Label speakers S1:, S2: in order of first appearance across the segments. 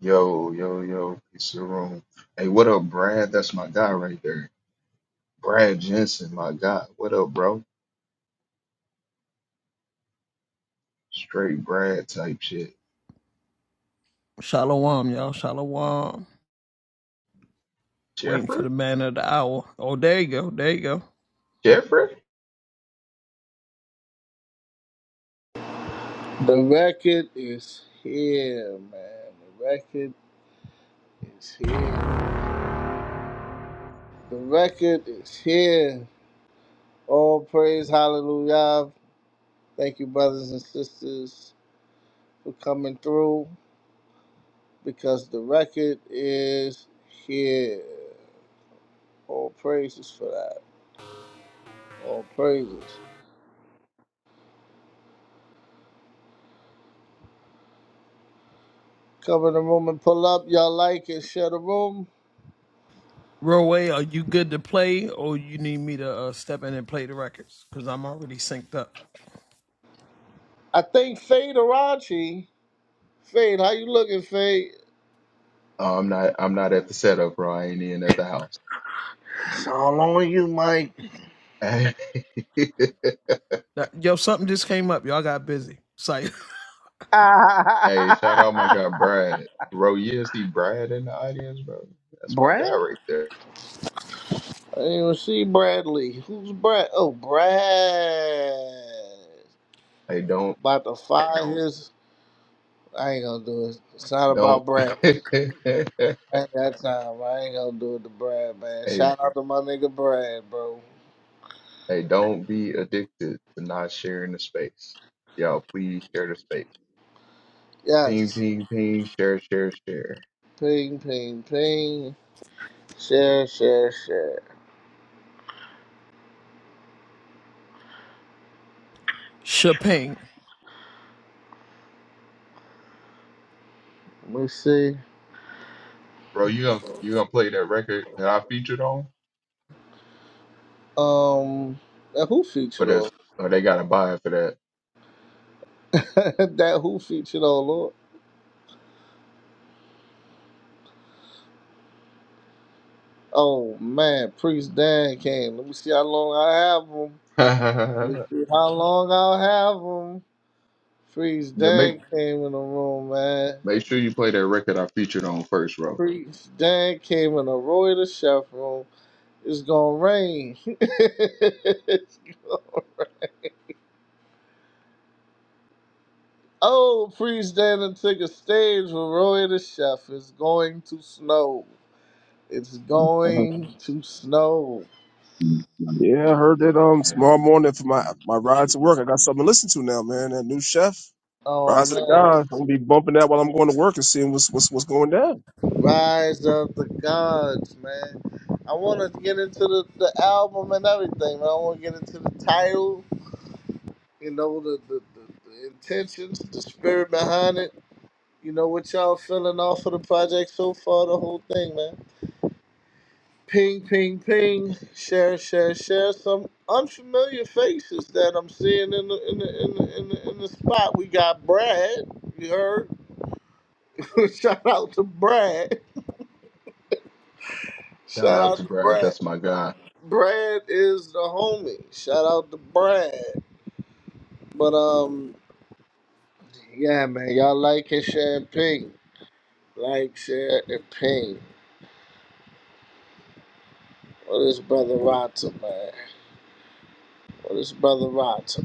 S1: Yo, yo, yo, peace to the room. Hey, what up, Brad? That's my guy right there. Brad Jensen, my guy. What up, bro? Straight Brad type shit. Jeffrey? Jeffrey?
S2: The record is here, man. The record is here. The record is here. All praise, hallelujah. Thank you, brothers and sisters, for coming through because the record is here. All praises for that. All praises. Cover the room and pull up. Y'all like it, share the room. I think Fade Arachi. Fade, how you looking, Fade?
S1: Oh, I'm not I'm not at the setup, bro. I ain't in at the house.
S2: It's all on you, Mike.
S1: Hey, hey, shout out my guy Brad. Bro, you see Brad in the audience, bro. That's my guy
S2: Brad?
S1: right there.
S2: I didn't even see Bradley. Who's Brad? Oh, Brad.
S1: Hey, don't
S2: About to fire his. I ain't gonna do it. It's not
S1: don't
S2: about Brad.
S1: hey hey,
S2: I ain't got time. I ain't gonna do it to Brad, man. Shout out to my nigga Brad, bro.
S1: don't be addicted to not sharing the space. Y'all please share the space. Ping,
S2: Yes.
S1: ping, ping. Share, share, share.
S2: Ping, ping, ping. Share, share, share. Let me see.
S1: Bro, you gonna you gonna play that record that I featured on?
S2: Um, that who
S1: Or
S2: featured on?
S1: that's or they gotta buy it for that.
S2: that who featured on, Lord? Oh man, Priest Dan came. Let me see how long I have him. Let me see how long I'll have them. Priest
S1: yeah, make
S2: Dan came in the room, man.
S1: make sure you play that record I featured on first, bro.
S2: Priest Dan came in the Roy the Chef room. It's gonna rain. It's gonna- oh, Priest Dan done took a stage with Roy the Chef. It's going to snow. It's going to snow.
S3: Yeah, I heard that um tomorrow morning for my my ride to work. I got something to listen to now, man. That new chef,
S2: Oh
S3: Rise of the
S2: man.
S3: Gods. I'm gonna be bumping that while I'm going to work and seeing what's what's what's going down.
S2: Rise of the Gods, man. I wanna get into the, the album and everything, man. I wanna get into the title. you know the, the, the, the intentions, the spirit behind it. You know what y'all feeling off of the project so far, the whole thing, man. Ping, ping, ping. Share, share, share. Some unfamiliar faces that I'm seeing in the in the in the, in the, in the spot. We got Brad. You heard? Shout out to Brad.
S1: Shout
S2: Shout
S1: out to
S2: out to
S1: Brad,
S2: Brad.
S1: that's my guy.
S2: Brad is the homie. Shout out to Brad. But um, yeah, man, y'all like and share and ping like, share, and ping. What is Brother Rotter, man? What is Brother Rotter?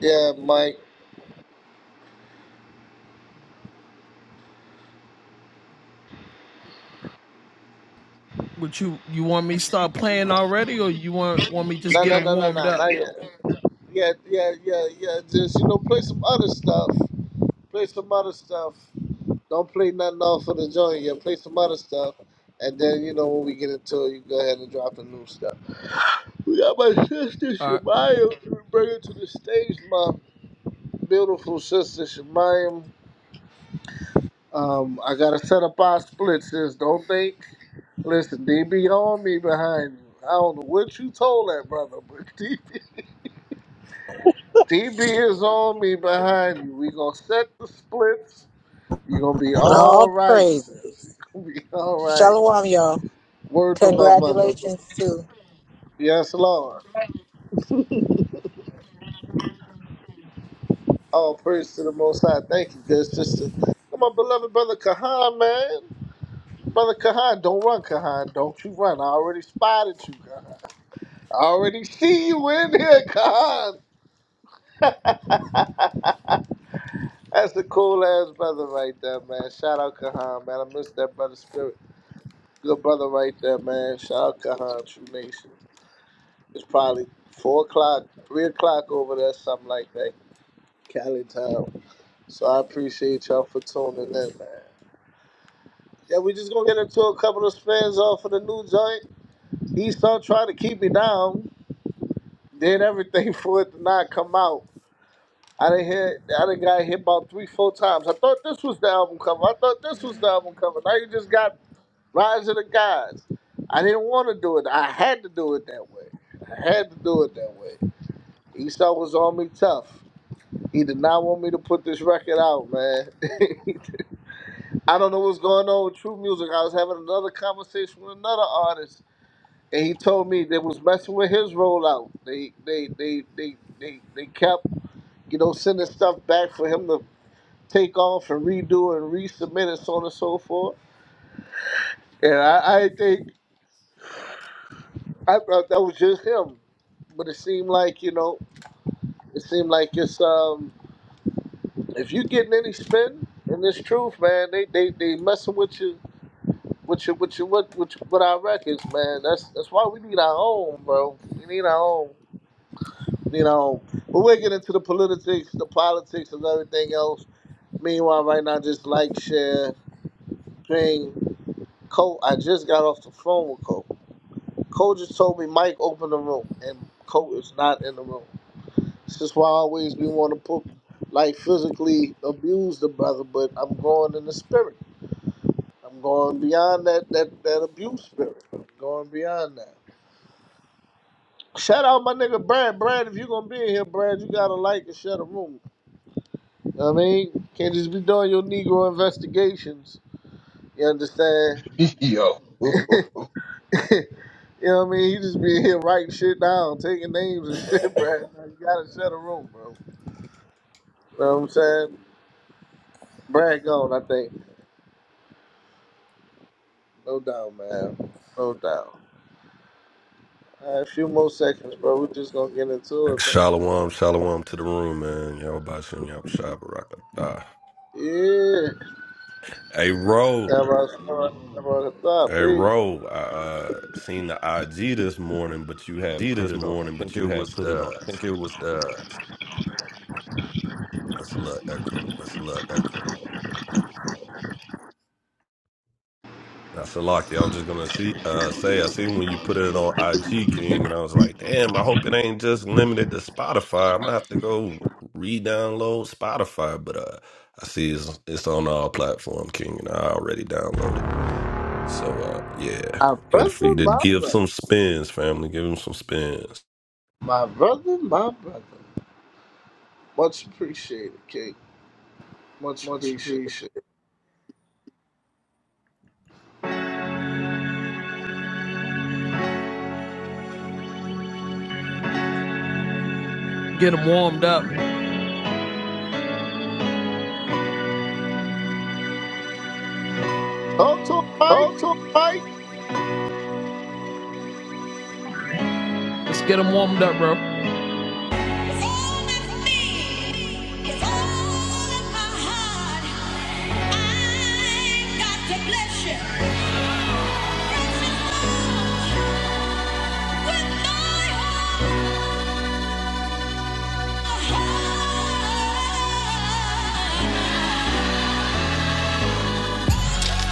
S2: Yeah, Mike. No, no, no, no, no, not yet. Yeah, yeah, yeah, yeah. Just, you know, play some other stuff. Play some other stuff. Don't play nothing off of the joint yet. Play some other stuff. And then, you know, when we get into it, you go ahead and drop the new stuff. We got my sister Shemayam. Bring her to the stage, my beautiful sister Shemayam. Um, I gotta set up our splits, sis. Don't think. Listen, DB on me behind you. I don't know what you told that brother, but DB, is on me behind you. We gonna set the splits. You gonna be
S4: All
S2: all right,
S4: praise.
S2: sis. You gonna be all right.
S4: Shalom, y'all.
S2: Word to my mother.
S4: Congratulations, too.
S2: Yes, Lord. All praise to the Most High. Thank you, good sister. And My beloved brother Kahan, man. Brother Kahan, don't run, Kahan. Don't you run. I already spotted you, Kahan. I already see you in here, Kahan. That's a cool ass brother right there, man. Shout out Kahan, man. I miss that brother spirit. Good brother right there, man. Shout out Kahan, True Nation. It's probably four o'clock, three o'clock over there, something like that, Cali time. So I appreciate y'all for tuning in, man. Yeah, we just gonna get into a couple of spins off of the new joint. He Esau trying to keep me down, did everything for it to not come out. I didn't hear. I didn't got hit about three, four times. I thought this was the album cover. I thought this was the album cover. Now you just got Rise of the gods. I didn't want to do it. I had to do it that way. I had to do it that way. Esau was on me tough. He did not want me to put this record out, man. I don't know what's going on with True Music. I was having another conversation with another artist, and he told me they was messing with his rollout. They they they they they, they kept you know sending stuff back for him to take off and redo and resubmit and so on and so forth. And I, I think I thought that was just him, but it seemed like you know, it seemed like it's um, if you getting any spin in this truth, man, they they they messing with you. With you with you with, with, with our records, man. That's that's why we need our own, bro. We need our own, you know. But we'll get into the politics, the politics, and everything else. Meanwhile, right now, just like share, ping, Cole. I just got off the phone with Cole. Cole just told me Mike opened the room, and Cole is not in the room. This is why always we want to put like physically abuse the brother, but I'm going in the spirit. I'm going beyond that that that abuse spirit. I'm going beyond that. Shout out my nigga Brad. Brad, if you gonna be in here, Brad, you gotta like and share the room. You know what I mean? Can't just be doing your Negro investigations. You understand?
S1: Yo.
S2: you know what I mean? He just be in here writing shit down, taking names and shit, Brad. Now you gotta share the room, bro. You know what I'm saying? Brad gone, I think. No doubt, man. No doubt. All right, a few more seconds, bro. We're just gonna get into it, man.
S5: Shalom, shalom to the room, man. Y'all about Shem, y'all Shah Barakatah.
S2: Yeah.
S5: Hey, Ro,
S2: That was that was that was a thought.
S5: hey,
S2: Peace.
S5: Ro, I uh, seen the IG this morning, but you had put it on. I think it was the, that's a little echo. That's a lock. I was just going to see, uh, say, I seen when you put it on IG King, and I was like, damn, I hope it ain't just limited to Spotify. I'm going to have to go re download Spotify, but uh, I see it's, it's on all platform, King, and I already downloaded. So uh, yeah,
S2: My
S5: ready for
S2: brother,
S5: you to
S2: my
S5: give
S2: brother.
S5: some spins, family. Give him some spins.
S2: My brother, my brother. Much appreciated, King. Much
S6: Much
S2: appreciated.
S6: appreciated.
S2: Talk to him, Mike.
S6: Talk to him, Mike. It's all in me. It's all in my heart. I got to bless you. Precious Lord, with my whole heart.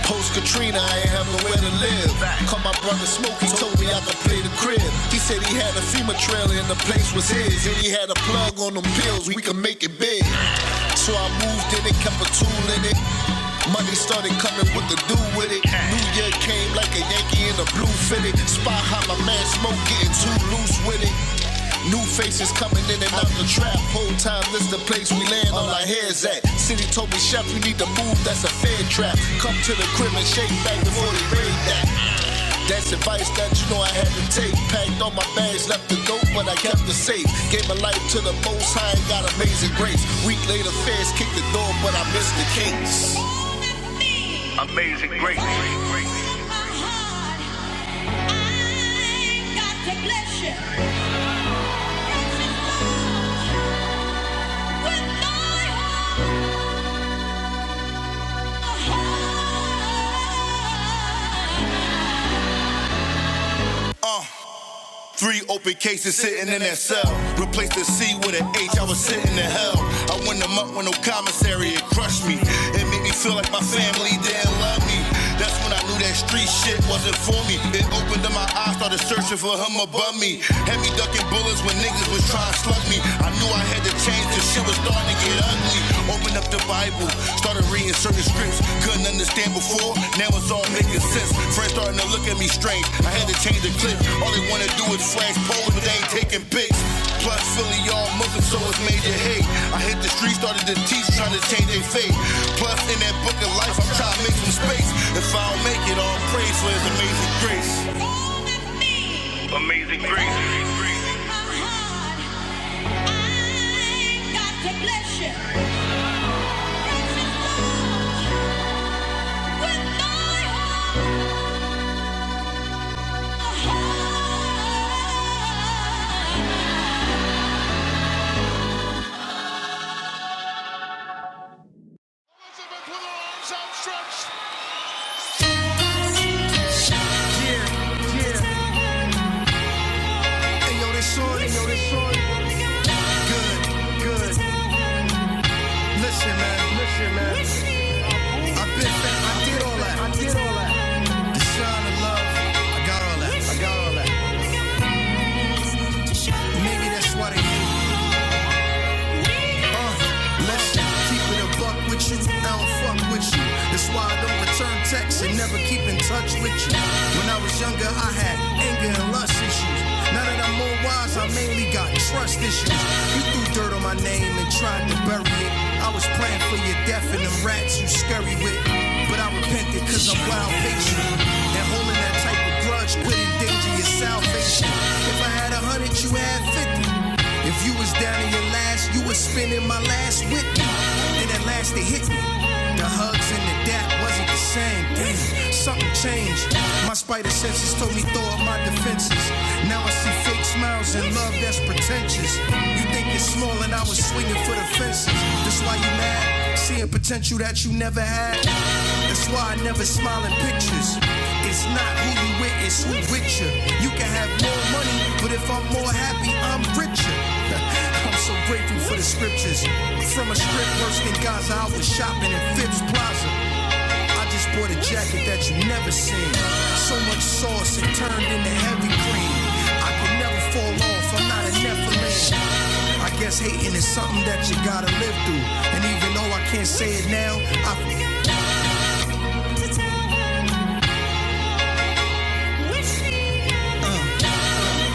S6: Post Katrina, I ain't have nowhere to live. Called my brother Smokey, told me I could play the crib. He said he had a FEMA trailer and the place was his. And he had a plug on them pills, we could make it big. So I moved in it, kept a tool in it. Money started coming, what to do with it? New Year came like a Yankee in a blue fitted. Spot hot, my man Smoke getting too loose with it. New faces coming in and out the trap. Whole time, this the place we land all our heads at. City told me, Chef, you need to move, that's a fair trap. Come to the crib and shake back before they raid that. That's advice that you know I had to take. Packed all my bags, left the dope, but I kept the safe. Gave my life to the most high and got amazing grace. Week later, fans kicked the door, but I missed the case. Amazing grace. Amazing grace. I got to bless you. Three open cases sitting in that cell. Replace the C with an H, I was sitting in hell. I went them up with no commissary, it crushed me. It made me feel like my family didn't love me. That's when I knew that street shit wasn't for me. It opened up my eyes, started searching for him above me. Had me ducking bullets when niggas was trying to slug me. I knew I had to change, cause shit was starting to get ugly. Opened up up the Bible. Started reading certain scripts, couldn't understand before. Now it's all making sense. Friends starting to look at me strange. I had to change the clip. All they wanna do is flash poles, but they ain't taking pics. Plus, Philly, y'all Muslim, so it's major hate. I hit the street, started to teach, trying to change their fate. Plus, in that book of life, I'm trying to make some space. If I don't make it, all praise for his amazing grace. Amazing grace. bless you. Hey, yo, this shorty, yo, this shorty. Good, good. Listen, man, listen, man. I did all that, I did all that. The shine of love, I got all that, I got all that. Maybe that's why they Listen, keep it a buck with you, I don't fuck with you. That's why I don't return texts and never keep in touch with you. When I was younger, I had anger and lust issues. Now that I'm more wise, I mainly got trust issues. You threw dirt on my name and tried to bury it. I was praying for your death and them rats you scurry with. But I repented cause I'm wild patient. And holding that type of grudge could endanger your salvation. If if I had a hundred, you had fifty. If you was down in your last, you was spending my last with me. Then at last it hit me. The hugs and the dap wasn't the same. Damn, something changed. My spider senses told me throw up my defenses. Now I see fake smiles and love that's pretentious. You think it's small and I was swinging for the fences. That's why you mad, seeing potential that you never had. That's why I never smile in pictures. It's not who you with, it's who with you. You can have more money but if I'm more happy, I'm richer. I'm so grateful for the scriptures. From a strip worse than Gaza, I was shopping in Phipps Plaza. I just bought a jacket that you never seen. So much sauce, it turned into heavy cream. I could never fall off, I'm not a Nephilim. I guess hating is something that you gotta live through. And even though I can't say it now, I.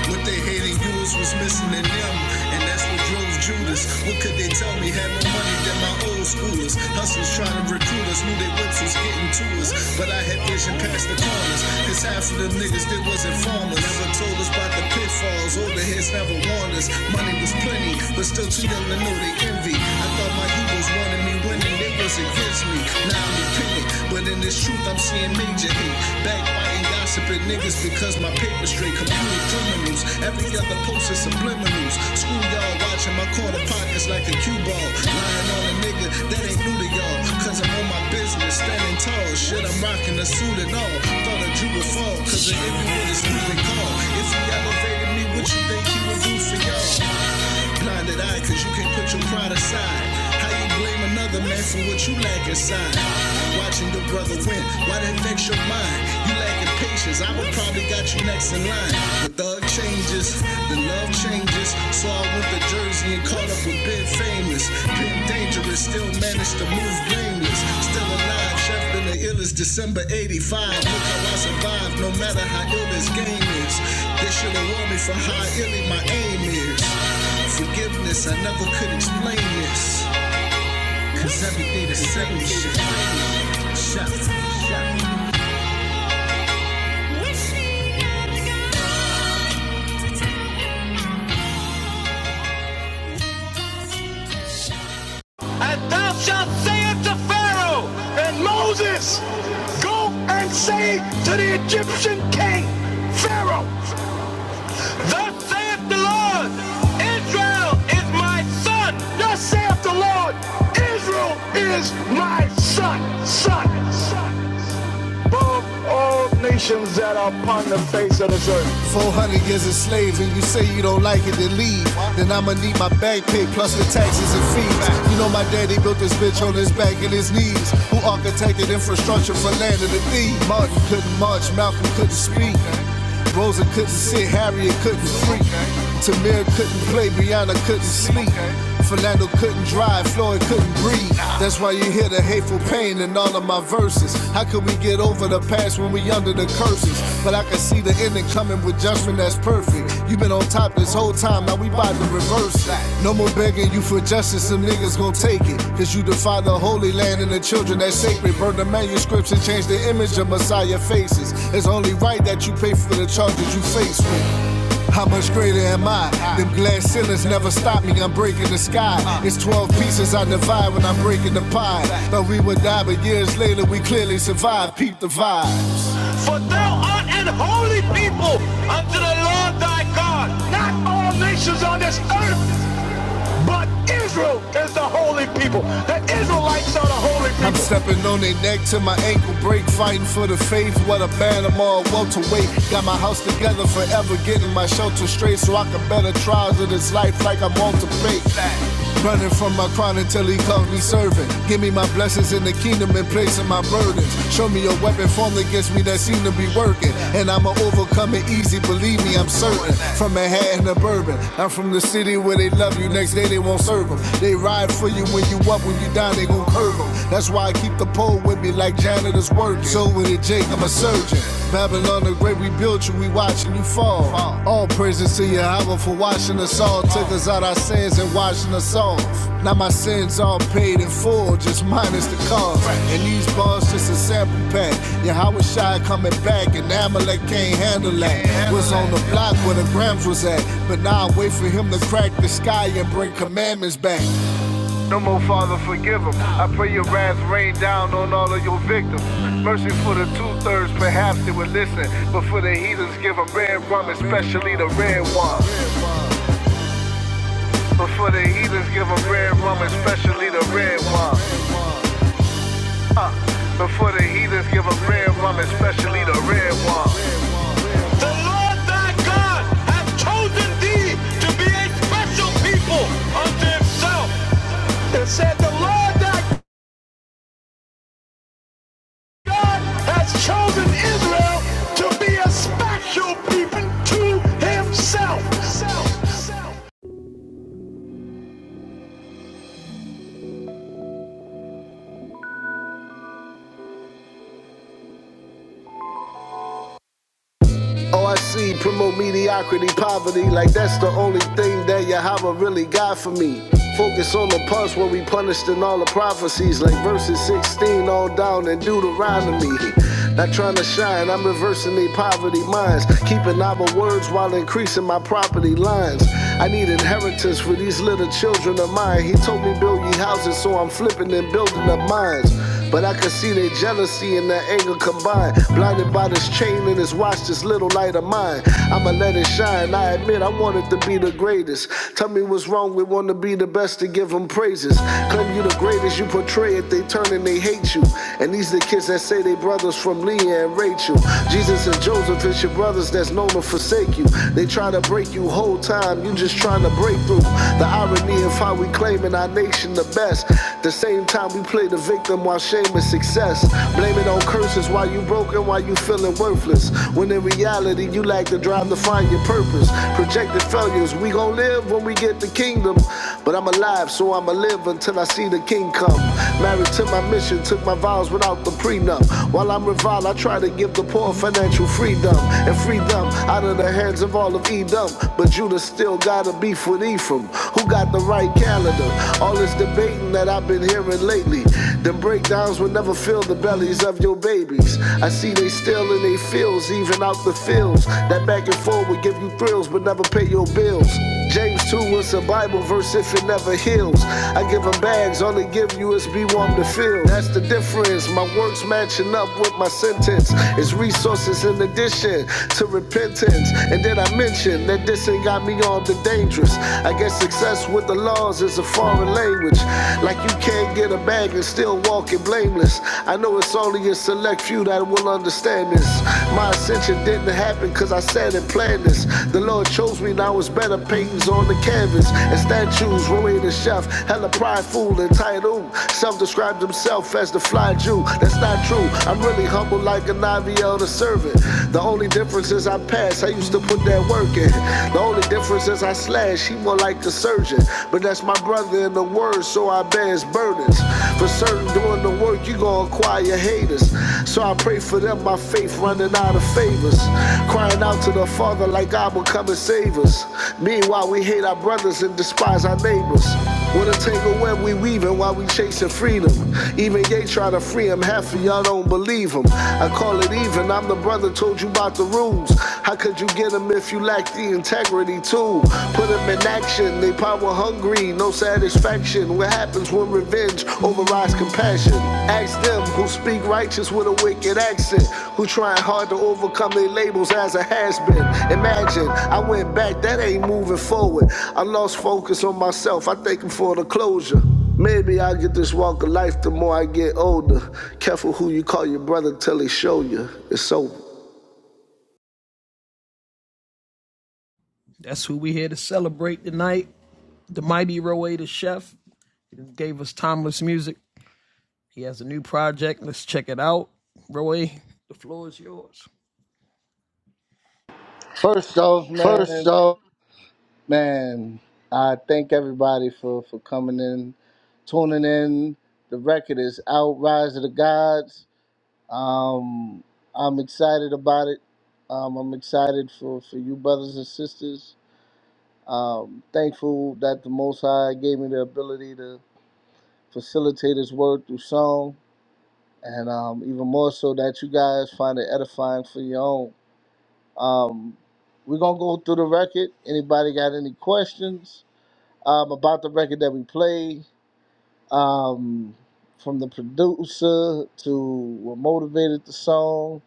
S6: What they hated you was missing in them, and that's what drove Judas. What could they tell me? Had more money than my old schoolers. Hustlers trying to recruit us, knew their whips was getting to us, but I had vision past the corners. Cause half of them niggas they wasn't farmers. Never told us about the pitfalls, older heads never warned us. Money was plenty, but still too young to know they envy. I thought my heroes wanted me winning, they was against me. Now I'm dependent, but in this truth I'm seeing major hate. Backbiting gossiping niggas because my paper straight. Computer criminals, every other post is subliminals. Schoolyard watching my corner pockets like a cue ball. Lying on a nigga that ain't new to y'all. Cause I'm on my business, standing tall. Shit, I'm rocking a suit and all. Thought a Jew would fall, cause the ignorant is moving call. If he elevated me, what you think he would do for y'all? Blinded eye, cause you can't put your pride aside. How you blame another man for what you lack inside? Watching your brother win, why that vex your mind? You lacking patience, I would probably got you next in line. The thug changes, the love changes. So I went to Jersey and caught up with Ben Famous. Ben Dangerous, still managed to move blameless. Still alive, chef been the illest December 85. Look how I survived, no matter how ill this game is. They should have warned me for how illy my aim is. Forgiveness, I never could explain this. Cause everything the same shit. Shut, shut. And thou shalt say unto Pharaoh, and Moses, go and say to the Egyptian king, Pharaoh, Thus saith the Lord, Israel is my son. Thus saith the Lord, Israel is my son, son, son. Above all nations that are upon the face of this earth. 400 years of slaves, and you say you don't like it, then leave. Then I'ma need my back pay plus the taxes and fees. You know my daddy built this bitch on his back and his knees. Who architected infrastructure for land and the thief? Martin couldn't march, Malcolm couldn't speak. Rosa couldn't sit, Harriet couldn't freak. Tamir couldn't play, Brianna couldn't sleep. Philando couldn't drive, Floyd couldn't breathe. That's why you hear the hateful pain in all of my verses. How could we get over the past when we under the curses? But I can see the ending coming with judgment that's perfect. You've been on top this whole time, now we bout to reverse that. No more begging you for justice, some niggas gon' take it. Cause you defy the holy land and the children that's sacred. Burn the manuscripts and change the image of Messiah faces. It's only right that you pay for the charges you face with. How much greater am I? Them glass ceilings never stop me. I'm breaking the sky. It's 12 pieces I divide when I'm breaking the pie. Thought we would die, but years later we clearly survived. Peep the vibe. For thou art an holy people unto the Lord thy God. Not all nations on this earth but Israel is the holy people. The Israelites are the holy people. I'm stepping on their neck till my ankle break, fighting for the faith. What a band I'm all welterweight. Got my house together forever, getting my shelter straight so I can better trials of this life like I'm to Pate. Running from my crown until he calls me servant. Give me my blessings in the kingdom in place of my burdens. Show me a weapon formed against me that seem to be working. And I'ma overcome it easy, believe me, I'm certain. From Manhattan to Bourbon, I'm from the city where they love you. Next day they won't serve them. They ride for you when you up, when you down, they gon' curve them. That's why I keep the pole with me like janitors working. So with it, Jake, I'm a surgeon. Babylon the great, we built you, we watching you fall. All praises to Yahweh for washing us all. Took us out our sins and washing us off. Now my sins all paid in full, just minus the cost. And these bars just a sample pack. Yahweh Shai coming back, and Amalek can't handle that. Was on the block where the grams was at, but now I wait for him to crack the sky and bring commandments back. No more, Father, forgive them. I pray your wrath rain down on all of your victims. Mercy for the two-thirds, perhaps they would listen. But for the heathens, give them red rum, especially the red one. But for the heathens, give them red rum, especially the red one. But for the heathens, give them red rum, especially the red one. The Lord thy God hath chosen thee to be a special people unto himself. and said, The Lord thy God has chosen Israel to be a special people to himself. Self, self. Oh, I see, promote mediocrity, poverty, like that's the only thing that Yahweh really got for me. Focus on the punch where we punished in all the prophecies, like verses 16 all down in Deuteronomy. Not trying to shine, I'm reversing their poverty minds, keeping our words while increasing my property lines. I need inheritance for these little children of mine. He told me build ye houses, so I'm flipping and building up mines. But I could see their jealousy and their anger combined. Blinded by this chain and this watch, this little light of mine. I'ma let it shine. I admit I wanted to be the greatest. Tell me what's wrong with wanting to be the best to give them praises. Claim you the greatest, you portray it, they turn and they hate you. And these the kids that say they brothers from Leah and Rachel. Jesus and Joseph It's your brothers that's known to forsake you. They try to break you whole time, you just trying to break through. The irony of how we claiming our nation the best. The the same time we play the victim while shaming success. Blame it on curses while you broken, while you feeling worthless. When in reality, you lack the drive to find your purpose. Projected failures, we gon' live when we get the kingdom. But I'm alive, so I'ma live until I see the king come. Married to my mission, took my vows without the prenup. While I'm reviled, I try to give the poor financial freedom and freedom out of the hands of all of Edom. But Judah still got a beef with Ephraim, who got the right calendar consider all this debating that I've been hearing lately. Them breakdowns will never fill the bellies of your babies. I see they still in they fields, even out the fields. That back and forth would give you thrills, but never pay your bills. James 2 is a Bible verse if it never heals. I give them bags, all they give you is be warm to feel. That's the difference. My works matching up with my sentence. It's resources in addition to repentance. And then I mention that this ain't got me on the dangerous. I guess success with the laws is a foreign language. Like you can't get a bag and still walk it blameless. I know it's only a select few that will understand this. My ascension didn't happen cause I said and planned this. The Lord chose me, now it's better paintings on the canvas. And statues, Roy the chef, hella prideful, entitled. Self-described himself as the fly Jew. That's not true. I'm really humble like a Navi elder servant. The only difference is I passed. I used to put that work in. The only difference is I slash, he more like the surgeon. But that's my brother in the word, so I bear his burdens. For certain, doing the work, you gonna acquire haters. So I pray for them, my faith running out of favors. Crying out to the Father like God will come and save us. Meanwhile, we hate our brothers and despise our neighbors. What a tangled web we weaving while we chasing freedom. Even Ye try to free him, half of y'all don't believe him. I call it even, I'm the brother told you about the rules. How could you get him if you lack the integrity too? Put him in action, they power hungry, no satisfaction. What happens when revenge overrides compassion? Ask them who speak righteous with a wicked accent, who trying hard to overcome their labels as a has been. Imagine, I went back, that ain't moving forward. I lost focus on myself, I thank him for the closure. Maybe I get this walk of life the more I get older. Careful who you call your brother till he show you. It's over.
S2: First off, man, man, I thank everybody for for coming in, tuning in. The record is out, Rise of the Gods. Um, I'm excited about it. Um, I'm excited for, for you, brothers and sisters. Um, thankful that the Most High gave me the ability to facilitate His word through song, and um, even more so that you guys find it edifying for your own. Um, we're gonna go through the record. Anybody got any questions um, about the record that we play, Um, from the producer to what motivated the song,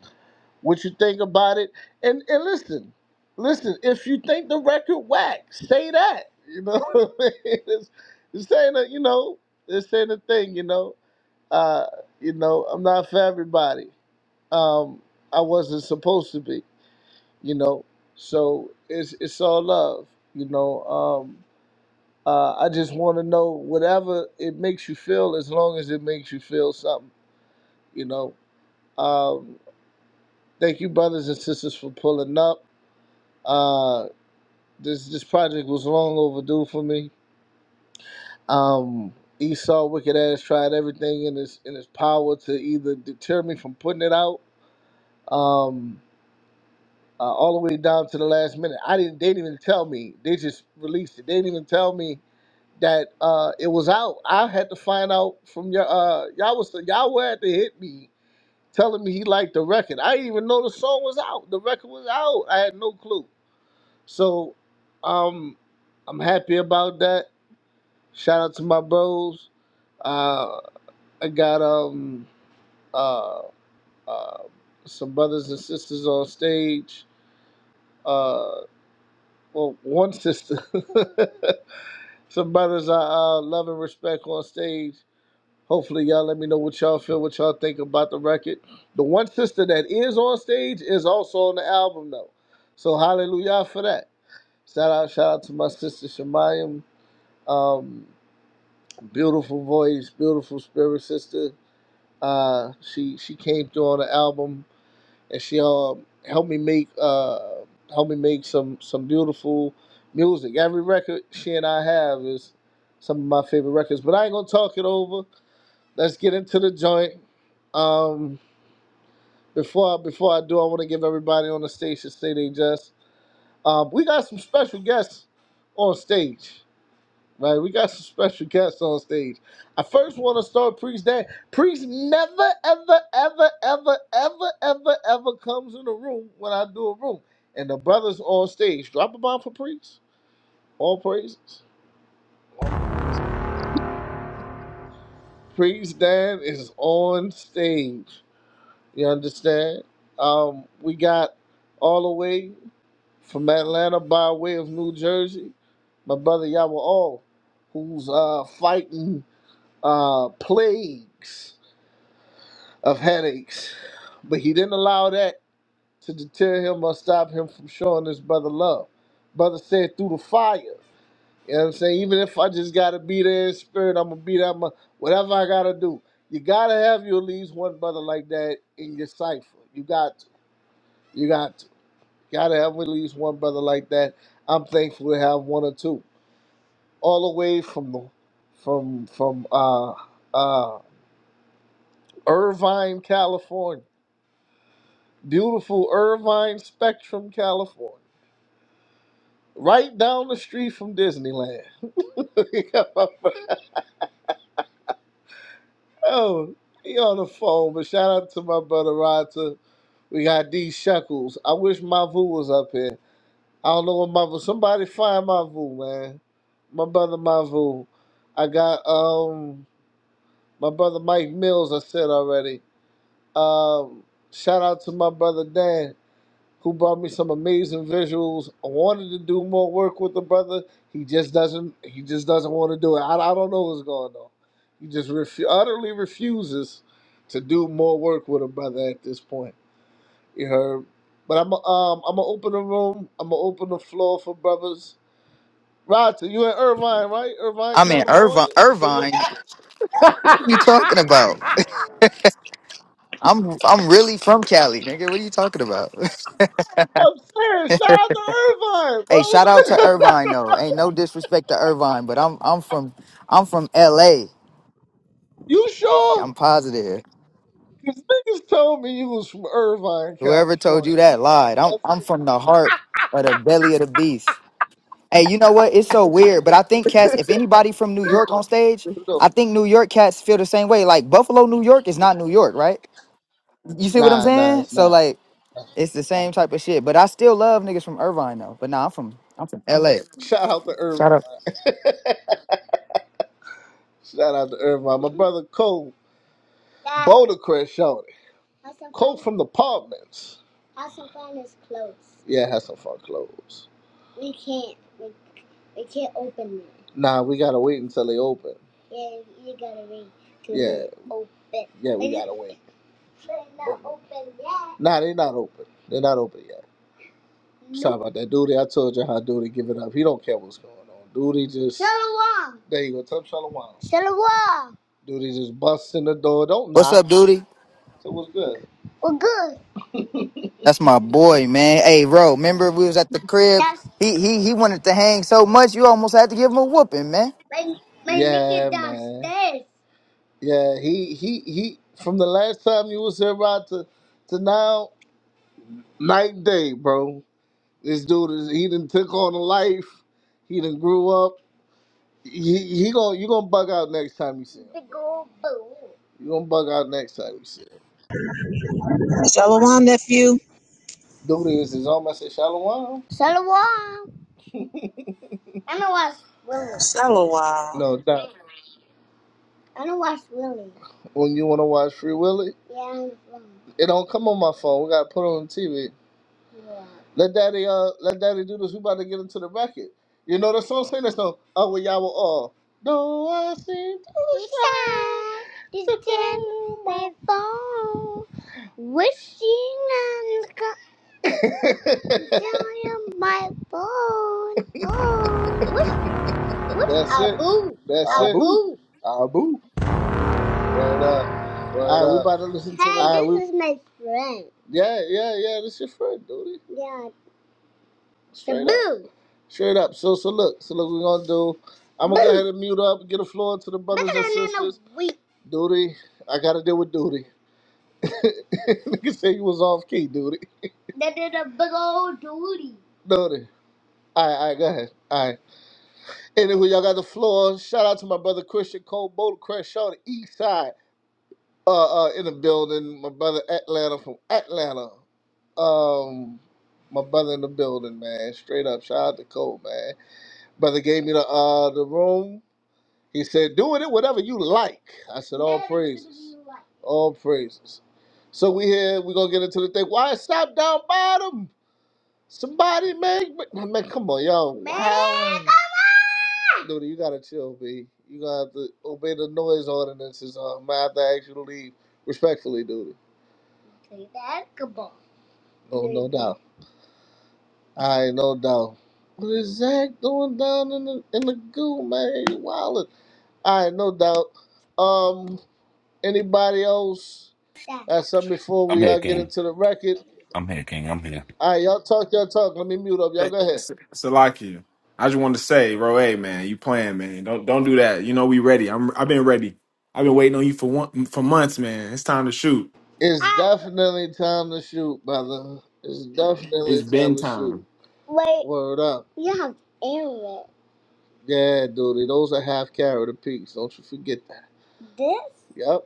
S2: what you think about it. And and listen, listen, if you think the record whack, say that. You know, it's, it's saying that you know, it's saying the thing. You know, uh, you know, I'm not for everybody. Um, I wasn't supposed to be. You know, so it's it's all love. You know, um, uh, I just want to know whatever it makes you feel, as long as it makes you feel something. You know, um, thank you, brothers and sisters, for pulling up. Uh, this this project was long overdue for me. Um, Esau wicked ass tried everything in his in his power to either deter me from putting it out, um, uh, all the way down to the last minute. I didn't. They didn't even tell me. They just released it. They didn't even tell me that uh, it was out. I had to find out from your uh, y'all was y'all had to hit me telling me he liked the record. I didn't even know the song was out. The record was out. I had no clue. So, um, I'm happy about that. Shout out to my bros. Uh, I got um uh, uh some brothers and sisters on stage. Uh, well, one sister. some brothers I uh, love and respect on stage. Hopefully, y'all let me know what y'all feel, what y'all think about the record. The one sister that is on stage is also on the album though, so hallelujah for that. Shout out, shout out to my sister Shemayim. Um, beautiful voice, beautiful spirit, sister Uh, she she came through on the album and she uh, helped me make uh, helped me make some some beautiful music. Every record she and I have is some of my favorite records. But I ain't gonna talk it over. Let's get into the joint. Um, before I, before I do, I want to give everybody on the station say they just. Um, we got some special guests on stage. Like we got some special guests on stage. I first want to start Priest Dad. Priest never, ever, ever, ever, ever, ever, ever comes in the room when I do a room. And the brothers on stage. Drop a bomb for Priest. All praises. Priest Dan is on stage. You understand? Um, we got all the way from Atlanta by way of New Jersey. My brother Yawal, who's uh fighting uh plagues of headaches, but he didn't allow that to deter him or stop him from showing his brother love. Brother said, through the fire. You know what I'm saying? Even if I just gotta be there in spirit, I'm gonna be there. I'm gonna, whatever I gotta do. You gotta have you at least one brother like that in your cipher. You got to. You got to. gotta have at least one brother like that. I'm thankful to have one or two. All the way from the from from uh uh Irvine, California beautiful Irvine Spectrum, California. Right down the street from Disneyland. oh, he on the phone, but shout out to my brother Roger. We got these Shuckles. I wish Mavu was up here. I don't know what Mavu. Somebody find Mavu, man. My brother Mavu. I got um my brother Mike Mills, I said already. Um shout out to my brother Dan. who brought me some amazing visuals. I wanted to do more work with the brother. He just doesn't. He just doesn't want to do it. I, I don't know what's going on. He just refu- utterly refuses to do more work with a brother at this point. You heard. But I'm um I'm gonna open the room. I'm gonna open the floor for brothers. Roger, you in Irvine, right? Irvine,
S7: I'm in Irvine.
S2: California. So you.
S7: Irvine. What are you talking about? I'm I'm really from Cali, nigga. What are you talking about?
S2: I'm serious. Shout out to Irvine,
S7: hey, shout out to
S2: bro.
S7: Irvine though. Ain't no disrespect to Irvine, but I'm I'm from I'm from LA.
S2: you sure?
S7: I'm positive.
S2: Cause niggas told me you was from Irvine,
S7: Whoever told you
S2: California,
S7: that
S2: Rodney.
S7: lied. I'm
S2: That's
S7: I'm from the heart of the belly of the beast. Hey, you know what? It's so weird, but I think cats. If anybody from New York on stage,
S2: niggas
S7: I
S2: know.
S7: think New York cats feel the same way. Like Buffalo, New York is not New York, right? You see what I'm
S2: Nah, nah,
S7: saying?
S2: it's
S7: So
S2: not.
S7: like.
S2: Nah,
S7: It's the
S2: nah.
S7: same type of shit. But I still love niggas from Irvine though. But nah, I'm from I'm from LA.
S2: Shout out to Irvine.
S7: Shout out.
S2: Shout out to Irvine. My brother Cole, Boulder Crest it. Cole from the apartments. Have some fun is closed. Yeah, have some fun clothes. We can't. We can't. can't open it. Nah, we gotta wait until they open. Yeah, you gotta wait. till Yeah. they Open. yeah, we gotta wait. Not open yet. Nah, they're not open. They're not open yet. Nope. Sorry about that. Duty, I told you how Duty give it up. He don't care what's going on. Duty just. Shalom. There you go. Tell him Shalom. Shalom. Duty just busts in the door. Don't
S7: What's
S2: knock.
S7: up, duty?
S2: So what's good? Well, good.
S7: That's my boy, man. Hey, bro, remember we was at the crib?
S2: That's
S7: He he he wanted to hang so much you almost had to give him a whooping, man.
S2: my my yeah, nigga downstairs. Man. Yeah, he he he. From the last time you was here, Rod, to to now, night and day, bro. This dude is he done took on a life. He done grew up. He, he gonna you gonna bug out next time you see him. Big old boo. You gonna bug out next time you see
S4: Shalom,
S2: him.
S4: nephew.
S2: Dude is his own. I said shalom. Shalom. I'm gonna watch Willie.
S4: Shalom.
S2: No, that. I'm gonna watch Willie. When you wanna watch Free Willie? Yeah. I'm- gonna. It don't come on my phone. We gotta put it on the TV. Let daddy uh let daddy do this. We about to get into the record. You know the song saying that song. Oh well y'all were all do I see the shine to tell my phone wishing on the co- down on my phone. Wish- That's it. Abu.
S6: That's I it.
S2: Abu.
S6: Abu.
S2: What up?
S6: But
S2: All right, we
S6: uh,
S2: about to listen to. Hey, the-
S6: I we
S2: this is my friend. Yeah, yeah, yeah. This your friend, dude. Yeah, Straight up. Straight up. So so look, so look what we're gonna do. I'm gonna go ahead and mute up, get the floor to the brothers and sisters. Duty, I gotta deal with duty. Nigga say you was off key, duty. That did a big old duty. Duty. Alright, alright, go ahead. Alright. Anywho, y'all got the floor. Shout out to my brother Christian Cole Boulder Crash Shaw, the East Side. Uh uh in the building. My brother Atlanta from Atlanta. Um my brother in the building, man. Straight up. Shout out to Cole, man. Brother gave me the uh the room. He said, "Do with it whatever you like." I said, "All praises, all praises." So we here. We gonna get into the thing. Why it stop down bottom? Somebody make man, come on, y'all. howling. Dude, you gotta chill, B. You gotta have to obey the noise ordinances. Uh, I might have to ask you to leave respectfully, dude. Oh, no doubt. All right, no doubt. What is Zach doing down in the in the goo, man? He wildin'. All right, no doubt. Um, anybody else? Yeah. That's something before
S8: I'm
S2: we
S8: here,
S2: all get
S8: King.
S2: into the record.
S8: I'm here, King. I'm here.
S2: All right, y'all talk y'all talk. Let me mute up. Y'all
S9: Hey,
S2: go ahead.
S9: S- Salaki, I just wanted to say, bro, hey man, you playing, man. Don't don't do that. You know we ready. I'm I've been ready. I've been waiting on you for one for months, man. It's time to shoot.
S2: It's Ah. definitely time to shoot, brother. It's
S9: It's
S2: definitely
S9: been
S2: time to
S9: time.
S2: shoot. Wait. Word up. You have arrow. Yeah, dude. Those are half carrot apiece. Don't you forget that. This? Yep.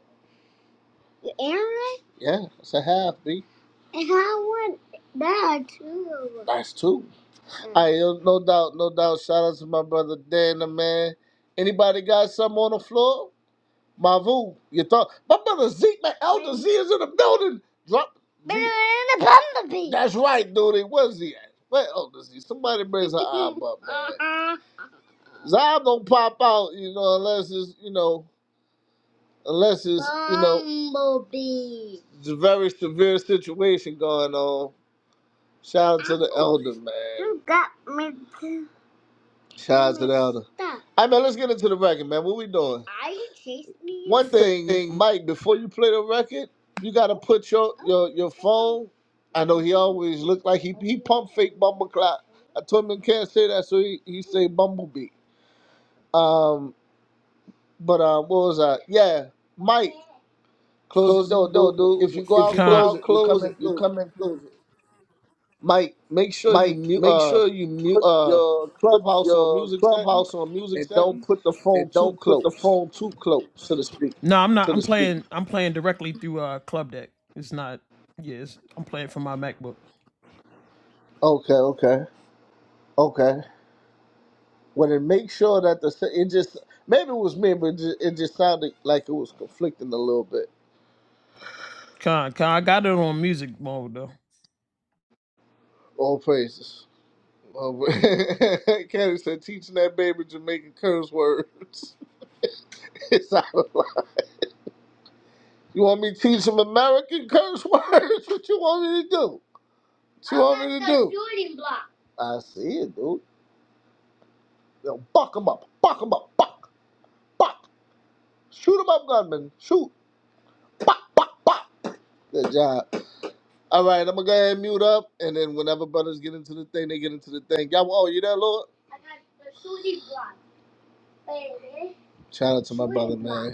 S2: Aaron? Yeah, it's a half, B. And how would that too? That's two. Mm. I right, no doubt, no doubt. Shout out to my brother Dana, man. Anybody got something on the floor? Mavu, you thought my brother Zeke, my elder Z is in the building. Drop Better than the bumblebee. That's right, dude. Where's he at? Where elder Z? Somebody brings her arm up, man. uh-uh. Zion don't pop out, you know, unless it's you know unless it's you know Bumblebee. it's a very severe situation going on. Shout out to the elder, man. You got me. to- Shout out to the elder. All right, man. Let's get into the record, man. What we doing? Are you chasing me? One thing,
S6: thing
S2: Mike. Before you play the record, you gotta put your your your phone. I know he always looked like he he pump fake bumble clock. I told him he can't say that, so he he say bumblebee. Um, but uh, what was that? Yeah, Mike. Close the
S6: close the
S2: door, dude.
S6: door,
S2: If you
S6: dude.
S2: go
S6: If
S2: out, close it. You come
S6: close
S2: in,
S6: it, you
S2: close it.
S6: come and close it.
S2: Mike, make sure you
S6: Mike,
S2: mu-
S6: make
S2: uh
S6: sure you mute
S2: put
S6: uh
S2: your
S6: put
S2: clubhouse on
S6: your
S2: music setting,
S6: clubhouse on music
S2: and don't
S6: setting
S2: put the
S6: and
S2: phone too
S6: don't put the
S2: close
S6: phone too
S2: to
S6: close.
S2: the speaker. Okay, okay, okay. Well, then make sure that the se- it just maybe it was me, but it just, it just sounded like it was conflicting a little bit. All praises. Um, Candy said, teaching that baby Jamaican curse words. It sounded You want me to teach them American curse words? What you want me to do? What you I want me to do? Shooting block. I see it, dude. Yo, buck 'em up, buck 'em up, buck, buck. Shoot 'em up, gunman. Shoot, buck, buck, buck. Good job. All right, I'm gonna go ahead and mute up, and then whenever brothers get into the thing, they get into the thing. Y'all, oh, you there, Lord? I got the shooting block, baby. Shout out to my brother, man.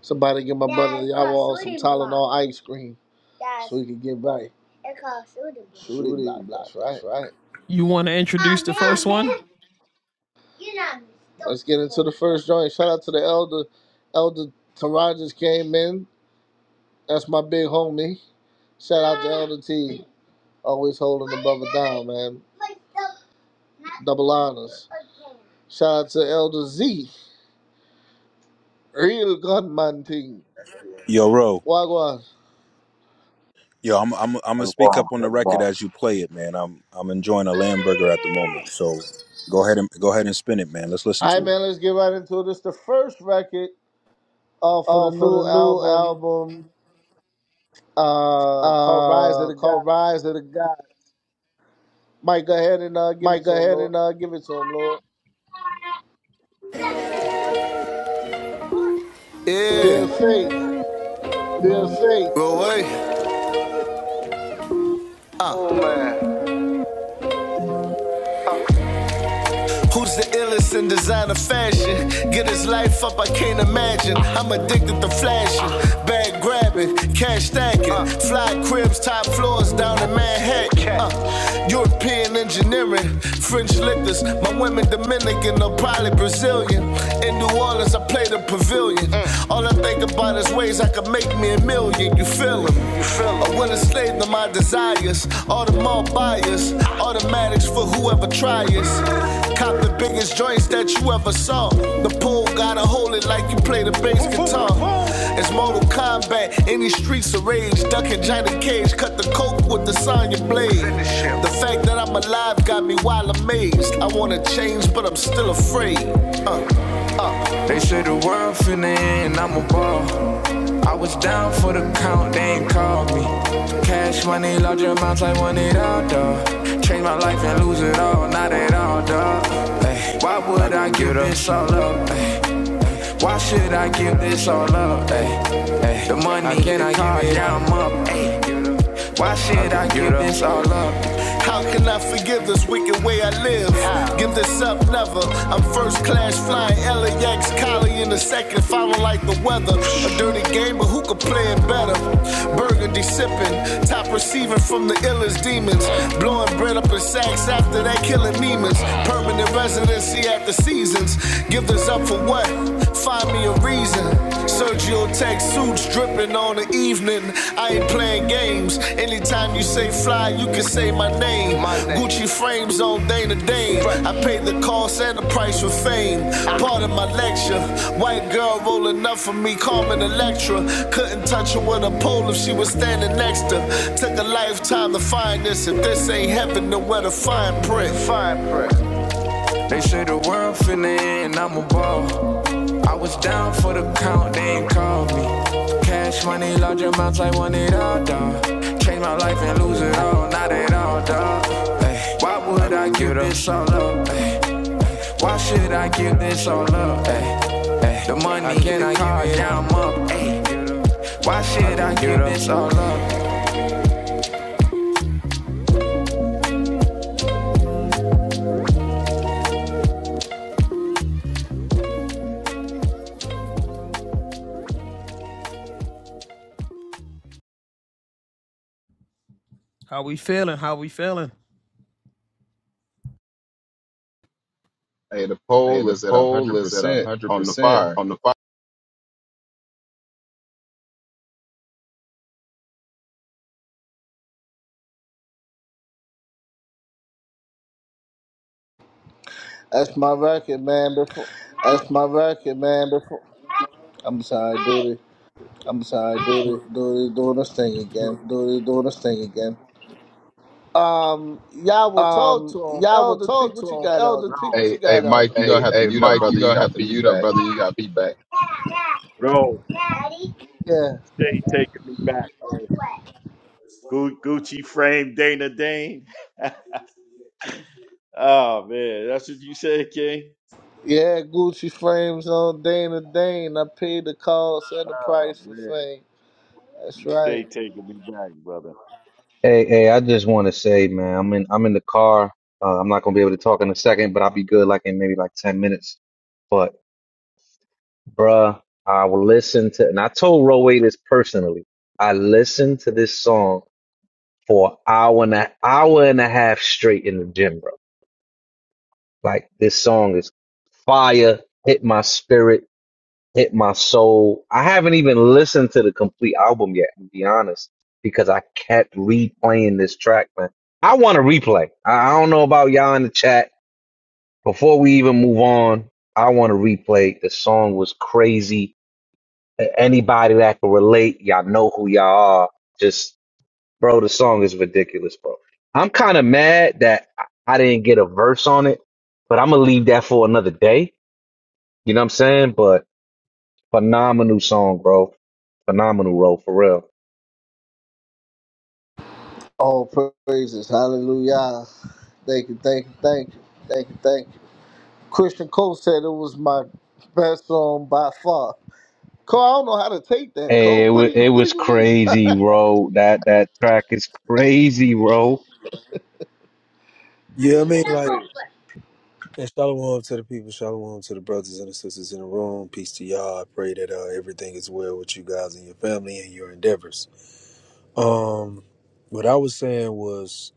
S2: Somebody give my Dad, brother y'all all some Tylenol block. ice cream Dad, so he can get by. It's called Shooting block, Shooting block,
S6: Shooting block,
S2: that's right.
S6: that's right.
S2: Oh man, you're not Let's get into the first joint. Shout out to the elder. Elder Tarajas came in. That's my big homie. Shout out to Elder T. Always holding the brother down, man. Double honors. Shout out to Elder Z. Real gunman team.
S10: Yo, Ro.
S2: Wagwan.
S10: Yo, I'm I'm I'm
S11: Tell
S10: gonna
S11: the
S10: speak
S11: wall,
S10: up on
S11: tell
S10: the
S11: the
S10: record
S11: wall.
S10: as you play it, man. I'm I'm enjoying a lamb burger at the moment, so go ahead and go ahead and spin it, man. Let's listen
S2: All right,
S10: to it.
S2: man, let's get right into this. The first record uh, for the
S6: Oh, for the
S2: new
S6: new
S2: album
S6: album
S2: uh, called Rise of
S6: uh
S2: the God.
S6: called Rise of the God.
S2: Mike, go ahead and uh, give
S6: Mike,
S2: it
S6: go
S2: to him,
S6: ahead
S2: Lord.
S6: and uh give it to him, Lord.
S2: Still
S6: Yeah,
S2: Faith.
S6: Still safe. go away. Who's the illest in designer fashion? Get his life up, I can't imagine. I'm addicted to flashing, bag grabbing, cash stacking, fly cribs, top floors down in Manhattan. Uh, European engineering, French liquors, my women Dominican or probably Brazilian. In New Orleans, I play the pavilion. All I think about is ways I could make me a million. You feel 'em? You feel I will slave to my desires. All the more buyers, automatics for whoever tries. Cop the biggest joints that you ever saw. The pole gotta hold it like you play the bass guitar. It's Mortal Kombat in these streets of rage. Ducking Johnny Cage, cut the coke with the Sonya blade. The fact that I'm alive got me wild amazed. I wanna change, but I'm still afraid. Uh. They say the world finna end, I'm a ball. I was down for the count, they ain't called me. Cash money, large amounts, I want it all, dawg. Change my life and lose it all, not at all, dawg. Ay, why would I give this all up? Ay, why should I give this all up? Ay, the money, I can't, I car, it? I'm up. Ay, why should I give this all up? How can I forgive this wicked way I live? How? Give this up, never. I'm first class flying LAX, collie in the second, if I don't like the weather. A dirty game, but who could play it better? Burgundy sipping, top receiving from the illest demons. Blowing bread up in sacks after that, killing demons. Permanent residency after seasons. Give this up for what? Find me a reason. Sergio Tech suits dripping on the evening. I ain't playing games. Anytime you say fly, you can say my name. My name. Gucci frames on day to day. I paid the cost and the price for fame. Part of my lecture. White girl rolling up for me, Carmen Electra. Couldn't touch her with a pole if she was standing next to. Took a lifetime to find this. If this ain't heaven, then where to find print? Fine print. They say the world finna end and I'm a ball. Down for the count, they ain't called me. Cash money, large amounts, I want it all, dawg. Change my life and lose it all, not at all, dawg. Ay, why would I give this all up? Ay, why should I give this all up? Ay, the money, in the car, yeah, I'm up. Ay, why should I give this all up?
S1: hey, the poll is at hundred percent on the fire.
S2: That's my record, man. Before
S6: That's my record, man. Before
S2: I'm sorry, dude.
S6: I'm sorry, duty,
S2: Dude is doing this thing again.
S6: duty, doing this thing again.
S2: Um, y'all will talk
S6: Um,
S2: to him.
S6: y'all will
S2: Elder T,
S6: talk
S2: what
S6: to
S2: you
S6: him.
S2: got,
S6: Elder
S2: Elder?
S6: T, what you
S1: Hey, hey,
S6: got, Elder?
S1: Mike, you gonna
S6: Hey,
S1: have to
S6: hey,
S1: mute up,
S6: Mike, you
S1: brother. You
S6: gonna have
S1: got
S6: to mute up,
S1: feedback.
S6: brother. You gotta be back.
S11: Bro,
S2: Yeah.
S11: stay taking me back, bro.
S2: Yeah.
S11: Gu- Gucci frame Dana Dane. oh man, that's what you said, King.
S2: Yeah, Gucci frames on Dana Dane. I paid the cost and the
S11: Oh
S2: price for
S11: man,
S2: fame. That's
S11: you
S2: right.
S11: stay taking me back, brother.
S12: Hey, hey, I just want to say, man, I'm in I'm in the car. Uh, I'm not gonna be able to talk in a second, but I'll be good like in maybe like 10 minutes. But bruh, I will listen to and I told Roway this personally. I listened to this song for an hour and a hour and a half straight in the gym, bro. Like this song is fire, hit my spirit. hit my soul. I haven't even listened to the complete album yet, to be honest, because I kept replaying this track, man. I want to replay. I I don't know about y'all in the chat. Before we even move on, I want to replay. The song was crazy. A- Anybody that can relate, y'all know who y'all are. Just, bro, the song is ridiculous, bro. I'm kind of mad that I I didn't get a verse on it, but I'm going to leave that for another day. You know what I'm saying? But phenomenal song, bro. Phenomenal, bro, for real.
S2: All praises. Hallelujah. Thank you, thank you, thank you, thank you, thank you. Christian Cole said it was my best song by far. Cole, I don't know how to take that,
S12: Hey,
S2: Cole.
S12: it, wa
S2: What do you
S12: it
S2: what do
S12: was
S2: you mean?
S12: crazy, bro. That that track is crazy, bro.
S13: Yeah, I mean, like, and shalom to the people, shalom to the brothers and the sisters in the room. Peace to y'all. I pray that uh, everything is well with you guys and your family and your endeavors. Um, what I was saying was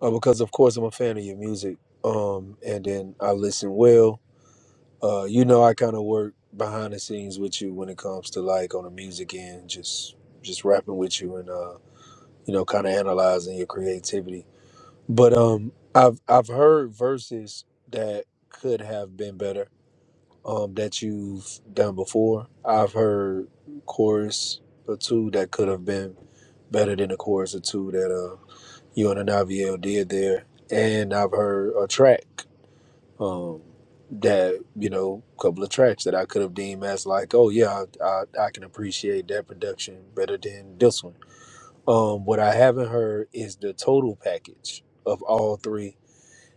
S13: uh, because, of course, I'm a fan of your music, um, and then I listen well. Uh, you know, I kind of work behind the scenes with you when it comes to like on the music end, just just rapping with you and uh, you know, kind of analyzing your creativity But um, I've I've heard verses that could have been better. Um, that you've done before. I've heard chorus or two that could have been better than the chorus or two that uh you and Anaviel did there. And I've heard a track, um, that you know, a couple of tracks that I could have deemed as like, oh yeah, I, I I can appreciate that production better than this one. Um, what I haven't heard is the total package of all three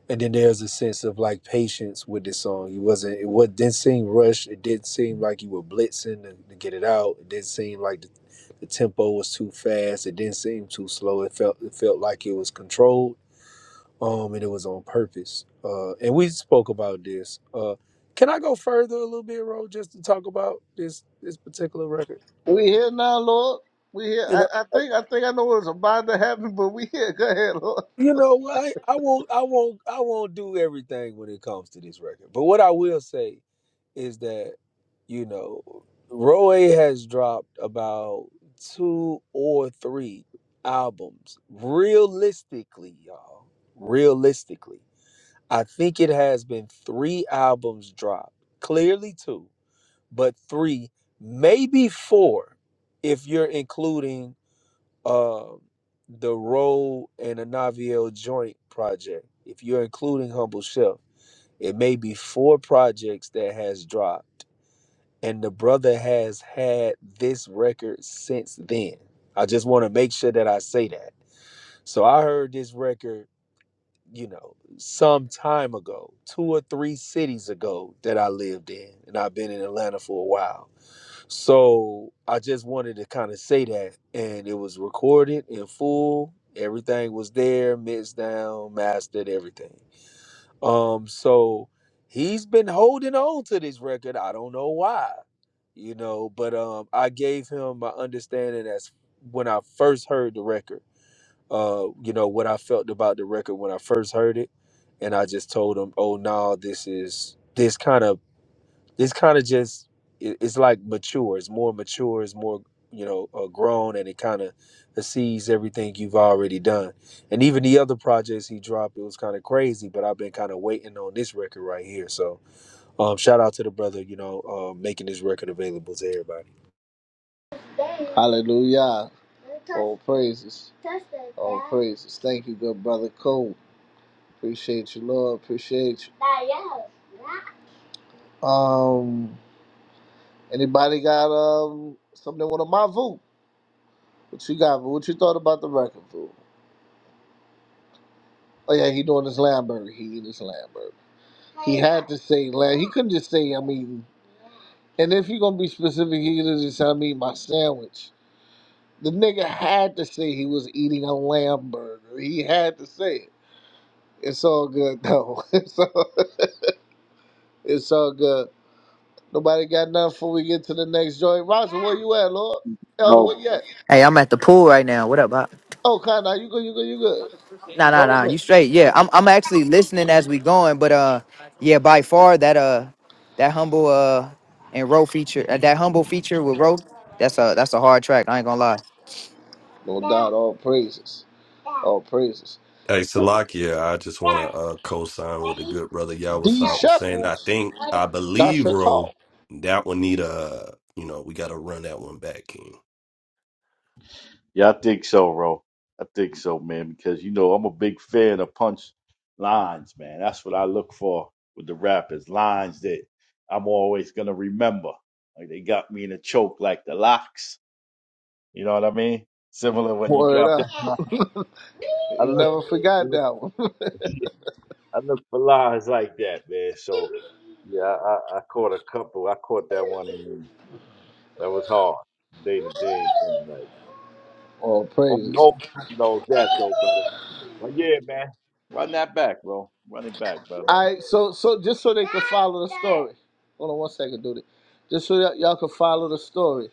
S13: and then there's a sense of like patience with this song. You wasn't it what didn't seem rushed. It didn't seem like you were blitzing to, to get it out. It didn't seem like the, the tempo was too fast. It didn't seem too slow. It felt it felt like it was controlled. Um, and it was on purpose. Uh, and we spoke about this. Uh, can I go further a little bit, Ro, just to talk about this this particular record? Uh,
S2: we here now, Lord. We here.
S13: you know,
S2: I, I
S13: uh,
S2: think I think I know what's about to happen, but we here. Go ahead, Lord.
S13: you know, I I won't I won't I won't do everything when it comes to this record. But what I will say is that you know Roy has dropped about two or three albums. Realistically, y'all, realistically, I think it has been three albums dropped. Clearly two, but three, maybe four, if you're including um the Roe and the Naviel joint project. If you're including Humble Chef, it may be four projects that has dropped and the brother has had this record since then. I just want to make sure that I say that. So I heard this record, you know, some time ago, two or three cities ago that I lived in, and I've been in Atlanta for a while. So I just wanted to kind of say that, and it was recorded in full. Everything was there, mixed down, mastered, everything. Um, so he's been holding on to this record. I don't know why, you know, but um, I gave him my understanding as when I first heard the record. Uh, you know what I felt about the record when I first heard it, and I just told him, "Oh no, this is this kind of." it's kind of just it, it's like mature it's more mature it's more you know uh, grown and it kind of sees everything you've already done and even the other projects he dropped it was kind of crazy but i've been kind of waiting on this record right here so um shout out to the brother you know uh, making this record available to everybody
S2: Hallelujah. All praises. All praises. Thank you, good brother Cole. Appreciate you, Lord. Appreciate you. Um, anybody got um something want to my vote? What you got? What you thought about the record, Vu? Oh yeah, he doing his lamb burger. He eating his lamb burger. He had to say lamb. He couldn't just say I'm eating. And if you're gonna be specific, he could have just said I'm eating my sandwich. The nigga had to say he was eating a lamb burger. He had to say it. It's all good though. It's all, it's all good. Nobody got nothing before we get to the next joint. Roger, where you at, Lord? Elder, where you
S11: No,
S2: at?
S7: Hey, I'm at the pool right now. What up, Bob?
S2: Oh, kinda, you good, you good, you good.
S7: Nah,
S2: Just
S7: nah, nah.
S2: hold
S7: You
S2: it.
S7: straight. Yeah. I'm I'm actually listening as we going, but uh yeah, by far that uh that humble uh and row feature uh, that humble feature with row, that's a that's a hard track. I ain't gonna lie.
S2: No doubt, all praises. All praises.
S5: Hey, Salakia, I just want to uh, co-sign with the good brother
S2: D
S5: Yawasat was saying. I
S2: Shekels.
S5: think, I
S2: That's
S5: believe,
S2: a
S5: bro,
S2: call.
S5: that one need a, you know, we got to run that one back, King.
S11: yeah, I think so, bro. I think so, man, because you know I'm a big fan of punch lines, man. That's what I look for with the rappers, lines that I'm always gonna remember. Like they got me in a choke, like the locks. You know what I mean? Similar when you
S2: Word
S11: drop
S2: up.
S11: that. I
S2: You
S11: look,
S2: never
S11: I
S2: forgot
S11: look,
S2: that one.
S11: I look for lies like that, man. So yeah, I, I I caught a couple. I caught that one, and then that was hard, day to day thing. Like,
S2: All
S11: oh
S2: praises.
S11: no, who knows that though, brother? But yeah, man, run that back, bro. Run it back, brother.
S2: All right, so so just so they can follow the story. Hold on one second, dude. Just so y'all y'all can follow the story.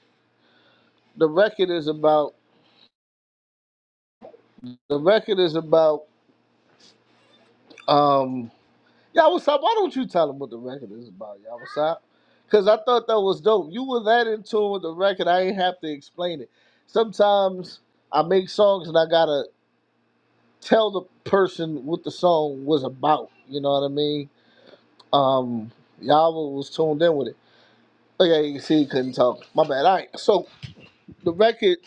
S2: The record is about the record is about um y'all what's up? Why don't you tell them what the record is about, y'all what's up? Cause I thought that was dope. You were that in tune with the record. I ain't have to explain it. Sometimes I make songs and I gotta tell the person what the song was about. You know what I mean? Um, y'all was tuned in with it. Okay, you see, he couldn't talk. My bad. All right. So the record,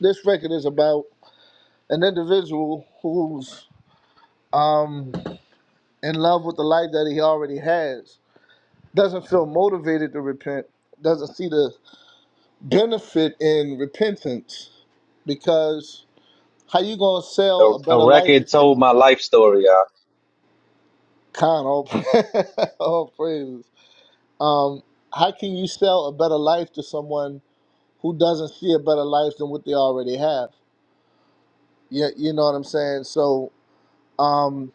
S2: this record is about an individual who's um in love with the life that he already has. Doesn't feel motivated to repent. Doesn't see the benefit in repentance because how you gonna sell
S12: The,
S2: a
S12: the
S2: better life
S12: record
S2: if you
S12: told my life story, y'all.
S2: kind of all praises. Um, how can you sell a better life to someone who doesn't see a better life than what they already have. Yeah, you you know what I'm saying? So, um,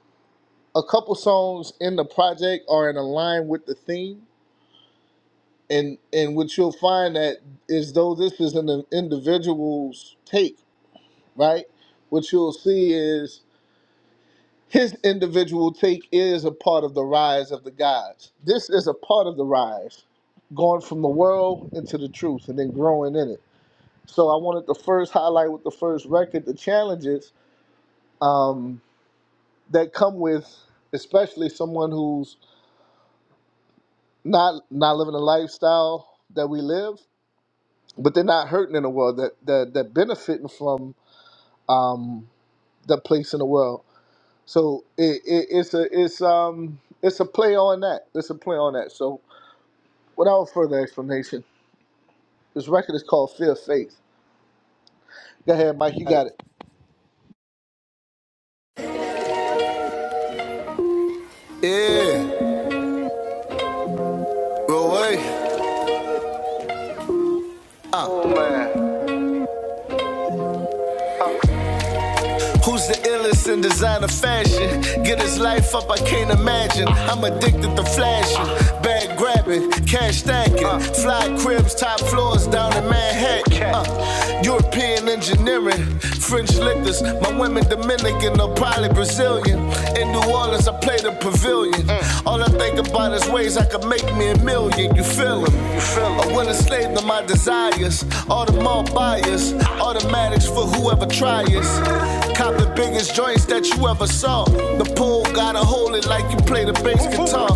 S2: a couple songs in the project are in line with the theme. And, and what you'll find that is though this is an individual's take, right? What you'll see is his individual take is a part of the rise of the gods. This is a part of the rise, going from the world into the truth and then growing in it. So I wanted to first highlight with the first record the challenges um, that come with, especially someone who's not not living a lifestyle that we live, but they're not hurting in the world. That that that benefiting from um, the place in the world. So it, it, it's a it's um it's a play on that. It's a play on that. So without further explanation, this record is called Fear of Faith. Go ahead, Mike. You got it.
S6: Yeah, well, wait. Who's the illest in designer fashion? Get his life up, I can't imagine. I'm addicted to flashing, bag grabbing, cash stacking, fly cribs, top floors down in Manhattan. Uh, European engineering, French liquors, my women Dominican or probably Brazilian. In New Orleans, I play the pavilion. All I think about is ways I could make me a million. You feel 'em? You feel 'em? A willing slave to my desires. All the more buyers, automatics for whoever tries. Cop the biggest joints that you ever saw. The pole gotta hold it like you play the bass guitar.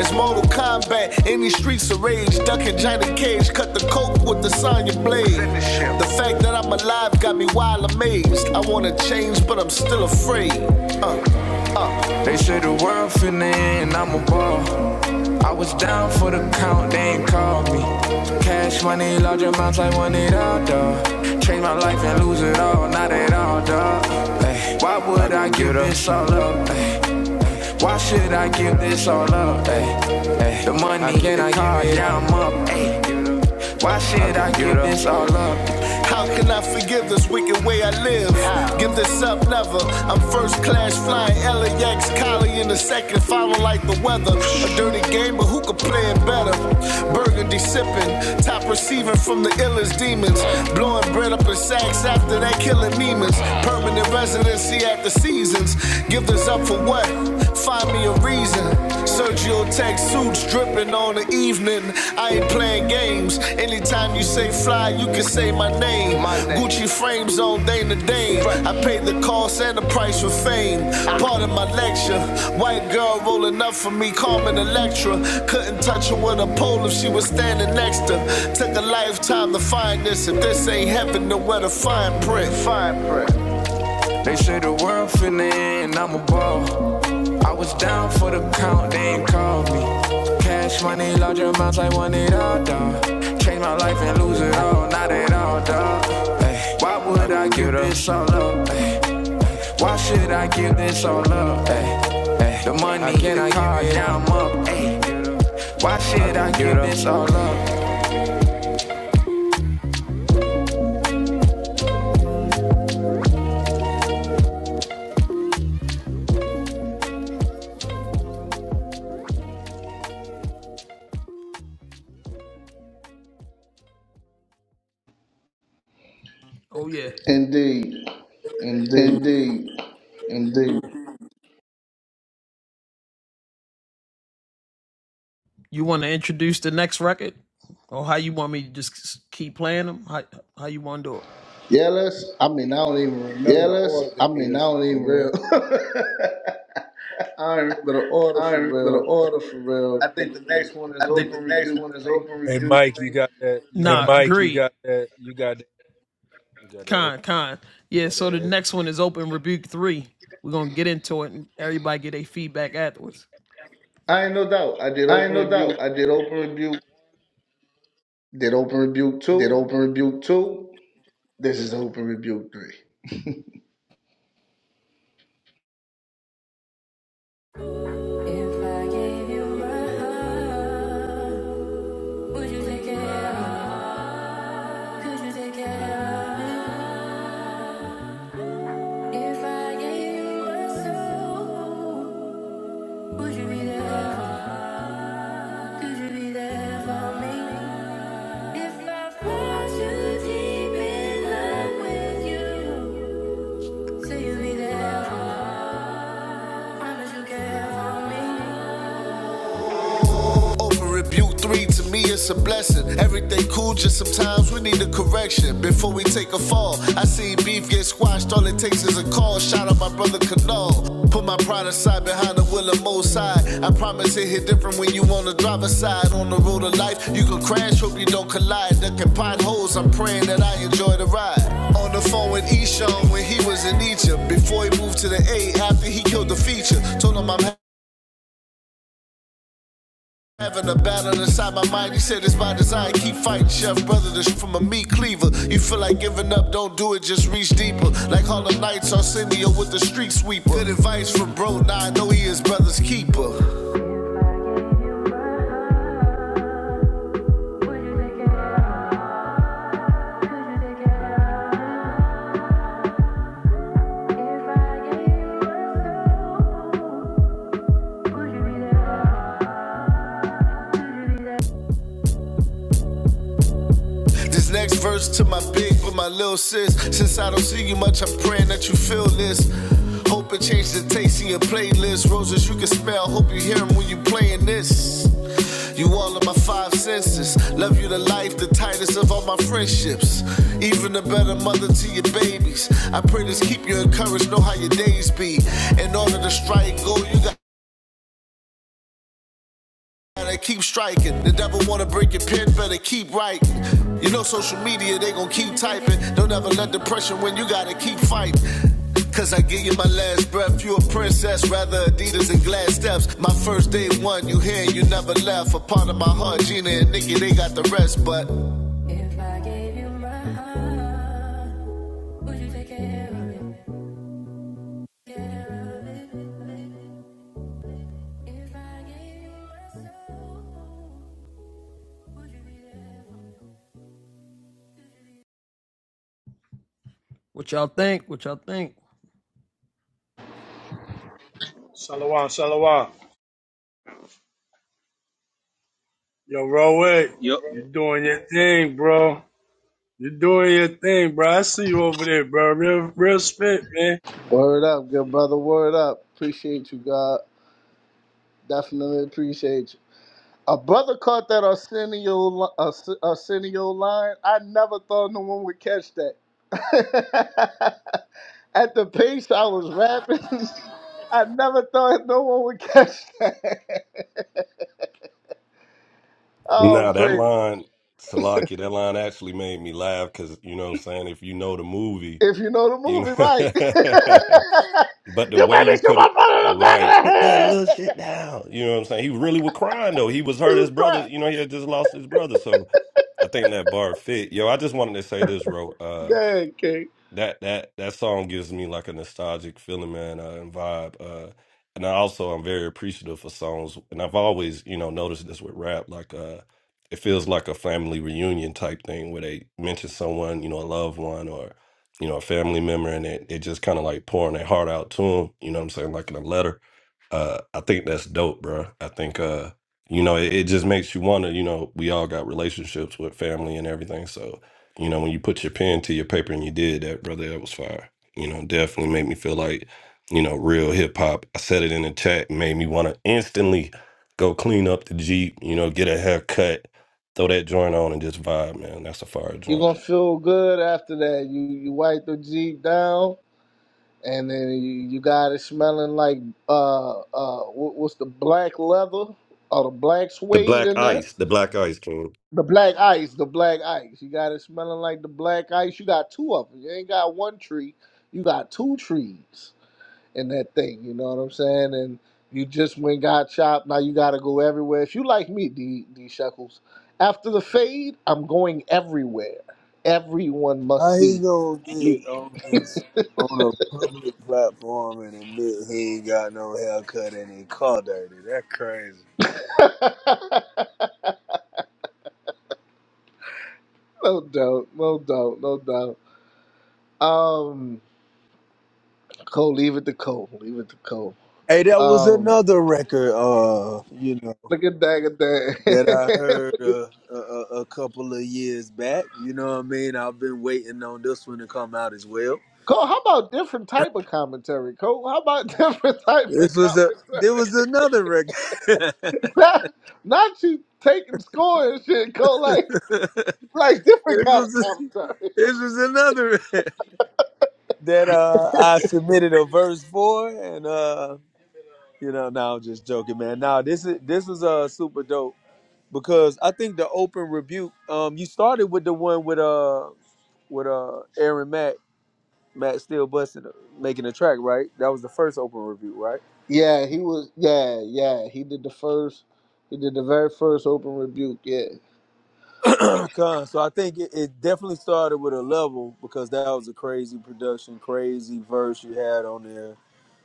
S6: It's Mortal Kombat in these streets of rage. Ducking Johnny Cage, cut the coke with the Sonya blade. The fact that I'm alive got me wild amazed. I wanna change, but I'm still afraid. Uh. They say the world finna end, I'm a ball. I was down for the count, they ain't called me. Cash money, large amounts, I want it all, dawg. Change my life and lose it all, not at all, dog. Ay, why would I give this all up? Ay, why should I give this all up? Ay, ay, the money, the car, yeah, I'm up. Ay, why should I give this all up? How can I forgive this wicked way I live? Give this up, never. I'm first class flying LAX, collie in the second, following like the weather. A dirty game, but who could play it better? Burgundy sipping, top receiving from the illest demons. Blowing bread up in sacks after that, killing demons. Permanent residency at the seasons. Give this up for what? Find me a reason. Sergio Tech suits dripping on the evening. I ain't playing games. Anytime you say fly, you can say my name. My name. Gucci frames on day to day. I paid the cost and the price for fame. Ah. Part of my lecture. White girl rolling up for me, Carmen Electra. Couldn't touch her with a pole if she was standing next to. Took a lifetime to find this. If this ain't heaven, then where to find print? Find print. Finna, oh, For the count, they ain't called me. Cash money, large amounts, I want it all, dawg. Change my life and lose it all, not at all, dawg. Ay, why give this all up? Ay, why should I give this all up? Ay, I can't
S2: Indeed, indeed.
S6: Indeed. Indeed.
S2: Yeah, let's. I mean, I don't even remember the
S6: Yeah,
S2: order they is for
S6: let-
S2: real. I don't remember the order
S6: I
S2: for
S6: ain't gonna
S2: real.
S6: order for real.
S2: I think the next one is
S6: I think
S2: open
S6: the next
S2: rebuke
S6: one is
S2: three.
S6: open
S13: hey
S6: rebuke
S13: mike you
S6: three.
S13: got that you got that you got that
S2: I ain't no doubt. I did
S6: I
S2: open
S6: ain't no
S2: rebuke.
S6: doubt. I did open rebuke,
S2: Did open rebuke
S6: did
S2: two.
S6: open rebuke two.
S2: This is open rebuke three.
S6: would you take it? out? Could you take it? out? If I gave you a soul, would you be there Could you be there for me? If I fall too deep in love with you, say you'll be there for. Promise you care for me. Open review three, to me it's a blessing. Everything cool, just sometimes we need a correction. Before we take a fall, I seen beef get squashed, all it takes is a call. Shout out my brother Canal. Put my pride aside behind the wheel of Mo's side. I promise it hit different when you on the driver's side. On the road of life, you can crash, hope you don't collide. Ducking potholes, I'm praying that I enjoy the ride. On the phone with Eshawn when he was in Egypt. Before he moved to the A, after he killed the feature. Told him I'm Having a battle inside my mind, he said it's by design. Keep fighting, chef brother, this from a meat cleaver. You feel like giving up, don't do it, just reach deeper. Like Harlem Knights, Arsenio with the street sweeper. Good advice from bro, now I know he is brother's keeper. This next verse to my big, but my little sis. Since I don't see you much, I'm praying that you feel this. Hope it changes the taste in your playlist. Roses you can smell, hope you hear 'em when you playing this. You all of my five senses. Love you to life, the tightest of all my friendships. Even a better mother to your babies. I pray this keep you encouraged, know how your days be. In order to strike gold, you got they keep striking. The devil wanna break your pen, better keep writing. You know social media, they gon' keep typing. Don't ever let depression win, you gotta keep fighting. Cause I give you my last breath, you a princess, rather Adidas and glass steps. My first day one, you here, you never left. A part of my heart, Gina and Nikki, they got the rest, but If I gave you my heart, would you Take care of it. If I gave you my soul, would you be there for me?
S14: Salawah, Salawah. Yo, Roy,
S10: Yo,
S14: you doing your thing, bro. you doing your thing, bro. I see you over there, bro. Real, real spit, man.
S2: Word up, good brother. Word up. Appreciate you, God. Definitely appreciate you. A brother caught that Arsenio li- Ars- Arsenio line. I never thought no one would catch that. At the pace I was rapping, I never thought no one would catch that. Oh,
S5: Nah, that
S2: praise! it.
S5: line, Salakia, that line actually made me laugh because, you know what I'm saying, if you know the movie,
S2: If you know the
S5: you
S2: movie, right?
S5: know. But the
S2: you
S5: way
S2: made me
S5: you
S2: shoot
S5: put
S2: my
S5: it,
S2: brother in the back of
S5: right,
S2: the
S5: put that
S2: head.
S5: little shit down. You know what I'm saying? He really was crying though. He was hurt.
S2: you
S5: His brother,
S2: try.
S5: you know, he had just lost his brother. So I think that bar fit. Yo, I just wanted to say this, bro
S2: Good, King.
S5: that that that song gives me like a nostalgic feeling, man, uh, and vibe. Uh, and I also I'm very appreciative for songs, and I've always you know noticed this with rap, like uh, it feels like a family reunion type thing where they mention someone, you know, a loved one or you know a family member, and it it just kind of like pouring their heart out to them. You know what I'm saying, like in a letter. Uh, I think that's dope, bro. I think uh, you know, it, it just makes you wonder. You know, we all got relationships with family and everything, so you know, when you put your pen to your paper and you did that, brother, that was fire. You know, definitely made me feel like, you know, real hip hop. I said it in the chat, made me want to instantly go clean up the Jeep, you know, get a haircut, throw that joint on and just vibe, man. That's a fire
S2: You
S5: joint.
S2: gonna feel good after that. You you wipe the jeep down. and then you, you got it smelling like uh uh what, what's the black leather or the black
S5: The
S2: suede
S5: black
S2: in that
S5: ice, the black ice king.
S2: the black ice the black ice you got it smelling like the black ice you got two of them you ain't got one tree you got two trees in that thing you know what i'm saying and you just went got chopped now you gotta go everywhere if you like me d d shuckles after the fade i'm going everywhere everyone
S13: How
S2: must
S13: he
S2: see
S13: gonna get
S2: me
S13: on this on a public platform and admit he ain't got no haircut and he car dirty? That crazy.
S2: No doubt, no doubt, no doubt. Um, Cole, leave it to Cole. Leave it to Cole.
S13: Hey, that was
S2: Um,
S13: another record, uh, you know,
S2: look at that, at
S13: that I
S2: that.
S13: heard
S2: Look at-
S13: uh, a, a, a couple of years back. You know what I mean? I've been waiting on this one to come out as well.
S2: Cole, how about different type of commentary? Cole, how about different type of
S13: This was a, there
S2: commentary?
S13: was another record. this
S2: not, not you taking score and shit, Cole. Like, like different kind of
S13: was, a,
S2: commentary.
S13: this was another that uh I submitted a verse for, and uh, you know, now I'm just joking, man. Now this is this was uh super dope because I think the open rebuke, um, you started with the one with uh. with uh Aaron Mack. Matt still busting, making the track, right? That was the first open review, right?
S2: Yeah, he was. Yeah, yeah, he did the first. He did the very first open rebuke. Yeah.
S13: Con. So I think it, it definitely started with a level because that was a crazy production, crazy verse you had on there.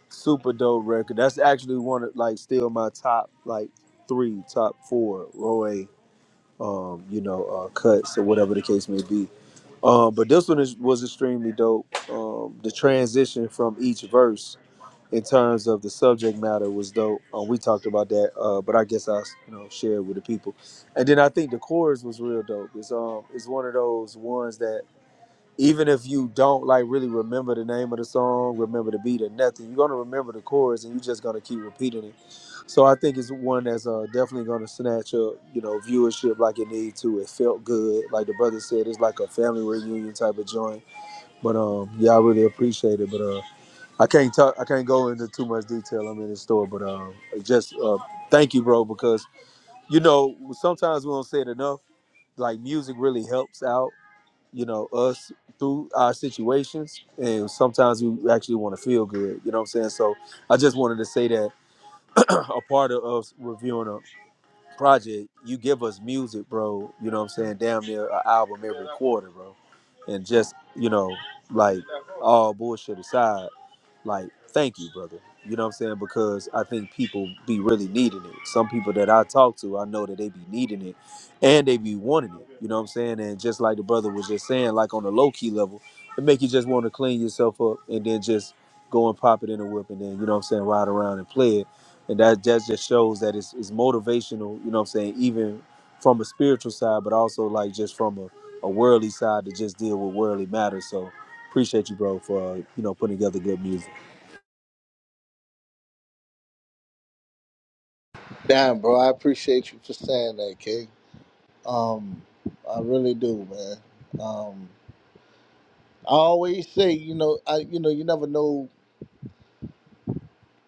S13: Super dope record. That's actually one of like still my top like three, top four Roy, um, you know, uh, cuts or whatever the case may be. Um, but this one is, was extremely dope. Um, the transition from each verse in terms of the subject matter was dope. Um, we talked about that, uh, but I guess I you know shared with the people. And then I think the chorus was real dope. It's um it's one of those ones that even if you don't like really remember the name of the song, remember the beat or nothing, you're gonna remember the chorus and you're just gonna keep repeating it. So I think it's one that's uh, definitely gonna snatch up you know viewership like it needs to. It felt good, like the brother said, it's like a family reunion type of joint. But um yeah, I really appreciate it. But uh I can't talk. I can't go into too much detail. I'm in the store, but um, just uh, thank you, bro, because you know sometimes we don't say it enough. Like music really helps out, you know, us through our situations, and sometimes we actually want to feel good. You know what I'm saying? So I just wanted to say that a part of us reviewing a project, you give us music, bro. You know what I'm saying? Damn near an album every quarter, bro, and just you know, like all bullshit aside. Like, thank you, brother. You know what I'm saying? Because I think people be really needing it. Some people that I talk to, I know that they be needing it and they be wanting it. You know what I'm saying? And just like the brother was just saying, like on a low key level, it make you just want to clean yourself up and then just go and pop it in a whip and then, you know what I'm saying, ride around and play it. And that, that just shows that it's, it's motivational, you know what I'm saying, even from a spiritual side, but also like just from a, a worldly side to just deal with worldly matters. So appreciate you, bro, for, uh, you know, putting together good music.
S2: Damn, bro, I appreciate you for saying that, King. Um, I really do, man. Um, I always say, you know, I you know, you never know.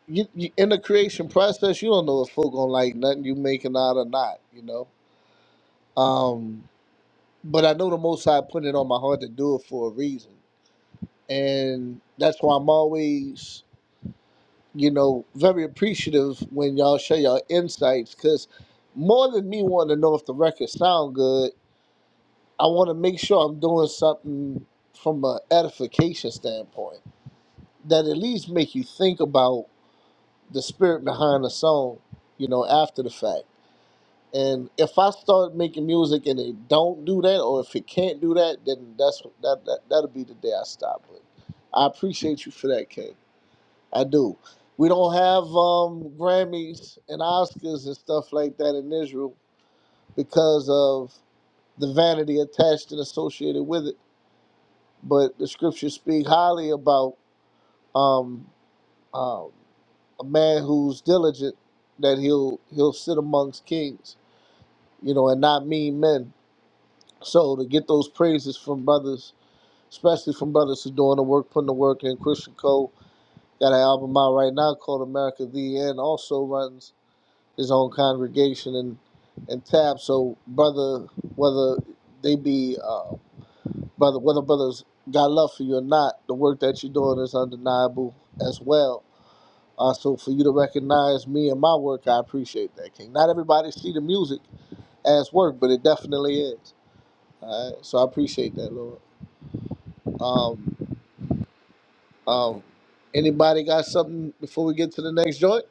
S2: You, you in the creation process, you don't know if folk gonna like nothing you making out or not. You know. Um, but I know the Most High put it on my heart to do it for a reason, and that's why I'm always, you know, very appreciative when y'all share y'all insights, cause more than me wanting to know if the record sound good, I want to make sure I'm doing something from an edification standpoint that at least make you think about the spirit behind the song, you know, after the fact. And if I start making music and it don't do that, or if it can't do that, then that's that, that that'll be the day I stop But I appreciate you for that, King. I do. We don't have um, Grammys and Oscars and stuff like that in Israel because of the vanity attached and associated with it. But the scriptures speak highly about um, Um, a man who's diligent that he'll he'll sit amongst kings, you know, and not mean men. So to get those praises from brothers, especially from brothers who's doing the work, putting the work in. Christian Cole got an album out right now called America the End. Also runs his own congregation and and tab. So brother, whether they be uh, brother, whether brothers got love for you or not, the work that you're doing is undeniable as well Uh, so for you to recognize me and my work, I appreciate that, King. Not everybody see the music as work, but it definitely is. All right, so I appreciate that, Lord. Um, um, anybody got something before we get to the next joint?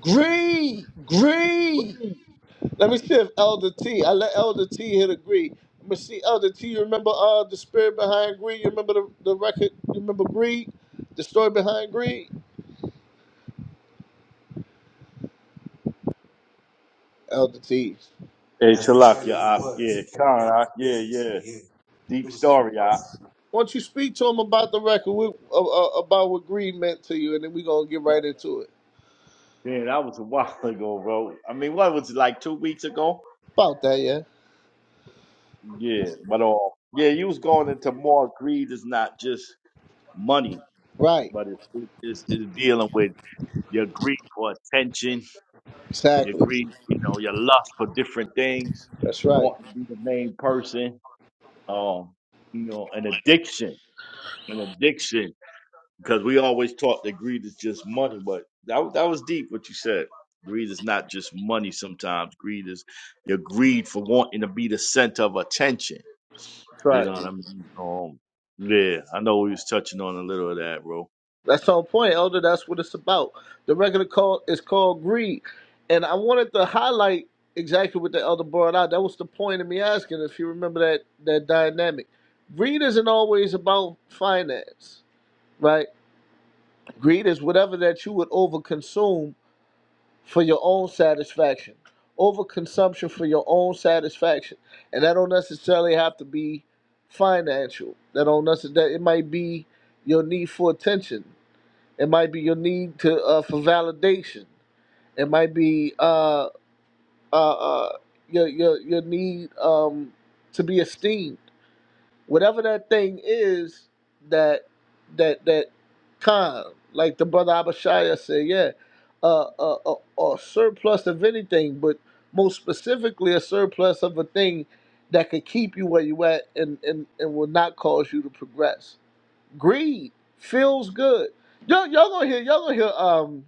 S2: Green. Green. Let me see if Elder T. I let Elder T hit agree. Let me see Elder T. You remember uh the spirit behind greed? You remember the, the record? You remember Greed? The story behind Greed? Elder T.
S11: Hey, Shalak, yeah, I, yeah, Khan, I, yeah, yeah. Deep story, I.
S2: Why don't you speak to him about the record, with, uh, uh, about what greed meant to you, and then we're going to get right into it.
S11: Man, that was a while ago, bro. I mean, what was it like two weeks ago?
S2: About that, yeah?
S11: Yeah, but uh, yeah, you was going into more greed is not just money.
S2: Right.
S11: but it's, it's, it's dealing with your greed for attention, your
S2: Exactly.
S11: greed, you know, your lust for different things,
S2: That's right.
S11: wanting to be the main person, um, you know, an addiction, an addiction, because we always taught that greed is just money, but that, that was deep what you said. Greed is not just money sometimes. Greed is your greed for wanting to be the center of attention.
S2: That's
S11: You know
S2: right.
S11: what I mean? Um, yeah, I know we was touching on a little of that, bro.
S2: That's on point, Elder. That's what it's about. The record call is called Greed. And I wanted to highlight exactly what the Elder brought out. That was the point of me asking, if you remember that, that dynamic. Greed isn't always about finance, right? Greed is whatever that you would overconsume for your own satisfaction. Overconsumption for your own satisfaction. And that don't necessarily have to be financial. That don't necessarily, it might be your need for attention. It might be your need to uh, for validation. It might be uh, uh, uh, your, your, your need um, to be esteemed whatever that thing is that that that kind like the brother abishaya said yeah uh, uh, uh, a surplus of anything but most specifically a surplus of a thing that could keep you where you at and, and, and will not cause you to progress greed feels good y'all, y'all gonna hear y'all gonna hear um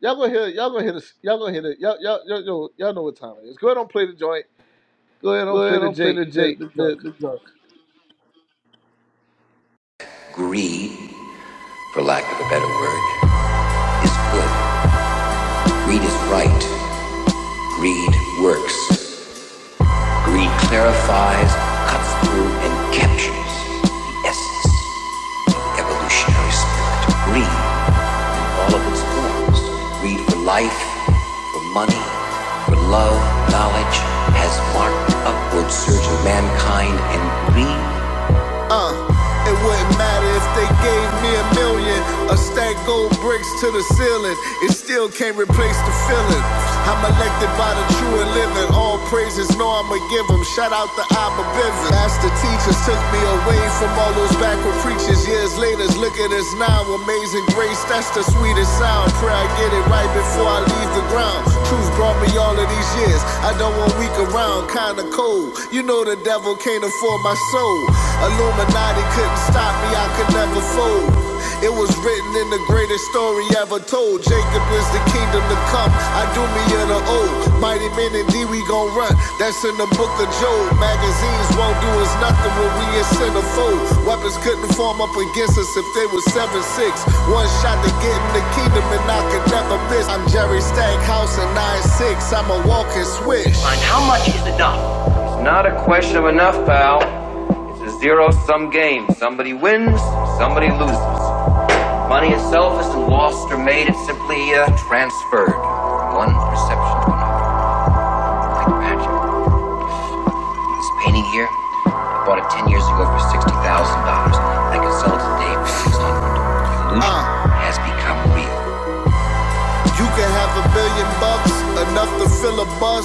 S2: y'all gonna hear y'all gonna hear this y'all gonna hear the y'all, y'all, y'all, y'all, y'all know what time it is go ahead and play the joint go ahead and play the j the, the joint
S6: Greed, for lack of a better word, is good. Greed is right. Greed works. Greed clarifies, cuts through, and captures the essence of the evolutionary spirit. Greed, in all of its forms. Greed for life, for money, for love, knowledge, has marked the upward surge of mankind, and greed uh, it wouldn't matter if they gave me a million. A stack gold bricks to the ceiling. It still can't replace the feeling. I'm elected by the true and living. All praises know I'ma give 'em. Shout out to Abba Bivin. Master teachers took me away from all those backward preachers. Years later, look at us now. Amazing grace, that's the sweetest sound. Pray I get it right before I leave the ground. Truth brought me all of these years. I don't want weak around, kinda cold. You know the devil can't afford my soul. Illuminati couldn't stop me, I could never fold. It was written in the greatest story ever told. Jacob is the kingdom to come. I do me in the old. Mighty men indeed we gon' run. That's in the book of Job. Magazines won't do us nothing when we in sin Weapons couldn't form up against us if they was seven six. One shot to get in the kingdom and I could never miss. I'm Jerry Stackhouse and nine six. I'm a walking switch. Find how much is enough. It's not a question of enough, pal. It's a zero sum game. Somebody wins, somebody loses. Money itself isn't lost or made, it's simply uh, transferred one perception to another, like magic. This painting here, I bought it 10 years ago for $60,000. I could sell it today for 600 It has become real. You can have a billion bucks, enough to fill a bus.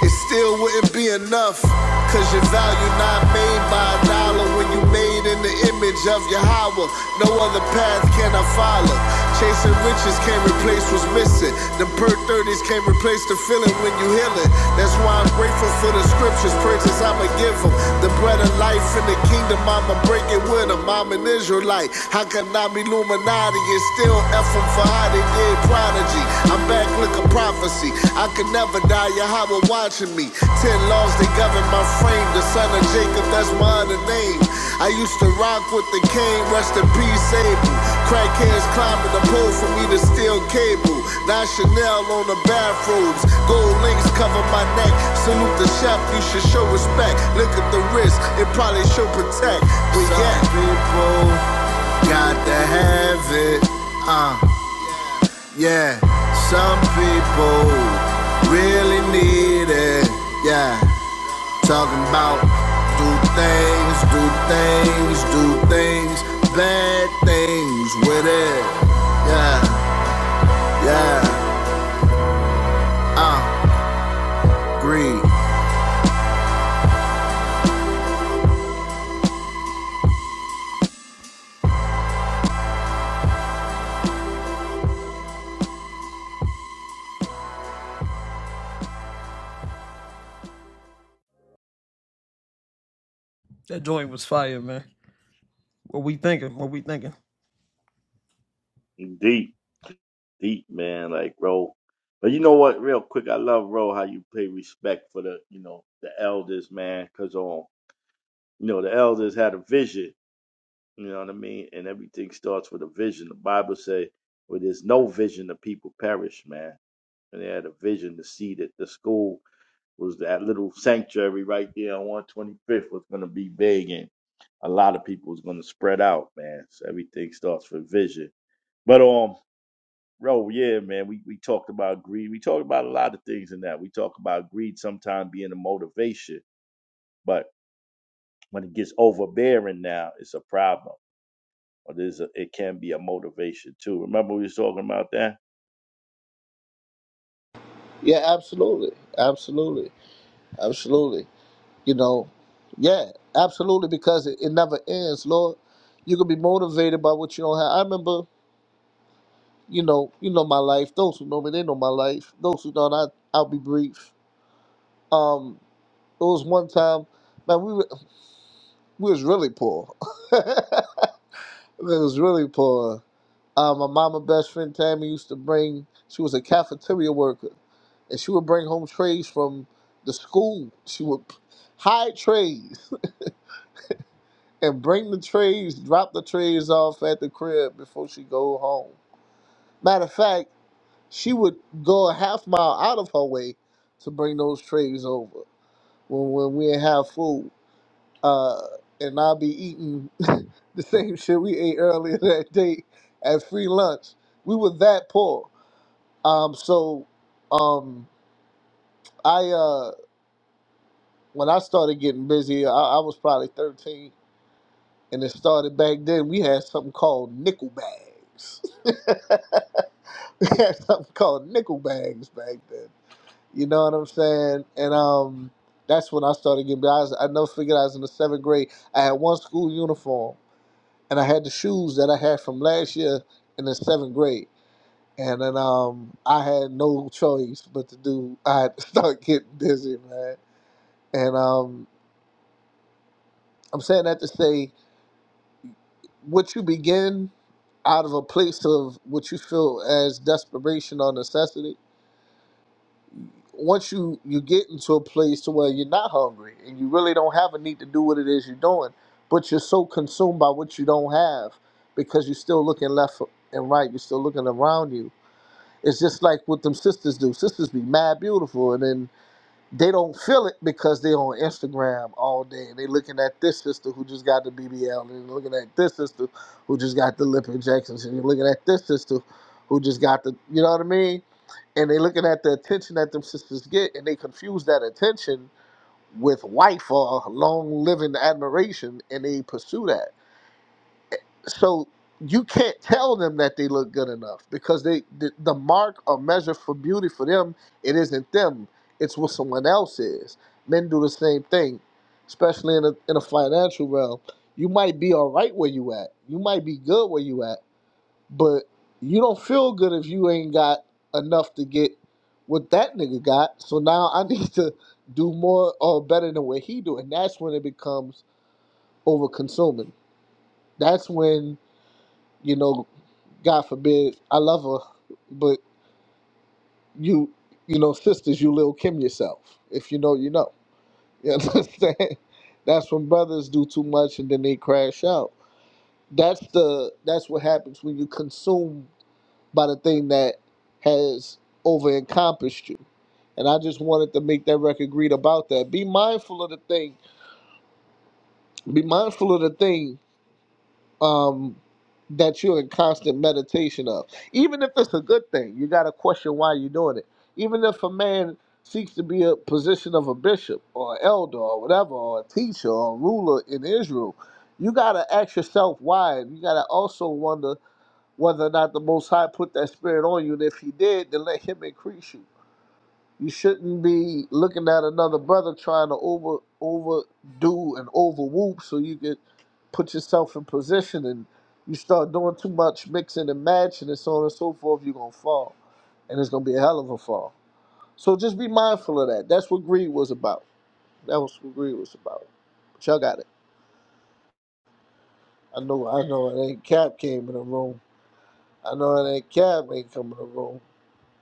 S6: It still wouldn't be enough. Cause your value not made by a dollar when you made in the image of Yahweh. No other path can I follow. Chasing riches can't replace what's missing. The per 30s can't replace the feeling when you heal it. That's why I'm grateful for the scriptures, praises I'ma give them. The bread of life in the kingdom, I'ma break it with them. I'm an Israelite. How can I be Illuminati? and it's still Ephraim for how they did prodigy. I'm back looking prophecy. I could never die, Yahweh watching me. Ten laws, they govern my frame. The son of Jacob, that's my other name. I used to rock with the cane, rest in peace, Abel. Crackheads climbing the pole for me to steal cable. Now Chanel on the bathrobes. Gold links cover my neck. Salute the chef, you should show respect. Look at the wrist, it probably should protect. But Some yeah. people Got to have it. Uh, yeah. Some people really need it. Yeah. Talking about do things, do things, do things, bad things with it. Yeah. Yeah. Uh, greed.
S11: Deep. deep, man. Like Ro, but you know what? Real quick, I love Ro how you pay respect for the you know the elders, man. Cause um, you know the elders had a vision. You know what I mean? And everything starts with a vision. The Bible say, where there's no vision, the people perish, man. And they had a vision to see that the school was that little sanctuary right there on 125th was going to be big and a lot of people was going to spread out, man. So everything starts with vision. But um, Oh yeah, man. We we talked about greed. We talked about a lot of things in that. We talk about greed sometimes being a motivation, but when it gets overbearing now, it's a problem. Or there's a, it can be a motivation too. Remember we was talking about that?
S2: Yeah, absolutely, absolutely, absolutely. You know, yeah, absolutely, because it, it never ends, Lord. You can be motivated by what you don't have. I remember, you know, you know my life. Those who know me, they know my life. Those who don't, I I'll be brief. Um, it was one time, man, we were, we was really poor. it was really poor Uh, my mama best friend Tammy used to bring. She was a cafeteria worker, and she would bring home trays from the school. She would p- hide trays and bring the trays, drop the trays off at the crib before she go home. Matter of fact, she would go a half mile out of her way to bring those trays over when when we didn't have food. Uh, and I'll be eating the same shit we ate earlier that day at free lunch. We were that poor Um, so, um, I uh, when I started getting busy, I, I was probably thirteen, and it started back then. We had something called nickel bags. we had something called nickel bags back then. You know what I'm saying? And um, that's when I started getting. busy. I, was, I never figured I was in the seventh grade. I had one school uniform, and I had the shoes that I had from last year in the seventh grade. And then um, I had no choice but to do. I had to start getting busy, man And um, I'm saying that to say what you begin out of a place of what you feel as desperation or necessity. Once you you get into a place to where you're not hungry and you really don't have a need to do what it is you're doing, but you're so consumed by what you don't have because you're still looking left and right, you're still looking around you. It's just like what them sisters do. Sisters be mad beautiful, and then. They don't feel it because they're on Instagram all day and they looking at this sister who just got the BBL and they're looking at this sister who just got the lip injections and you're looking at this sister who just got the you know what I mean? And they looking at the attention that them sisters get and they confuse that attention with wife or long living admiration and they pursue that so you can't tell them that they look good enough because they the, the mark or measure for beauty for them it isn't them it's what someone else is men do the same thing especially in a, in a financial realm you might be all right where you at you might be good where you at but you don't feel good if you ain't got enough to get what that nigga got so now i need to do more or better than what he do and that's when it becomes over consuming that's when you know God forbid, I love her, but you, you know, sisters, you Lil Kim yourself. If you know, you know. You understand? That's when brothers do too much and then they crash out. That's the that's what happens when you consume by the thing that has over encompassed you. And I just wanted to make that record read about that. Be mindful of the thing. Be mindful of the thing um, that you're in constant meditation of. Even if it's a good thing, you got to question why you're doing it. Even if a man seeks to be a position of a bishop or elder or whatever, or a teacher or a ruler in Israel, you got to ask yourself why. And you got to also wonder whether or not the Most High put that spirit on you. And if he did, then let him increase you. You shouldn't be looking at another brother trying to over overdo and overwhoop so you could put yourself in position and you start doing too much mixing and matching and so on and so forth, you're gonna fall. And it's gonna be a hell of a fall. So just be mindful of that. That's what greed was about. That was what greed was about. But y'all got it. I know I know it ain't Cap came in the room. I know it ain't Cap ain't come in the room.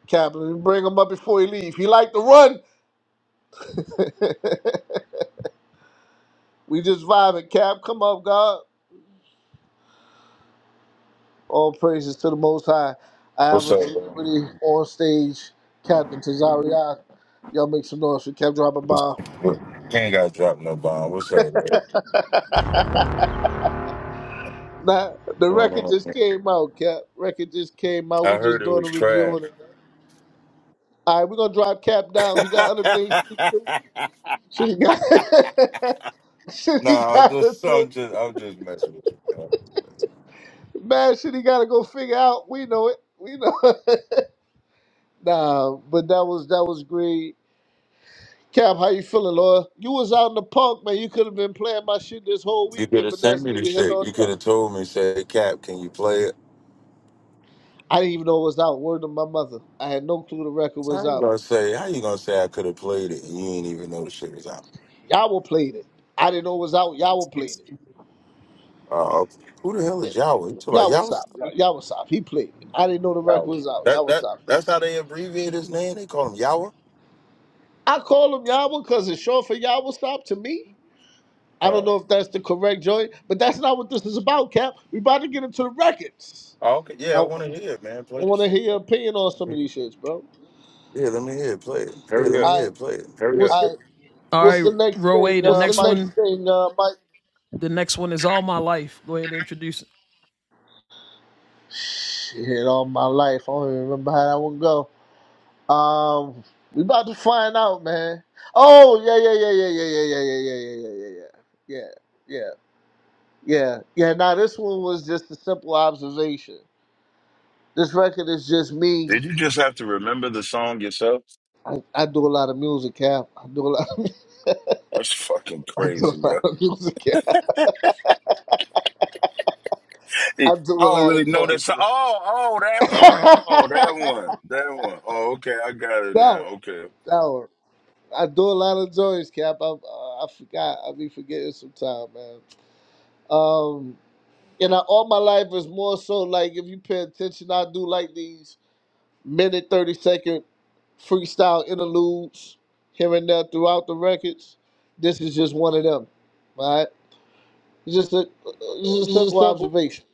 S2: Cap, let me bring him up before he leave. He like to run. We just vibing, Cap. Come up, God. All praises to the Most High. I have
S15: What's
S2: a
S15: up, bro?
S2: celebrity on stage, Captain Tazariak. Y'all make some noise for Cap dropping
S15: What's
S2: by.
S15: what- You ain't got to drop no bomb. What's up, bro? What's
S2: Nah, the
S15: going
S2: record
S15: on,
S2: just
S15: man?
S2: came out, Cap. Record just came out.
S15: I
S2: We just
S15: heard it
S2: doing a
S15: was
S2: review
S15: trash.
S2: on it. All right, we're gonna drop Cap down. He got other things. Shit, he got. shit, he
S15: nah, I'm
S2: got to
S15: just,
S2: do.
S15: I'm just, I'm just messing with you, man. I'm just messing.
S2: Man, shit, he got to go figure out. We know it. We know. nah, but that was that was great. Cap, how you feeling, Laura? You was out in the park, man. You could have been playing my shit this whole
S15: with You You could
S2: weekend,
S15: have
S2: but
S15: sent
S2: that's
S15: me the
S2: neither here
S15: shit.
S2: nor
S15: You could
S2: there.
S15: have told me, say, Cap, can you play it?
S2: I didn't even know it was out. Word to my mother. I had no clue the record
S15: So
S2: was
S15: how you
S2: out.
S15: gonna say? How you gonna say I could have played it and you ain't even know the shit was out?
S2: you played it. I didn't know it was out. you played
S15: Uh, who the hell is
S2: it.
S15: Yawa? You talking
S2: Y'all
S15: about
S2: was
S15: Yawa?
S2: out. Y'all He played it. I didn't know the record
S15: Yawa.
S2: was out. Y'all
S15: That
S2: was
S15: that
S2: played
S15: that's
S2: it.
S15: how they abbreviate his name. They call him Yawa.
S2: I call him Yawa because it's short for Yawa Stop to me. I don't
S15: Uh,
S2: know if that's the correct joint, but that's not what this is about, Cap. We about to get into the records.
S15: okay.
S2: I,
S15: Yeah, I
S2: I
S15: want to hear it, man. Play the
S2: want to
S15: shit.
S2: hear your opinion on
S15: Man.
S2: some of these shits, bro.
S15: Yeah, let me hear it. Play it.
S6: Yeah, let
S15: Hurry
S6: me
S15: up.
S2: All
S6: hear
S2: right,
S6: it. Play it. There we go.
S2: what's the,
S6: I
S2: What's the next thing, uh, Mike?
S6: think, uh, Mike.
S2: Shit, all my life. I don't even remember how that one go. Um, we about to find out, man. Oh, yeah, yeah, yeah, yeah, yeah, yeah, yeah, yeah, yeah, yeah, yeah, yeah, yeah, yeah, yeah, yeah. yeah. Now this one was just a simple observation. This record is just me.
S15: Did you just have to remember the song yourself?
S2: I, I do a lot of music, Cap. I do a lot. Of,
S15: That's fucking
S2: I do
S15: crazy,
S2: a
S15: yo.
S2: lot of music. Cap.
S15: I
S2: I do a
S15: don't
S2: lot
S15: really
S2: of
S15: know that
S2: drugs.
S15: song.
S2: man.
S15: Oh, oh, that one. Oh, that
S2: that
S15: one. That one. Oh, okay. I got it
S2: one,
S15: now.
S2: that one. I do a lot of joints, Cap. I, uh, I forgot. I be forgetting sometimes, man. Um, and I, all my life is more so like if you pay attention, I do like these minute thirty second freestyle interludes here and there throughout the records. This is just one of them, all right? It's just a it's just a simple observation.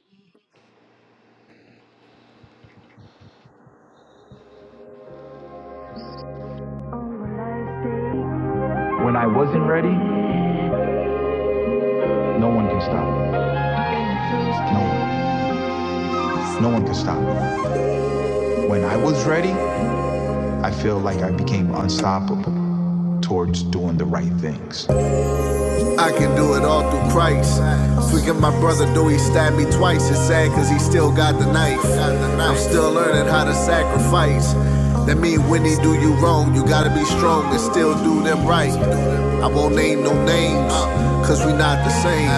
S6: When I wasn't ready, no one could stop me. No one could stop me. When I was ready, I feel like I became unstoppable. towards doing the right things. I can do it all through Christ. Forgive my brother, though he stabbed me twice. It's sad cause he still got the knife. I'm still learning how to sacrifice. That mean when they do you wrong, you gotta be strong and still do them right. I won't name no names, cause we not the same.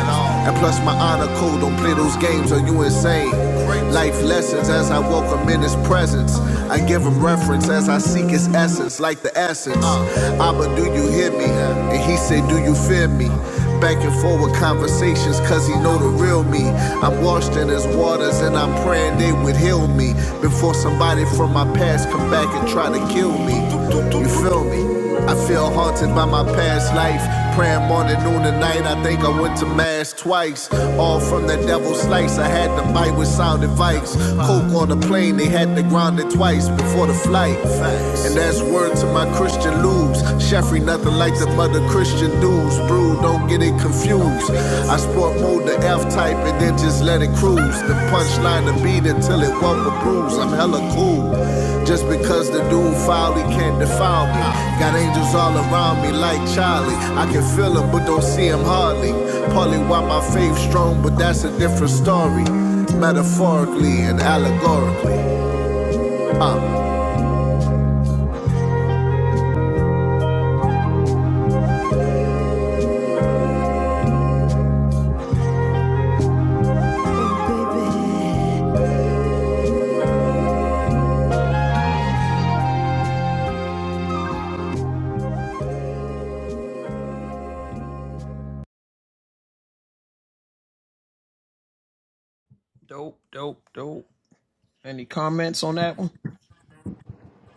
S6: And plus my honor code, don't play those games, are you insane? Life lessons as I walk him in his presence. I give him reference as I seek his essence, like the essence. Abba, do you hear me? And he said, Do you fear me? Back and forward conversations, cause he know the real me. I'm washed in his waters and I'm praying they would heal me before somebody from my past come back and try to kill me. You feel me? I feel haunted by my past life. Praying morning, noon, and night. I think I went to mass twice. All from that devil's slice. I had to bite with sound advice. Coke on the plane, they had to ground it twice before the flight. And that's word to my Christian lubes. Sheffrey, nothing like the mother Christian dudes. Brew, don't get it confused. I or move the F type and then just let it cruise. The punchline the beat until it won't a bruise. I'm hella cool. Just because the dude foul, he can't defile me. Got angels all around me like Charlie. I can feel him, but don't see him hardly. Partly why my faith strong, but that's a different story. Metaphorically and allegorically. Uh.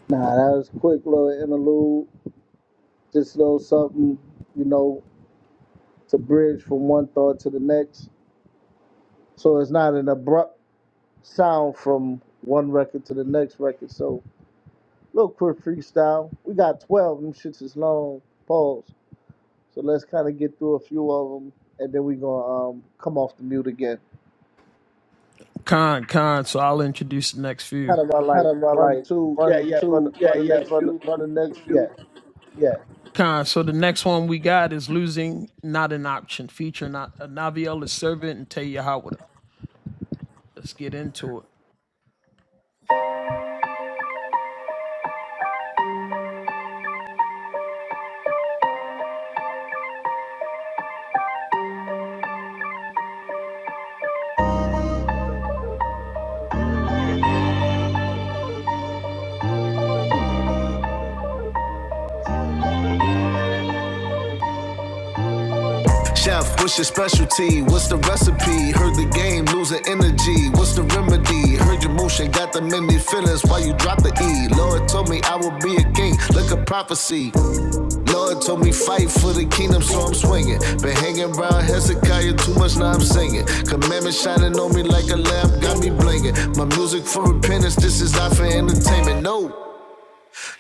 S2: Nah, that was a quick little interlude. Just a little something, you know, to bridge from one thought to the next. So it's not an abrupt sound from one record to the next record. So a little quick freestyle. We got twelve. of Them shits is long. Pause. So let's kind of get through a few of them, and then we gonna um come off the mute again. Kind of run like run two. Yeah,
S6: Run
S2: yeah. Run
S6: two, yeah,
S2: run the
S6: yeah.
S2: next
S6: Run,
S2: few.
S6: run the next
S2: Yeah.
S6: few, yeah. Chef, what's your specialty? What's the recipe? Heard the game, losing energy. What's the remedy? Heard your motion, got the many feelings. Why you drop the E? Lord told me I would be a king. Look a prophecy. Lord told me fight for the kingdom, so I'm swinging. Been hanging around Hezekiah too much, now I'm singing. Commandments shining on me like a lamp, got me blinging. My music for repentance, this is not for entertainment. No.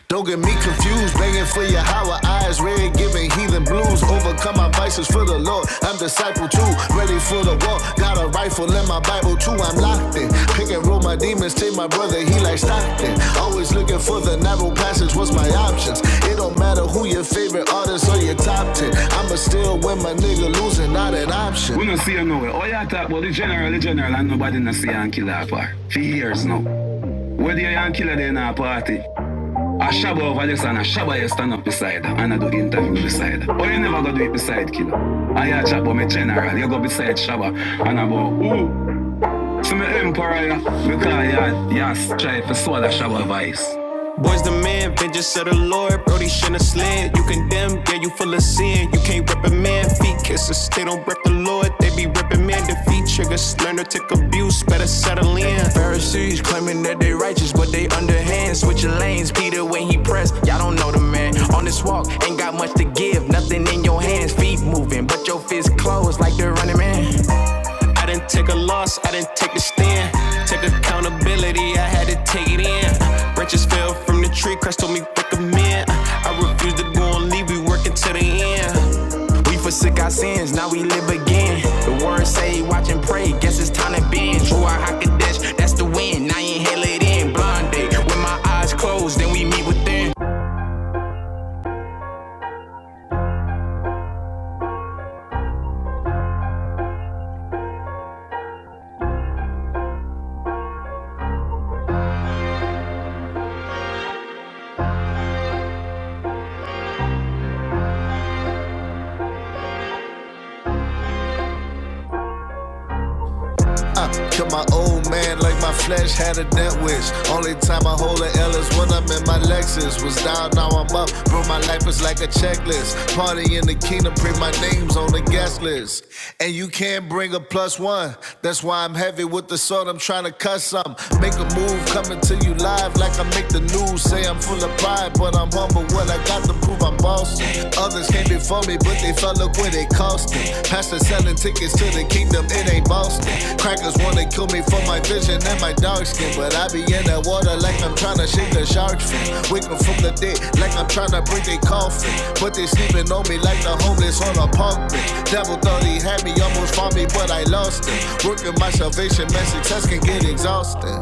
S6: Don't get me confused, begging for your higher eyes, red giving heathen blues. Overcome my vices for the Lord. I'm disciple too, ready for the war. Got a rifle in my Bible too. I'm locked in. Pick and roll my demons, take my brother, he like Stockton. Always looking for the narrow passage. What's my options? It don't matter who your favorite artist or your top ten. I'ma still win my nigga losing, not an option. We no see you nowhere. All you all talk about the general, the general, and nobody no see you and killer part. For years now. Whether you and killer they in a party, Ашабова Валерсана, Ашаба Ястанов beside her, and I do interview beside her. But you never go do it beside killer. I ya Chabo, my general, you go beside Shaba, and I go, so my emperor, because ya, ya Try to swallow Shaba vice. Boy's the man, vengeance of the Lord, Brody shouldn't have slid. You condemn, yeah, you full of sin. You can't rep a feet kisses, they don't rep the Lord. They be repping man, defeat triggers, learn to take abuse, better settle in. Pharisees claiming that they righteous, but they underhand. Switching lanes, Peter when he pressed, y'all don't know the man. On this walk, ain't got much to give, nothing in your hands. Feet moving, but your fists closed like the running man. I didn't take a loss, I didn't take a stand. Take accountability, I had to take it in. Branches fell from the tree, Christ told me recommend. I refuse to go and leave, we working till the end. We forsook our sins, now we live again. The word say, watch and pray, guess it's time to bend. True, I hack a dash, that's the wind, now inhale it in. Blonde day, with my eyes closed, then we meet within. I killed my old man like my flesh had a death wish. Only time I hold an L is when I'm in my Lexus. Was down, now I'm up. Bro, my life is like a checklist. Party in the kingdom, pray my name's on the guest list. And you can't bring a plus one. That's why I'm heavy with the sword. I'm trying to cut some. Make a move coming to you live like I make the news. Say I'm full of pride, but I'm humble. What I got to prove, I'm bossy. Others came before me, but they fell up when it cost them. Pastor selling tickets to the kingdom, it ain't Boston. Crackers wanna kill me for my vision and my dark skin, but I be in the water like I'm tryna shake the shark fin. Waking from the dead like I'm tryna break their coffin. But they sleeping on me like the homeless on a park bench. Devil thought he had me, almost fought me, but I lost him. Working my salvation, man, success can get exhausting.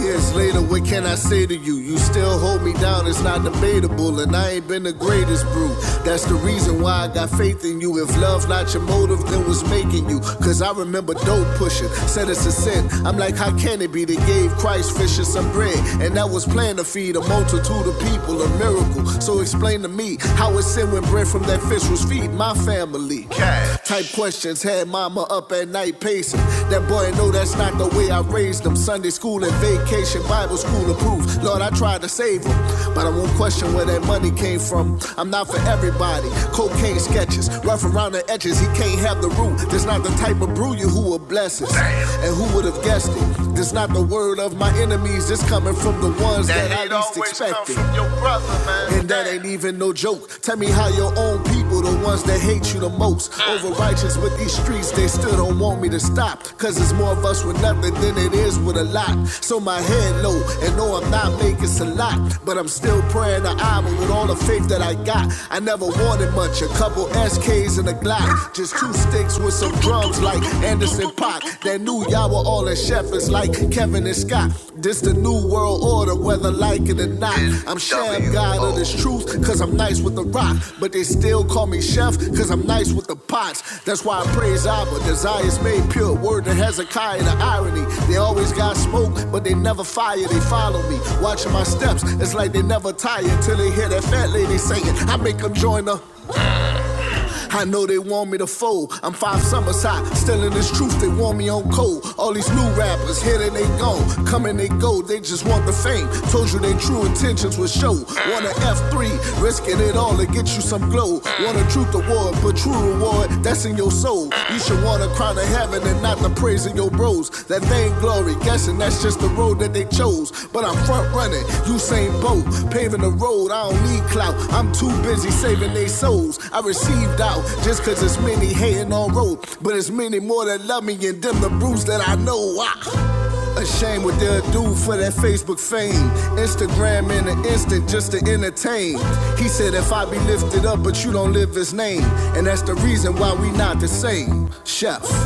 S6: Years later, what can I say to you? You still hold me down, it's not debatable, and I ain't been the greatest brew. That's the reason why I got faith in you. If love not your motive, then what's making you? Cause I remember dope pushing, said it's a sin. I'm like, how can it be? They gave Christ fish and some bread, and that was planned to feed a multitude of people, a miracle. So explain to me how it's sin when bread from that fish was feed my family. Cat type questions. Had mama up at night pacing. That boy, no, that's not the way I raised him. Sunday school and vacation, Bible school approved. Lord, I tried to save him, but I won't question where that money came from. I'm not for everybody. Cocaine sketches, rough around the edges. He can't have the root. That's not the type of brew you who will bless us. And who would have guessed it? This not the word of my enemies. It's coming from the ones that, That hate I least expected. That hate always come from your brother. And that ain't even no joke. Tell me how your own people, the ones that hate you the most, over righteous with these streets, they still don't want me to stop. Cause it's more of us with nothing than it is with a lot. So my head low, and no, I'm not making a lot, but I'm still praying to Abba with all the faith that I got. I never wanted much, a couple SKs and a Glock, just two sticks with some drums like Anderson Paak. That new Yawa all, all the shepherds like Kevin and Scott. This the new world order, whether like it or not. I'm sham god of this truth, cause I'm nice with the rock. But they still call me chef, cause I'm nice with the pots. That's why I praise Abba, desires made pure. Word to Hezekiah, the irony. They always got smoke, but they never fire. They follow me, watching my steps. It's like they never tired till they hear that fat lady saying, I make them join the. I know they want me to fold. I'm five summers high, still in this truth. They want me on cold. All these new rappers, here and they gone. Come and they go, they just want the fame. Told you they true intentions would show. Want an F3, risking it all to get you some glow. Want a truth award, but true reward, that's in your soul. You should want to cry Proud of heaven and not the praise of your bros. That they ain't glory, guessing that's just the road that they chose. But I'm front running, you same boat, paving the road. I don't need clout, I'm too busy saving they souls. I received out just cause it's many hating on road. But it's many more that love me and them the bruise that I know. I ashamed what they'll do for that Facebook fame. Instagram in an instant just to entertain. He said, If I be lifted up, but you don't live his name. And that's the reason why we not the same. Chef.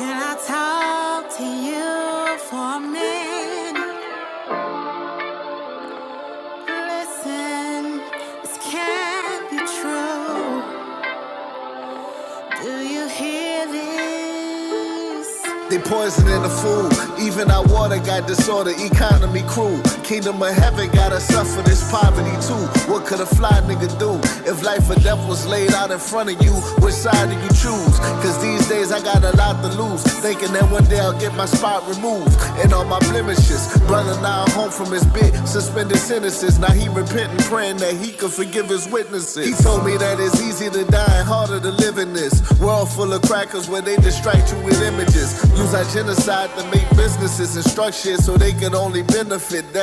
S6: Can I talk They poisoning the food. Even our water got disorder. Economy cruel. Kingdom of heaven gotta suffer this poverty too. What could a fly nigga do if life or death was laid out in front of you? Which side do you choose? Cause these days I got a lot to lose. Thinking that one day I'll get my spot removed. and all all my blemishes. Brother now home from his bit, suspended sentences. Now he repenting, praying that he could forgive his witnesses. He told me that it's easy to die and harder to live in this world full of crackers where they distract you with images. Use our genocide to make businesses and structures so they can only benefit. That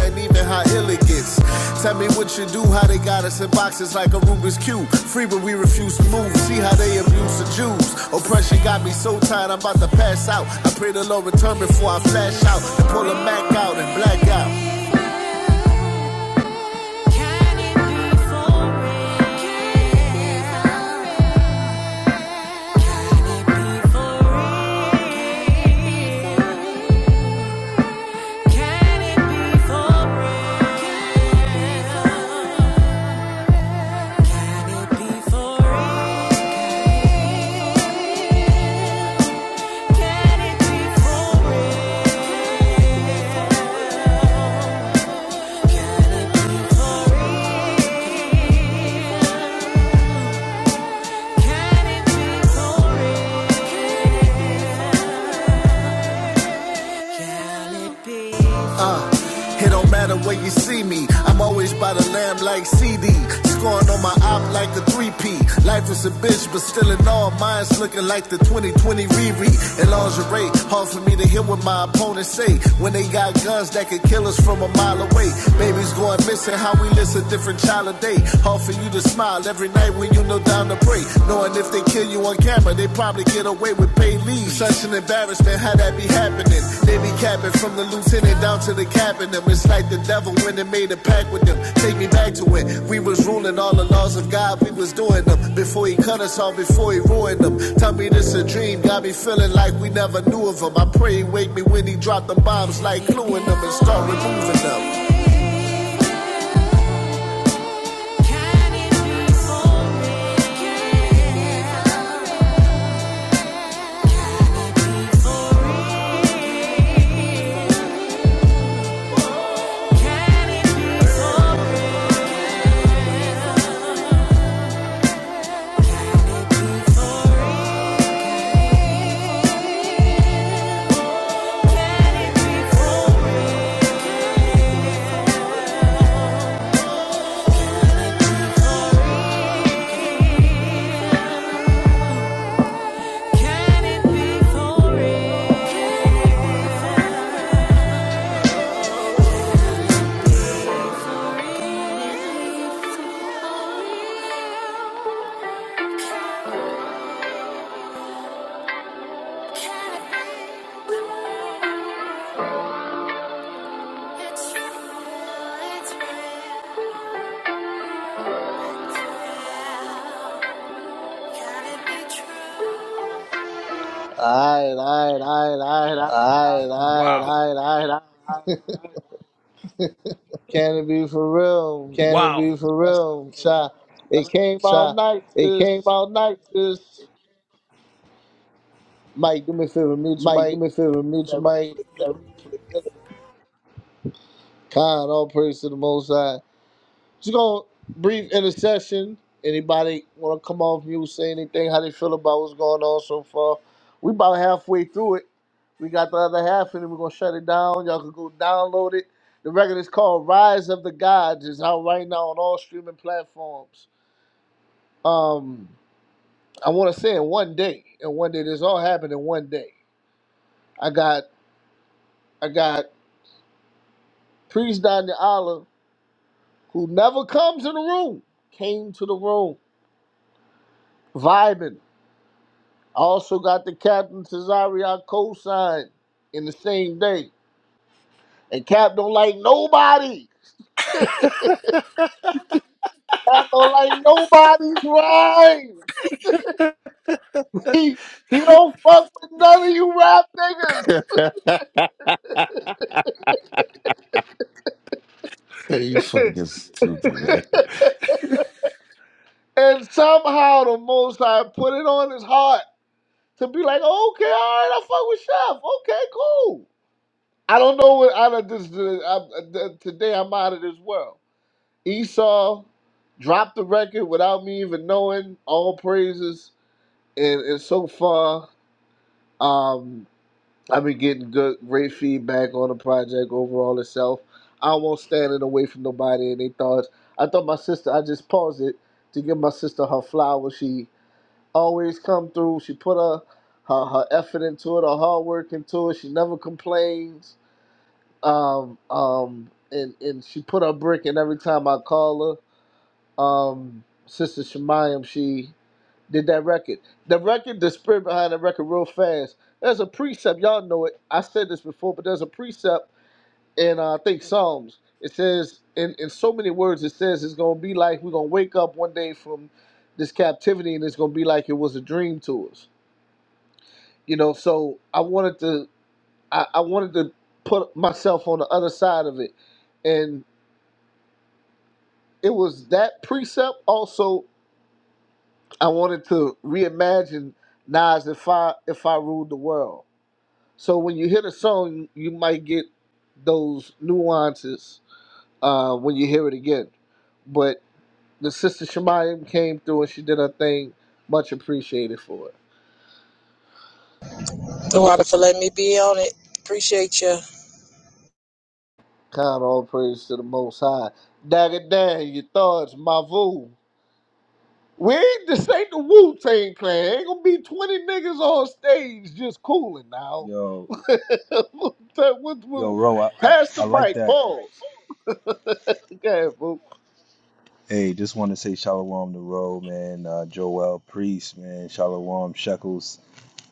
S6: and even how ill it gets. Tell me what you do, how they got us in boxes like a Rubik's Cube. Free, but we refuse to move. See how they abuse the Jews. Oppression got me so tired, I'm about to pass out. I pray the Lord return before I flash out and pull a Mac out and black out. Uh, It don't matter where you see me. I'm always by the lamb like CD. Scoring on my op like the 3P. Life is a bitch, but still in all, mine's looking like the 2020 Riri. In lingerie, hard for me to hear what my opponents say. When they got guns that could kill us from a mile away. Babies going missing, how we list a different child a day. Hard for you to smile every night when you know down to pray. Knowing if they kill you, on camera, they probably get away with pay leave. Such an embarrassment, how that be happening? They be capping from the lieutenant down to the captain. It's like the devil when they made a pact with them. Take me back to it. We was ruling all the laws of God, we was doing them. Before he cut us off, before he ruined them. Tell me this a dream, got me feeling like we never knew of him. I pray he wake me when he dropped the bombs, like gluing them and start removing them. Can it be for real?
S2: All right, all right, all right, all right, all right. all
S6: Alright, alright, Wow.
S2: right,
S6: alright, alright. alright.
S2: Can it be for real?
S6: Can wow. it Wow. be for
S2: My sister
S6: real?
S2: Shy. It
S6: That's just
S2: came
S6: a
S2: all night,
S6: It came
S2: sis.
S6: out nice. This
S2: Mike, do me a favor, mute your
S6: Mike, do
S2: mic.
S6: me a favor, mute
S2: Yeah,
S6: your mic.
S2: replay, kill 'em. God, all praise to the Most High. Just gonna brief intercession. Anybody want to come off mute, say anything? How they feel about what's going on so far? We about halfway through it. We got the other half, and then we're gonna shut it down. Y'all can go download it. The record is called "Rise of the Gods." It's out right now on all streaming platforms. Um, I want to say in one day, in one day, this all happened in one day. I got, I got priest Daniel Olive, who never comes in the room, came to the room. vibing. I also got the Captain Cesario co-signed in the same day. And Cap don't like nobody. Cap don't like nobody's rhyme. He, he don't fuck with none of you rap niggas.
S15: Okay. you fucking stupid, man.
S2: And somehow the most High put it on his heart to be like, okay, all right, I fuck with Chef. Okay, cool. I don't know what I don't- this. uh, i uh, th- Today I'm out of this world. Esau dropped the record without me even knowing. All praises, and and so far, um, I've been getting good, great feedback on the project overall itself. I won't stand in the way from nobody, and they thought I thought my sister. I just paused it to give my sister her flowers. She always come through. She put her her, her effort into it, her hard work into it. She never complains. Um, um, and and she put her brick in every time I call her um sister Shemayam, she did that record. The record, the spirit behind the record real fast. There's a precept, y'all know it. I said this before, but there's a precept in uh, I think Psalms. It says in, in so many words it says it's gonna be like we're gonna wake up one day from this captivity and it's gonna be like it was a dream to us. You know, so I wanted to I, I wanted to put myself on the other side of it. And it was that precept also I wanted to reimagine Nas if I if I ruled the world. So when you hear the song, you might get those nuances uh, when you hear it again. But the sister Shemayim came through and she did her thing. Much appreciated for it.
S4: The water for letting me be on it. Appreciate you.
S2: Count all praise to the Most High. Dagger down your thoughts, my voo. We ain't this ain't the Wu Tang Clan. Ain't gonna be twenty niggas on stage just cooling now.
S10: yo,
S2: that what,
S10: yo,
S2: what,
S10: Ro, I, I,
S2: pass
S10: I
S2: the
S10: like
S2: mic.
S10: that.
S2: Pause. Okay, well,
S10: Hey, just want to say shalom to Ro, man. Uh, Joel Priest, man. Shalom Shekels,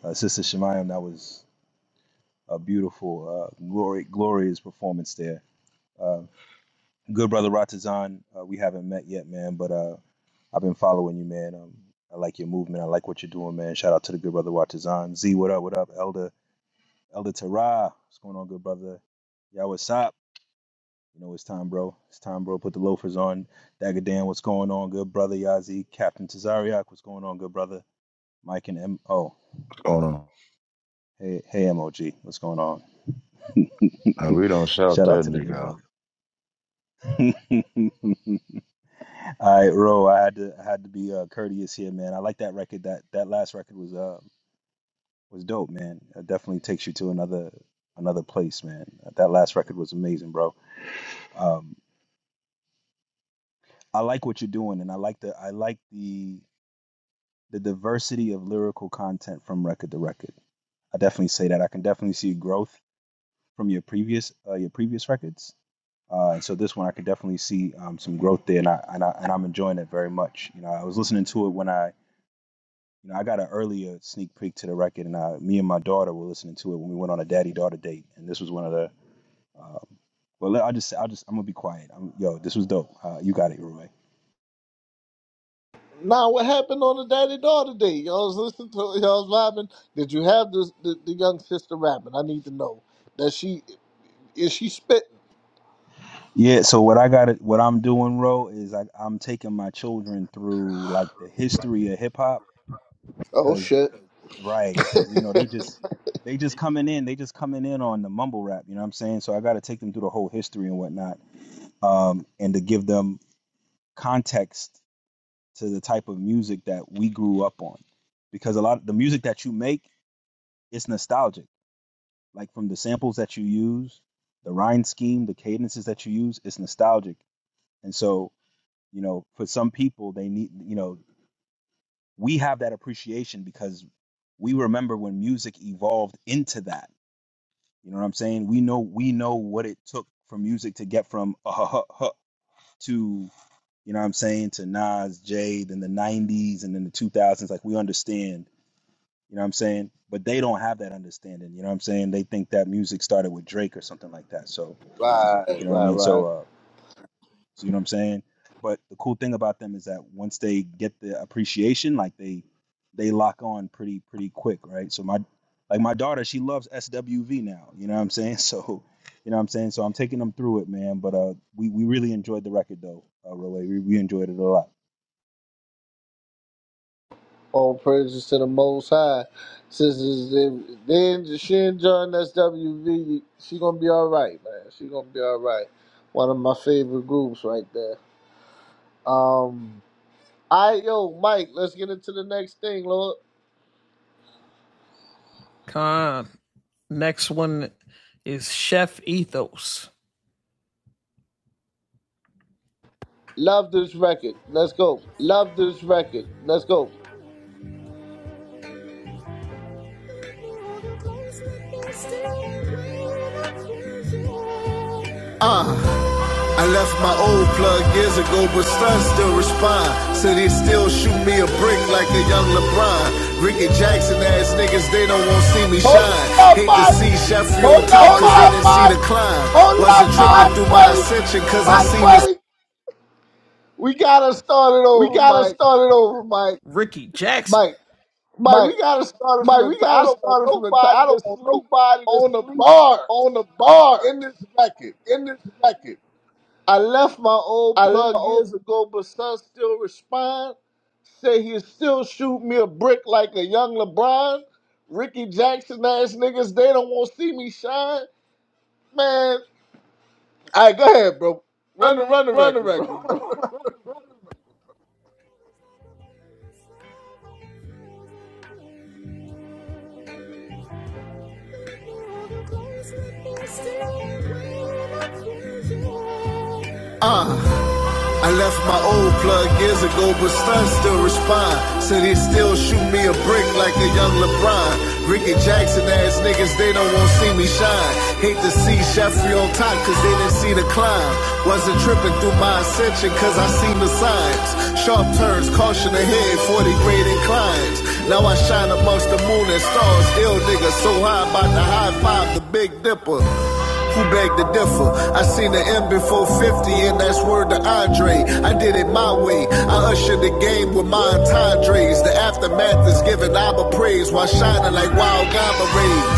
S10: uh, Sister Shemayim. That was a beautiful, uh, glory, glorious performance there. Uh, good brother Ratazan, uh, we haven't met yet, man. But uh, I've been following you, man. Um, I like your movement. I like what you're doing, man. Shout out to the good brother Watazan. Z, what up? What up, Elder? Elder Tara, what's going on, good brother? Y'all, what's up? You know it's time, bro. It's time, bro. Put the loafers on. Dagger Dan, what's going on, good brother? Yazi, Captain Tazariak, what's going on, good brother? Mike and M. Oh,
S15: Hold on.
S10: hey, hey, MOG, what's going on?
S15: Uh, We don't shout
S10: Shout out
S15: that
S10: to the
S15: nigga
S10: good
S15: out.
S10: brother. All right, Ro, I had to I had to be uh, courteous here, man. I like that record. That that last record was uh, was dope, man. It definitely takes you to another another place, man. That last record was amazing, bro. Um, I like what you're doing, and I like the I like the the diversity of lyrical content from record to record. I definitely say that. I can definitely see growth from your previous uh, your previous records, uh, and so this one I could definitely see um, some growth there, and I, and I and I'm enjoying it very much. You know, I was listening to it when I you know I got an earlier sneak peek to the record, and I, me and my daughter were listening to it when we went on a daddy daughter date, and this was one of the Um, well, I just, I just, I'm gonna be quiet. I'm, yo, this was dope. Uh, you got it, Roy.
S2: now what happened on the daddy daughter day? Y'all was listening to y'all was vibing. Did you have this, the the young sister rapping? I need to know that she is she spitting.
S10: Yeah. So what I got, what I'm doing, Ro, is I, I'm taking my children through like the history of hip hop,
S2: Oh
S10: cause
S2: shit!
S10: right, cause you know they just, they just coming in, they just coming in on the mumble rap. You know what I'm saying? So I got to take them through the whole history and whatnot, um, and to give them context to the type of music that we grew up on, because a lot of the music that you make, it's nostalgic Like from the samples that you use, the rhyme scheme, the cadences that you use, it's nostalgic. And so, you know, for some people, they need, you know, we have that appreciation because we remember when music evolved into that. You know what I'm saying? We know we know what it took for music to get from uh, huh, huh, huh, to you know what I'm saying to Nas, Jay, then the 90s and then the 2000s. Like we understand, you know what I'm saying? But they don't have that understanding. You know what I'm saying? They think that music started with Drake or something like that. So
S2: right,
S10: You know what I
S2: right,
S10: mean? So,
S2: right.
S10: uh, so you know what I'm saying? But the cool thing about them is that once they get the appreciation, like they they lock on pretty pretty quick, right? So my like my daughter, she loves SWV now. You know what I'm saying? So, you know what I'm saying? So I'm taking them through it, man. But uh, we we really enjoyed the record though, uh, Relay. We we enjoyed it a lot.
S2: All praises to the Most High, sisters. Then, then she and John SWV. She gonna be all right, man. She gonna be all right. One of my favorite groups right there. Um. I yo, Mike, let's get into the next thing, Lord. Love this record. Let's go.
S6: Love this record. Let's go. I left my old plug years ago, but son still respond. Said he still shoot me a brick like a young LeBron. Ricky Jackson ass niggas, they don't want see me
S2: Hold
S6: shine.
S2: up,
S6: Hate to
S2: Mike.
S6: see Sheffield Oh Hold top, up,
S2: Hold
S6: cause they Mike.
S2: up,
S6: didn't see
S2: Mike.
S6: the climb. Oh Wasn't up, tripping Mike.
S2: Mike,
S6: through my
S2: wait.
S6: ascension, cause I Mike, seen the buddy.
S2: We gotta start it
S6: We
S2: over,
S6: gotta
S2: Mike.
S6: start it over, Mike.
S2: Mike, Mike,
S6: Mike,
S2: we gotta start it from
S6: Mike.
S2: the
S6: We
S2: top. I
S6: gotta
S2: don't want
S6: start it from the top. I
S2: nobody
S6: don't
S2: to
S6: want
S2: sleep
S6: nobody to
S2: on the
S6: sleep
S2: bars
S6: on the bars
S2: in this record.
S6: in this record.
S2: I left my old
S6: I love
S2: plug years ago, but son still respond. Say he'll still shoot me a brick like a young LeBron. Ricky Jackson ass niggas, they don't want to see me shine. Man, all right, go ahead, bro.
S6: run
S2: Run the
S6: the
S2: run the
S6: run the
S2: record, bro.
S6: record, bro. Still, I'm I left my old plug years ago, but son still respond. Said he still shoot me a brick like a young LeBron. Ricky Jackson ass niggas, they don't want to see me shine. Hate to see Sheffrey on top, cause they didn't see the climb. Wasn't tripping through my ascension, cause I seen the signs. Sharp turns, caution ahead, 40 grade inclines. Now I shine amongst the moon and stars. Ill niggas so high, about to high five the Big Dipper. Who beg to differ? I seen the M before 50, and that's word to Andre. I did it my way. I ushered the game with my entendres. The aftermath is giving Abba praise while shining like wild gamma rays.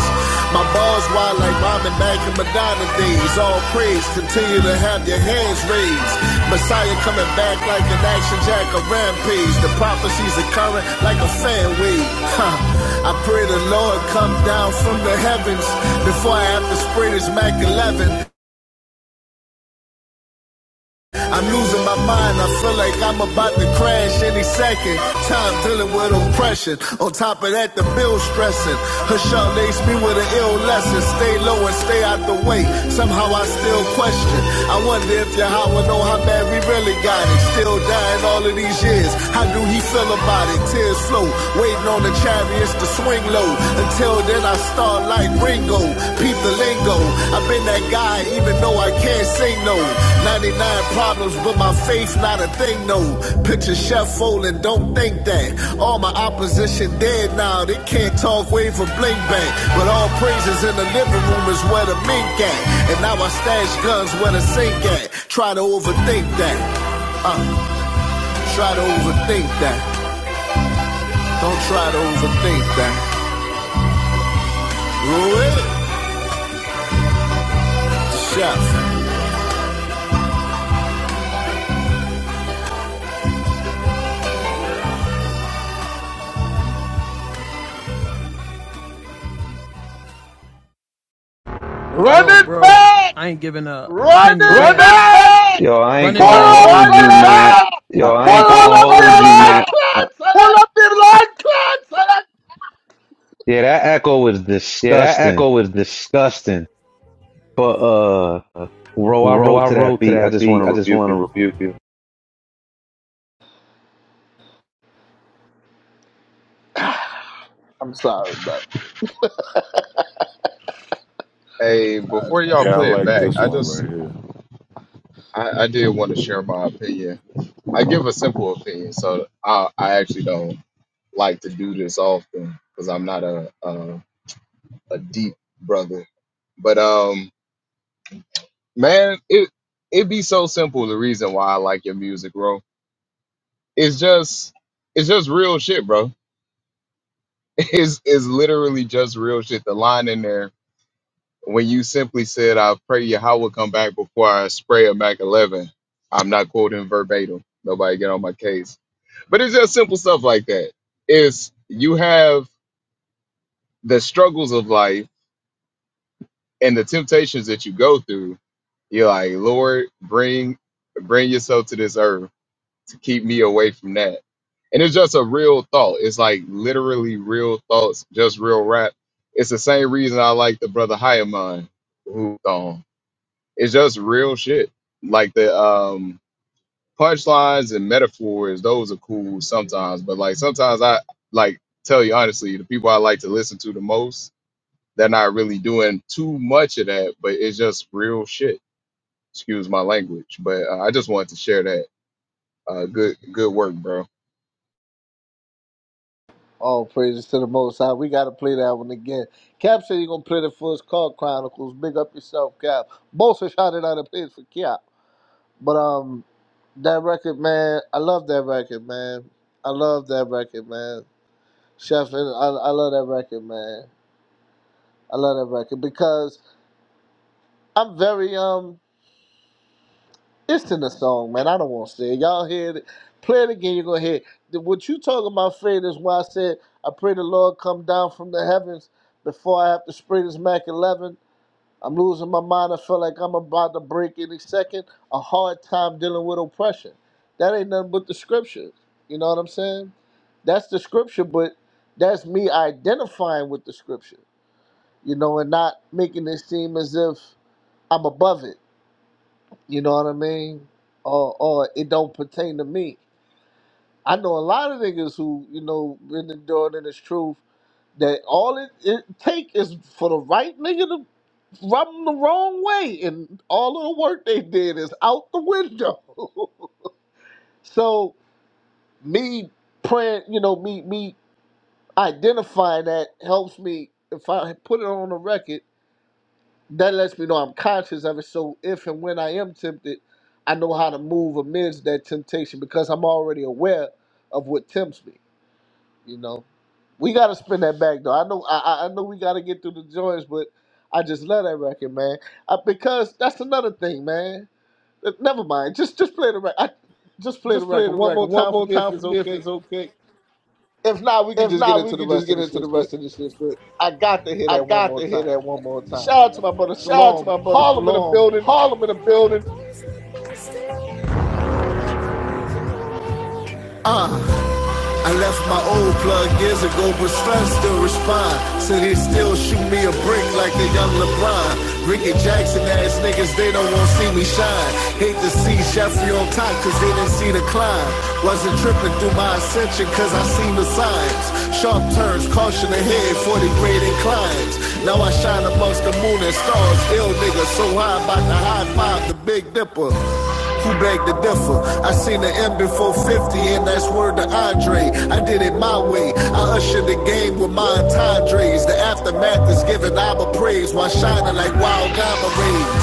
S6: My bars wild like Robin, back in Madonna days. All praise, continue to have your hands raised. Messiah coming back like an action jack, a rampage. The prophecies are current like a fan wave. Huh. I pray the Lord come down from the heavens before I have to spray this Mac 11. I'm losing my mind. I feel like I'm about to crash any second. Time dealing with oppression. On top of that, the bill stressing. Hushal laced me with an ill lesson. Stay low and stay out the way. Somehow I still question. I wonder if Yahweh know how bad we really got it. Still dying all of these years. How do he feel about it? Tears flow. Waiting on the chariots to swing low until then I start like Ringo, peep the lingo. I've been that guy, even though I can't sing no. 99 problems, but my faith not a thing no. Picture Chef Fold don't think that. All my opposition dead now, they can't talk wave for bling, bang. But all praises in the living room is where the mink at. And now I stash guns where the sink at. Try to overthink that. Try to overthink that. Don't try to overthink that. Roll it, Chef.
S2: Run it back! Run it back!
S12: Yo, I ain't
S2: Pull
S12: gonna
S2: up,
S12: hold you, man.
S2: selector!
S6: Yo,
S12: I,
S6: I ain't
S2: Pull up
S6: gonna hold
S2: the
S6: you, man.
S2: line, clan,
S12: yeah, that echo is
S6: Yeah, that
S12: disgusting.
S6: echo is disgusting.
S12: But uh, bro, I
S6: Bro,
S12: wrote
S6: I
S12: to that
S6: wrote to
S12: beat. I
S6: that
S12: just want
S6: beat. I
S12: to
S6: just
S12: rebuke
S6: want to
S12: you.
S6: rebuke you.
S2: selector! I'm sorry, brother.
S1: Hey, before y'all
S15: Yeah, I
S1: play it
S15: like
S1: back,
S15: this
S1: I
S15: one
S1: just
S15: right here.
S1: I, I did want to share my opinion. I give a simple opinion, so I I actually don't. like to do this often because I'm not a, a a deep brother. But um, man, it it be so simple. The reason why I like your music, bro, it's just it's just real shit, bro. It's it's literally just real shit. The line in there when you simply said, "I pray Yahweh come back before I spray a Mac 11." I'm not quoting verbatim. Nobody get on my case. But it's just simple stuff like that. It's you have the struggles of life and the temptations that you go through, you're like, Lord, bring bring yourself to this earth to keep me away from that. And it's just a real thought. It's like literally real thoughts, just real rap. It's the same reason I like the brother Hyaman who um, It's just real shit. Like the um punchlines and metaphors, those are cool sometimes. But like sometimes I like tell you honestly, the people I like to listen to the most they're not really doing too much of that, but it's just real shit. Excuse my language, but uh, I just wanted to share that. Uh, good, good work, bro.
S2: All praises to the Most High. We got to play that one again. Cap said he gonna play the first card Chronicles. Big up yourself, Cap. Both are shouted out a place for Cap. But um, that record, man. I love that record, man. I love that record, man. Chef, I, I love that record, man. I love that record because I'm very um it's in the song, man. I don't want to say it. Y'all hear it. Play it again, you're gonna hear it. What you talking about, Fred, is why I said I pray the Lord come down from the heavens before I have to spray this Mac eleven. I'm losing my mind. I feel like I'm about to break any second. A hard time dealing with oppression. That ain't nothing but the scripture. You know what I'm saying? That's the scripture, but that's me identifying with the scripture. You know, and not making it seem as if I'm above it You know what I mean? Or or it don't pertain to me. I know a lot of niggas who you know been enduring in this truth that all it, it take is for the right nigga to rub 'em the wrong way, and all of the work they did is out the window. so me praying, you know, me me identifying that helps me if I put it on the record that lets me know I'm conscious of it. So if and when I am tempted, I know how to move amidst that temptation because I'm already aware of what tempts me. You know, we got to spin that back though. I know, I, I I know we got to get through the joints, but I just love that record, man. Uh because that's another thing, man. Uh, Never mind. Just just play the record. Just play the
S6: Just play
S2: record
S6: the
S2: one
S6: record
S2: more
S6: one
S2: time for
S6: more
S2: me if
S6: time for
S2: it's
S6: me if
S2: okay.
S6: it's okay.
S2: If not, we can
S6: If
S2: just get
S6: not, we
S2: into the
S6: can just
S2: rest of
S6: get
S2: the
S6: into
S2: shit.
S6: the
S2: But
S6: rest of this shit. But
S2: I got to hear
S6: I
S2: that one
S6: got
S2: more
S6: to hear
S2: time,
S6: that
S2: man.
S6: one more
S2: Shout
S6: time.
S2: out to my brother
S6: Shout out to
S2: Salome,
S6: my brother
S2: Harlem in the
S6: Salome,
S2: building.
S6: Harlem in the building. I left my old plug years ago, but Stun still respond. Said he still shoot me a brick like the young LeBron. Ricky Jackson ass niggas, they don't want to see me shine. Hate to see Jeffrey on top, cause they didn't see the climb. Wasn't tripping through my ascension, cause I seen the signs. Sharp turns, caution ahead, 40 grade inclines. Now I shine amongst the moon and stars. Ill niggas so high, about to high five the Big Dipper. He begged to differ. I seen the M before 50, and that's word to Andre. I did it my way. I ushered the game with my entendres. The aftermath is giving Abba praise while shining like wild diamond rays.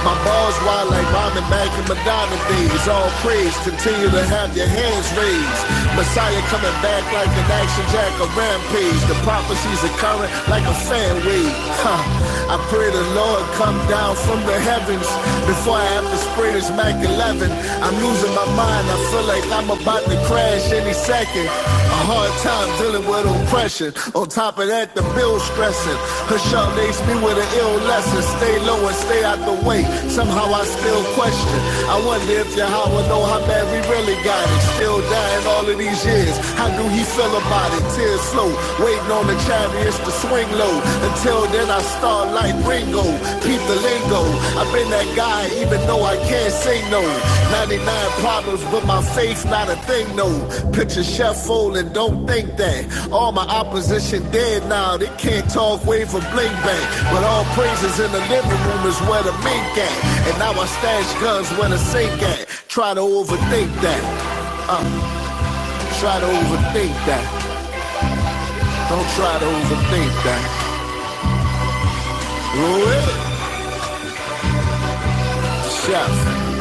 S6: My balls wild like Robin Mac and Madonna days. All praise, continue to have your hands raised. Messiah coming back like an action jack, a rampage. The prophecies are current like a fan wave. Huh. I pray pray the Lord come down from the heavens before I have to spray this Mac 11. I'm losing my mind. I feel like I'm about to crash any second. A hard time dealing with oppression. On top of that, the bill stressing. Her sharp makes me with an ill lesson. Stay low and stay out the way. Somehow I still question. I wonder if Yahweh know how bad we really got it. Still dying all of these years. How do he feel about it? Tears slow. Waiting on the chariots to swing low. Until then, I start like Ringo. Peep the lingo. I've been that guy, even though I can't say no. 99 problems, but my faith's not a thing, no. Picture Chef Fold and don't think that. All my opposition dead now. They can't talk, way for blink back. But all praises in the living room is where the mink at. And now I stash guns where the sink at. Try to overthink that. Try to overthink that. Don't try to overthink that. With Chef.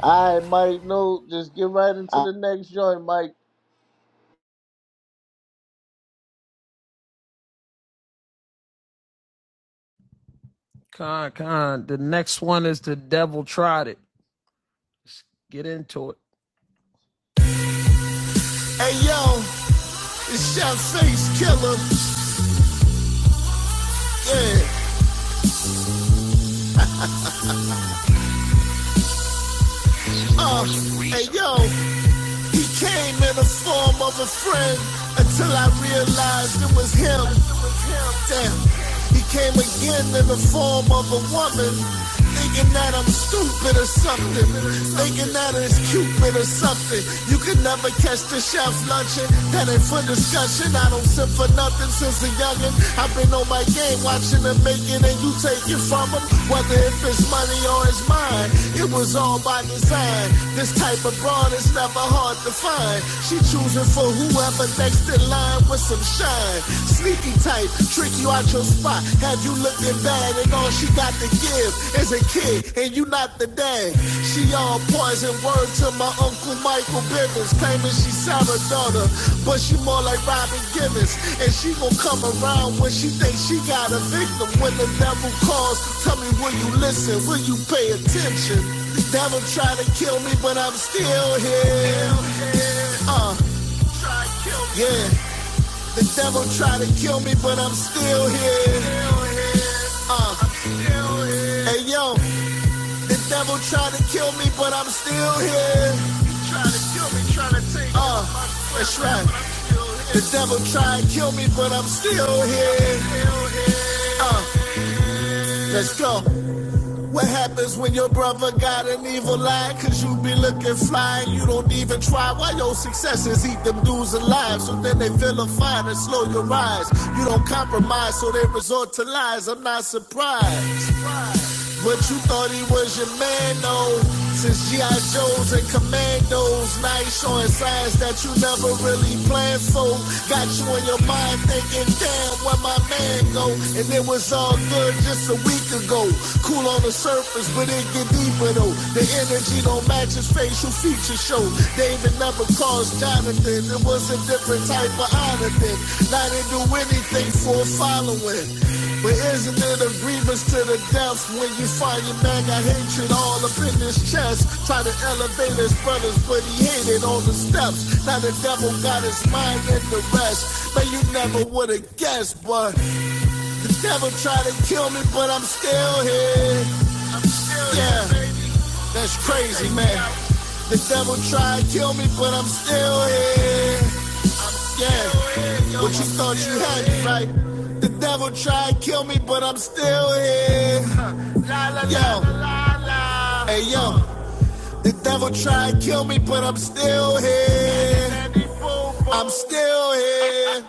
S2: All right, Mike. No, just get right into the next joint, Mike.
S6: Hey yo, it's Chef Face Killer. Yeah, uh, hey yo, he came in the form of a friend until I realized it was him. Damn, he came again in the form of a woman. Thinking that I'm stupid or something. Thinking that it's Cupid or something. You can never catch the chef lunching. That ain't for discussion. I don't sip for nothing since a youngin'. I've been on my game watching them make it and you take it from them. Whether if it's money or it's mine, it was all by design. This type of broad is never hard to find. She choosing for whoever next in line with some shine. Sneaky type, trick you out your spot. Have you looking bad and all she got to give is a kid and you not after day. She all poison word to my uncle Michael Bivins, Claiming she Sarah daughter, but she more like Robin Givens. And she gon' come around when she thinks she got a victim. When the devil calls, tell me will you listen? Will you pay attention? The Devil try to kill me, but I'm still here. Uh, yeah, the devil try to kill me, but I'm still here. Uh, hey yo, the devil tried to kill me, but I'm still here. Trying to kill me, trying to take Uh, that's right. The devil tried to kill me, but I'm still here. Uh, let's go. What happens when your brother got an evil eye? Cause you be looking fly and you don't even try. Why your successes eat them dudes alive? So then they vilify and slow your rise. You don't compromise, so they resort to lies. I'm not surprised. But you thought he was your man, though. Since G.I. Joes and Commandos, now you showing signs that you never really planned for. Got you in your mind thinking, damn, where my man go? And it was all good heard just a week ago. Cool on the surface, but it get deeper though. The energy don't match his facial features show. David never caused Jonathan. It was a different type of honor then. Now they do anything for a following. But isn't it a grievance to the death when you find your man got hatred all up in his chest? Try to elevate his brothers, but he hated on the steps. Now the devil got his mind in the rest. But you never would have guessed, but the devil tried to kill me, but I'm still here. Yeah, that's crazy, man. The devil tried to kill me, but I'm still here. Yeah, but you thought you had me, right? The devil tried to kill me, but I'm still here. Yo, hey yo, the devil tried to kill me, but I'm still here. I'm still here.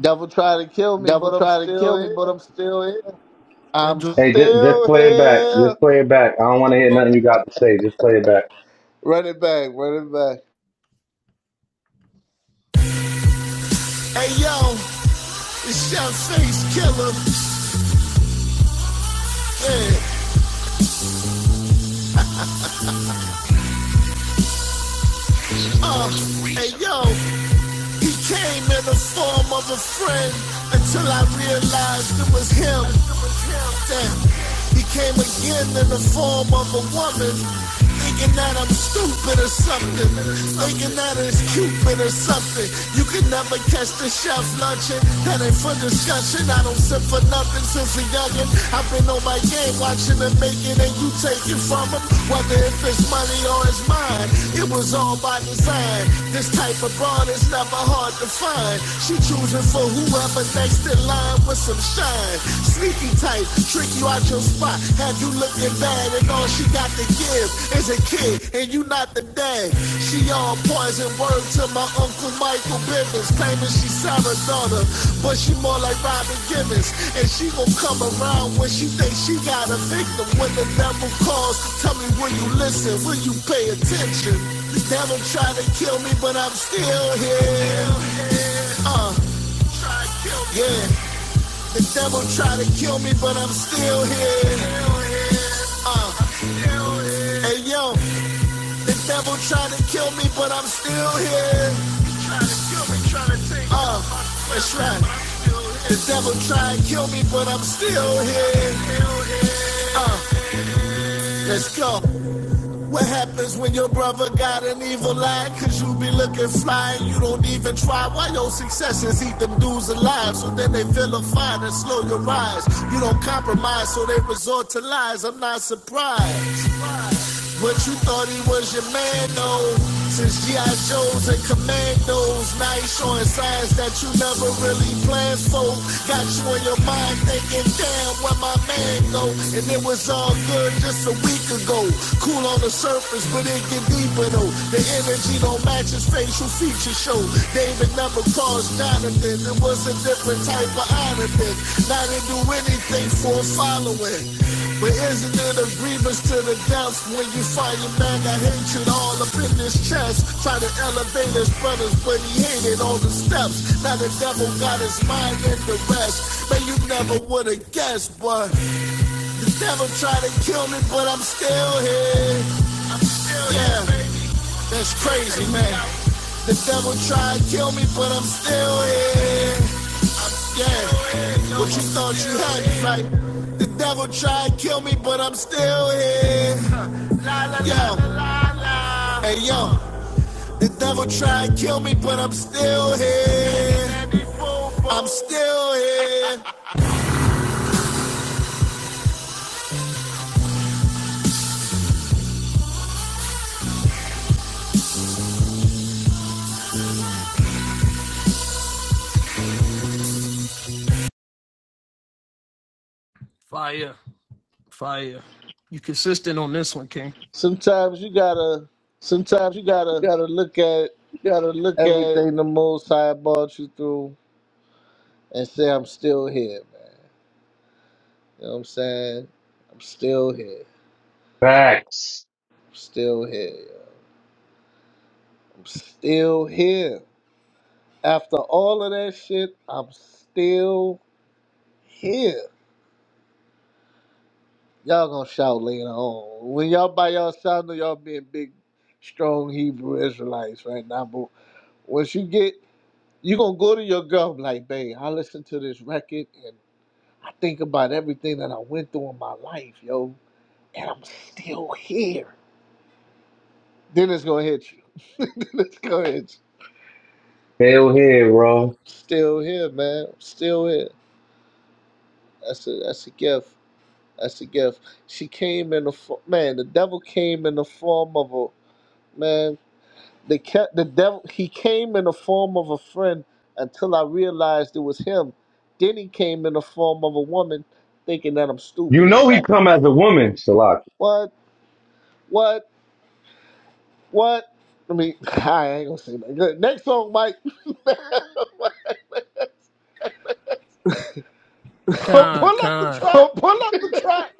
S2: Devil tried to kill me,
S6: Devil
S2: but I'm
S6: tried to kill
S2: still here.
S6: me.
S2: I'm
S12: Hey, just just
S2: still
S12: play it back.
S2: here.
S12: Just play it back. I don't want to hear nothing you got to say. Just play it back.
S2: Run it back. Run it back.
S6: Hey yo, it's your face killer. Yeah. Hey yo, he came in the form of a friend until I realized it was him. Then he came again in the form of a woman, thinking that I'm stupid or something, thinking that it's Cupid or something. You can never catch the chef lunching, that ain't for discussion. I don't sip for nothing since a youngin' them. I've been on my game watching them make it and you take it from them. Whether if it's money or it's mine, it was all by design. This type of broad is never hard to find. She choosing for whoever next in line with some shine. Sneaky type, trick you out your spot. Have you looking bad and all she got to give is a kid and you not today. She on poison word to my uncle Michael Bivens, claiming she's Sarah daughter, but she more like Robin Gibbons. And she gon' come around when she thinks she got a victim. When the devil calls, tell me will you listen? Will you pay attention? The devil tried to kill me, but I'm still here. Uh, yeah. The devil tried to kill me, but I'm still here. Uh, hey yo. The devil tried to kill me, but I'm still here. Uh, that's right. The devil tried to kill me, but I'm still here. Uh, let's go. What happens when your brother got an evil eye? Cause you be looking fly and you don't even try. Why your successes eat them dudes alive? So then they vilify and slow your rise. You don't compromise, so they resort to lies. I'm not surprised. But you thought he was your man, though. Since G.I. Joes and Commandos, now he's showing signs that you never really planned for. Got you in your mind thinking, damn, where my man go? And it was all good just a week ago. Cool on the surface, but it get deeper, though. The energy don't match his facial feature show. David never caused Donovan. It was a different type of honor. then. Now they do anything for a following. But isn't it a grievance to the depths when you fighting back? I hatred all up in his chest. Try to elevate his brothers, but he hated all the steps. Now the devil got his mind in the rest. Man, you never would have guessed, but the devil tried to kill me, but I'm still here. I'm still yeah. here, baby. That's crazy, man. The devil tried to kill me, but I'm still here. Yeah, what you thought you had to fight? The devil tried to kill me, but I'm still here. Yo, hey yo, the devil tried to kill me, but I'm still here. I'm still here.
S2: Sometimes you gotta
S6: Sometimes you
S2: you
S6: gotta
S2: gotta look at
S6: uh, look at
S2: everything the Most High brought you through and say, "I'm still here." Man. You know what I'm saying? I'm still here.
S12: Facts.
S2: I'm still here. yo. I'm still here. After all of that shit, I'm still here. Y'all gonna shout later on. When y'all by yourself, I know y'all being big, strong Hebrew Israelites right now. But once you get, you gonna go to your girl and be like, babe, I listened to this record and I think about everything that I went through in my life, yo, and I'm still here. Then it's gonna hit you. then it's gonna hit you.
S12: Fail here, bro.
S2: Still here, man. Still here. That's a that's a gift. That's a gift. She came in the fo- man. The devil came in the form of a man. They kept the devil. He came in the form of a friend until I realized it was him. Then he came in the form of a woman, thinking that I'm
S12: You
S2: stupid or
S12: know he
S2: something.
S12: come as a woman, Salaki.
S2: What? What? What? I mean, I ain't gonna say that. Good. Next song, Mike. Pull pull up the
S6: pull,
S2: track.
S6: pull up the track.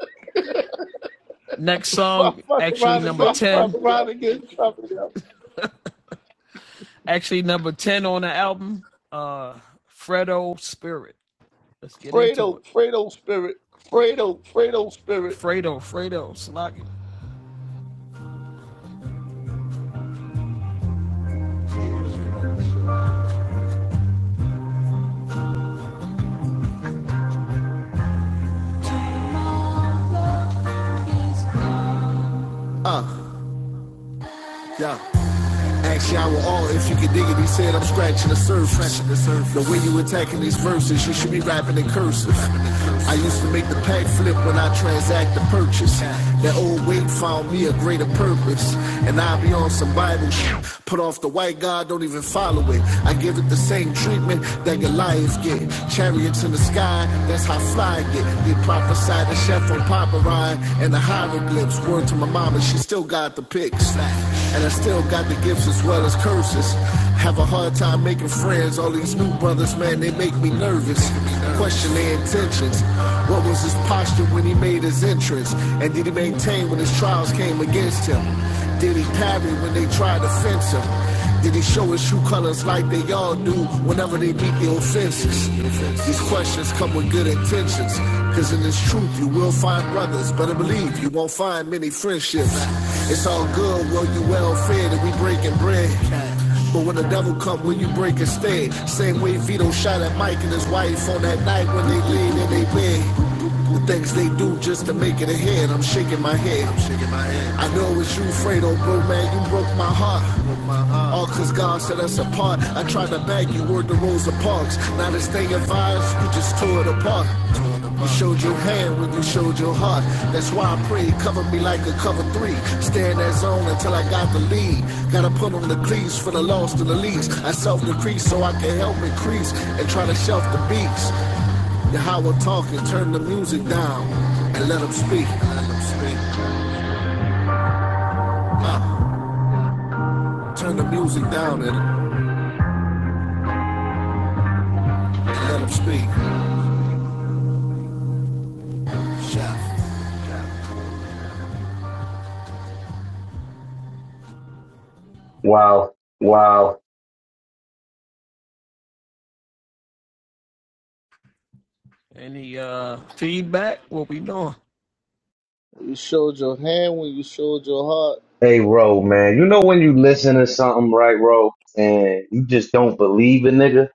S2: Fuck, fuck around and get in trouble, yo. Fredo, Fredo spirit.
S6: Fredo, Fredo spirit. Yeah. Ask y'all all if you can dig it. He said I'm scratching the surface. the, way you attacking these verses, you should be rapping in cursive. I used to make the pack flip when I transact the purchase. That old weight found me a greater purpose. And I be on some Bible shit. Put off the white God, don't even follow it. I give it the same treatment that Goliath get. Chariots in the sky, that's how fly I get. They prophesied the shepherd rhyme from paparazzi and the hieroglyphs. Word to my mama, she still got the pics. And I still got the gifts as well as curses. Have a hard time making friends. All these new brothers, man, they make me nervous. Question their intentions. What was his posture when he made his entrance? And did he maintain when his trials came against him? Did he parry when they tried to fence him? Did he show his true colors like they all do whenever they meet the offenses? These questions come with good intentions, cause in this truth you will find brothers. Better believe you won't find many friendships. It's all good, well you well fed and we breaking bread. But when the devil come, when you break instead? Same way Vito shot at Mike and his wife on that night when they laid in their bed. The things they do just to make it ahead. I'm shaking my head. I'm shaking my head. I know it's you, Fredo, bro, man. You broke my heart. All cause God set us apart. I tried to bag you, word the Rosa Parks. Now this thing of ours, you just tore it apart. You showed your hand when you showed your heart. That's why I pray, cover me like a cover three. Stay in that zone until I got the lead. Gotta put on the cleats for the lost and the least. I self decrease so I can help increase and try to shelf the beats. How we're talking, turn the music down and let them speak. Let 'em speak. Uh, turn the music down and, and let them speak.
S12: Wow.
S2: You showed your hand when you showed your heart.
S12: Hey, Ro, man. You know when you listen to something, right, Ro, and you just don't believe a nigga?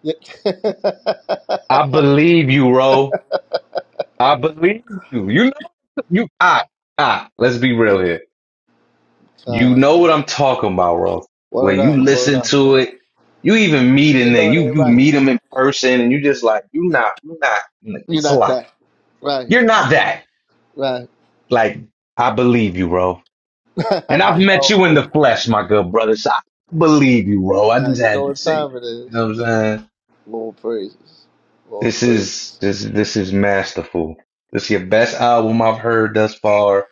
S2: Yeah.
S12: I believe you, Ro. I believe you. You know, you, ah, ah, let's be real here. You
S2: Time.
S12: know what I'm talking about, Ro. When
S2: Word
S12: you
S2: up, word
S12: listen
S2: up.
S12: to it, you even meet a
S2: You
S12: nigga,
S2: know it
S12: you,
S2: ain't
S12: you
S2: right.
S12: meet him in person and you just like, you not, you not,
S2: You're
S12: it's a
S2: not
S12: lot.
S2: that. Right.
S12: You're not that.
S2: Right.
S12: Like, I believe you, Ro. And I've met
S2: oh,
S12: you in
S2: praise.
S12: the flesh, my good brother. So I believe you, bro. I
S2: Now,
S12: just
S2: you know
S12: had to
S2: what
S12: say it.
S2: time it
S12: You
S2: is.
S12: know what I'm saying?
S2: Lord praises. Lord
S12: This is
S2: praises.
S12: this this is masterful. This is your best album I've heard thus far.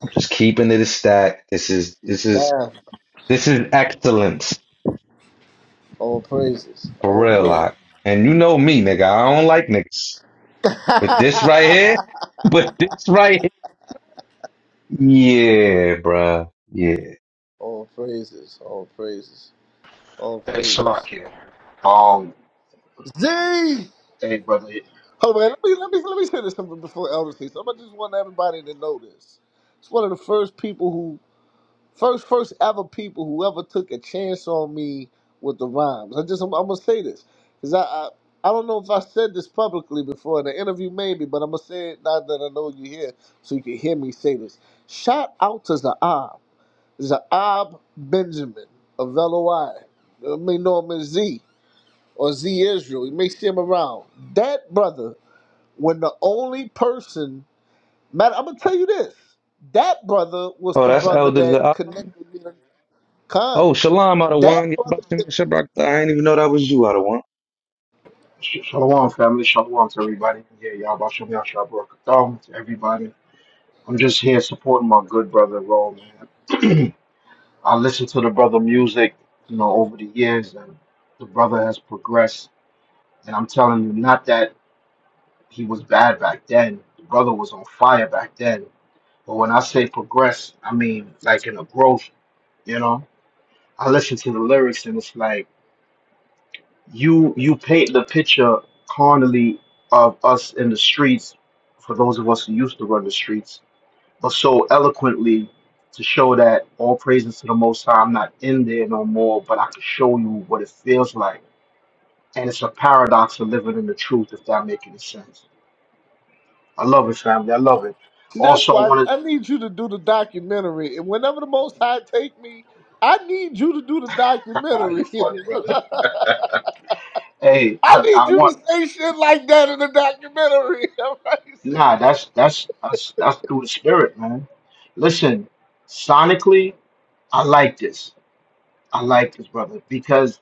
S12: I'm just keeping it a stack. This is this is
S2: Damn.
S12: this is excellence
S2: All praises.
S12: for
S2: All
S12: real,
S2: praises.
S12: like. And you know me, nigga. I don't like niggas. But this right here, but this right here, yeah, bruh. Yeah.
S2: all praises. All praises. All
S16: Hey, Shalak
S2: praises.
S16: here. Um,
S2: Z!
S16: hey, brother.
S2: Hold on, man. Let me, let me, let me say this something before Elder says something. I just want everybody to know this. It's one of the first people First, first ever people who ever took a chance on me with the rhymes. I just I'm, I'm gonna say this because I, I I don't know if I said this publicly before in an interview maybe, but I'm gonna say it now that I know you here, so you can hear me say this. Shout out to Zaab, Zaab Benjamin of LOI. You may know him as Z or Z Israel. You may see him around. That brother, when the only person, matter, I'm gonna tell you this. That brother was
S12: Oh,
S2: the
S12: that's
S2: brother that
S12: Elder.
S2: connected me. Con,
S12: Oh, Shalom,
S2: that
S12: Adawan.
S2: brother.
S12: I ain't even know that was you, Adawan.
S16: Sh- Shalom, family. Shalom to everybody. Yeah, y'all about Shalom, Shalom, Barakatah to everybody. I'm just here supporting my good brother, Roll, man. I listened to the brother music, you know, over the years, and the brother has progressed. And I'm telling you, not that he was bad back then. The brother was on fire back then. But when I say progress, I mean like in a growth, you know? I listen to the lyrics and it's like, you you paint the picture carnally of us in the streets for those of us who used to run the streets, but so eloquently to show that all praises to the Most High. I'm not in there no more, but I can show you what it feels like, and it's a paradox of living in the truth. If that makes any sense, I love it, family. I love it.
S2: See, that's
S16: Also, I
S2: why
S16: wanted
S2: I, need you to do the documentary. And whenever the Most High take me, I need you to do the
S16: you
S2: documentary.
S16: funny, brother. Hey,
S2: I
S16: I,
S2: need
S16: I
S2: you to
S16: want
S2: say shit like that in the documentary. All right, see?
S16: nah. That's that's that's that's through the spirit, man. Listen, sonically. I like this. I like this, brother, because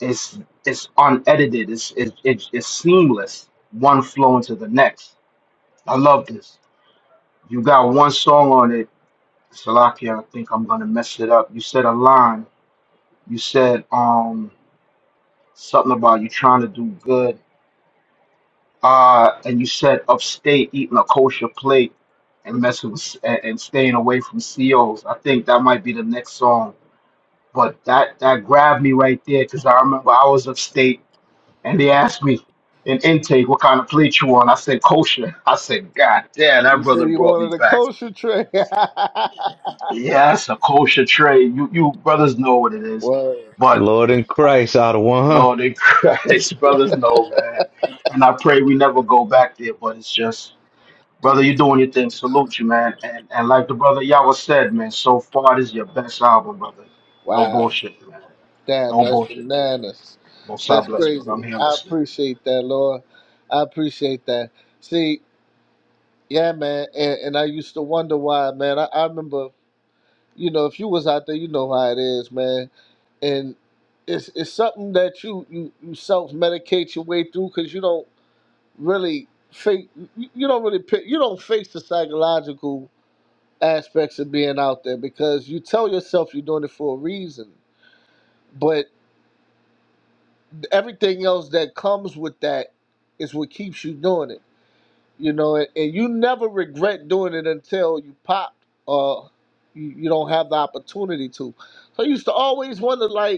S16: it's it's unedited. It's it's it's, it's seamless, one flow into the next. I love this. You got one song on it, Salakia. I think I'm gonna mess it up. You said a line. You said um something about you trying to do good. Uh, and you said upstate eating a kosher plate and messing with and, and staying away from COs. I think that might be the next song. But that that grabbed me right there because I remember I was upstate And they asked me in intake what kind of plate you want. I said kosher. I said, God damn,
S2: You
S16: that brother
S2: said you
S16: brought me
S2: wanted a
S16: back.
S2: kosher tray.
S16: Yes, a kosher tray. You you brothers know what it is.
S2: Word.
S16: But
S12: Lord in Christ out of one hundred.
S16: Lord in Christ, brothers know, man. And I pray we never go back there, but it's just brother, you're doing your thing. Salute you, man. And and like the brother Yawa said, man, so far this is your best album, brother. No
S2: Wow.
S16: bullshit, man.
S2: Damn,
S16: No
S2: that's
S16: bullshit, King.
S2: bananas.
S16: Most High
S2: That's
S16: bless, brother.
S2: crazy.
S16: I'm here
S2: I
S16: listening.
S2: appreciate that, Lord. I appreciate that. See, yeah, man. And, and I used to wonder why, man. I, I remember. you know, if you was out there, you know how it is, man. And it's it's something that you you, you self medicate your way through because you don't really face you you don't really pick, you don't face the psychological aspects of being out there because you tell yourself you're doing it for a reason, but everything else that comes with that is what keeps you doing it. You know, and, and you never regret doing it until you pop or you, you don't have the opportunity to. So I used to always wonder, like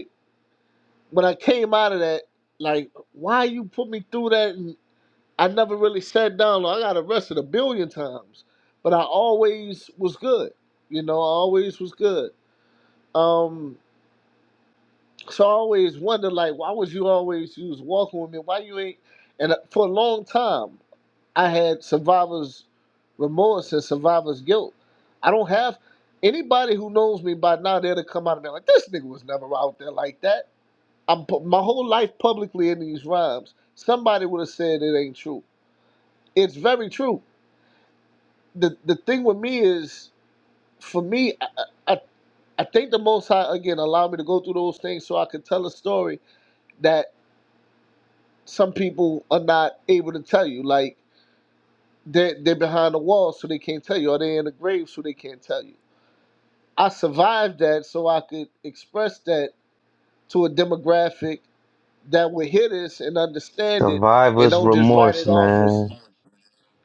S2: when I came out of that, like, why you put me through that? And I never really sat down. like, I got arrested a billion times, but I always was good. You know, I always was good. Um, so I always wondered, like, why was you always you was walking with me? Why you ain't? And uh, for a long time, I had survivor's remorse and survivor's guilt. I don't have anybody who knows me by now. They'd have come out of there like this nigga was never out there like that I'm pu- my whole life publicly in these rhymes. Somebody would have said it ain't true. It's very true. The the thing with me is, for me, I, I I I think the Most High again allowed me to go through those things so I could tell a story that some people are not able to tell you. Like they they're behind the wall, so they can't tell you, or they're in the grave, so they can't tell you. I survived that, so I could express that to a demographic that would hear this and understand it, and
S12: Survivor's
S2: don't just write
S12: remorse,
S2: it off as
S12: man.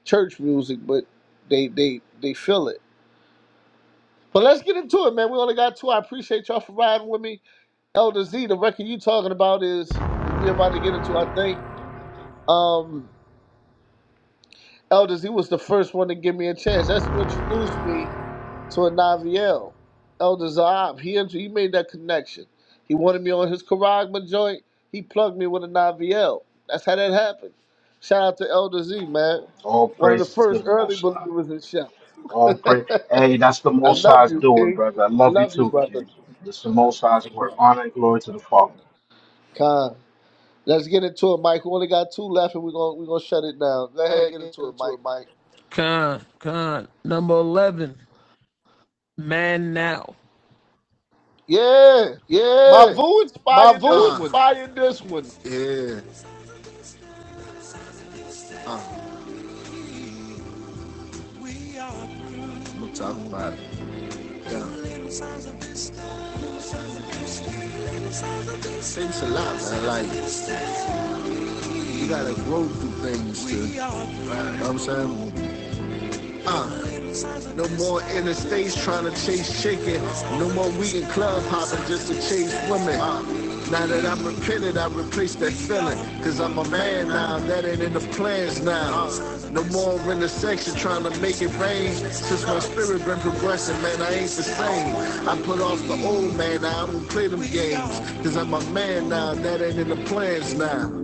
S2: church music, but they they they feel it. But let's get into it, man. We only got two. I appreciate y'all for riding with me. Elder Z, the record you talking about is what we about to get into. I think um, Elder Z was the first one to give me a chance. That's who introduced me to a Naviel. Elder Zaab, he int- he made that connection. He wanted me on his Karagma joint. He plugged me with a Naviel. That's how that happened. Shout out to Elder Z, man.
S16: All
S2: One of the
S16: praises to
S2: first
S16: the
S2: early
S16: Most High.
S2: believers in Chef.
S16: All praise. Hey, that's the
S2: I
S16: Most
S2: love
S16: High's
S2: you,
S16: doing,
S2: King.
S16: brother. I
S2: I
S16: love you
S2: love you,
S16: too, King.
S2: brother.
S16: That's the Most High's work. Honor and glory to the Father.
S2: Con. Let's get into it, Mike. We only got two left, and we're gonna we're gonna shut it down. Go ahead, get into it, Mike.
S6: Like,
S2: Yeah,
S6: yeah,
S2: Mavu
S6: my
S2: inspired this
S6: voice Uh,
S2: one.
S6: fire this one. yeah, we'll talk about it. Yeah. It takes a lot, man. Like, you gotta grow through things to, you know what I'm saying? No more interstates trying to chase chicken. No more we in club hopping just to chase women. Now that I'm repented, I replace that feeling. Cause I'm a man now, that ain't in the plans now. No more in the section trying to make it rain. Since my spirit been progressing, man, I ain't the same. I put off the old man, now I don't play them games. Cause I'm a man now, that ain't in the plans now.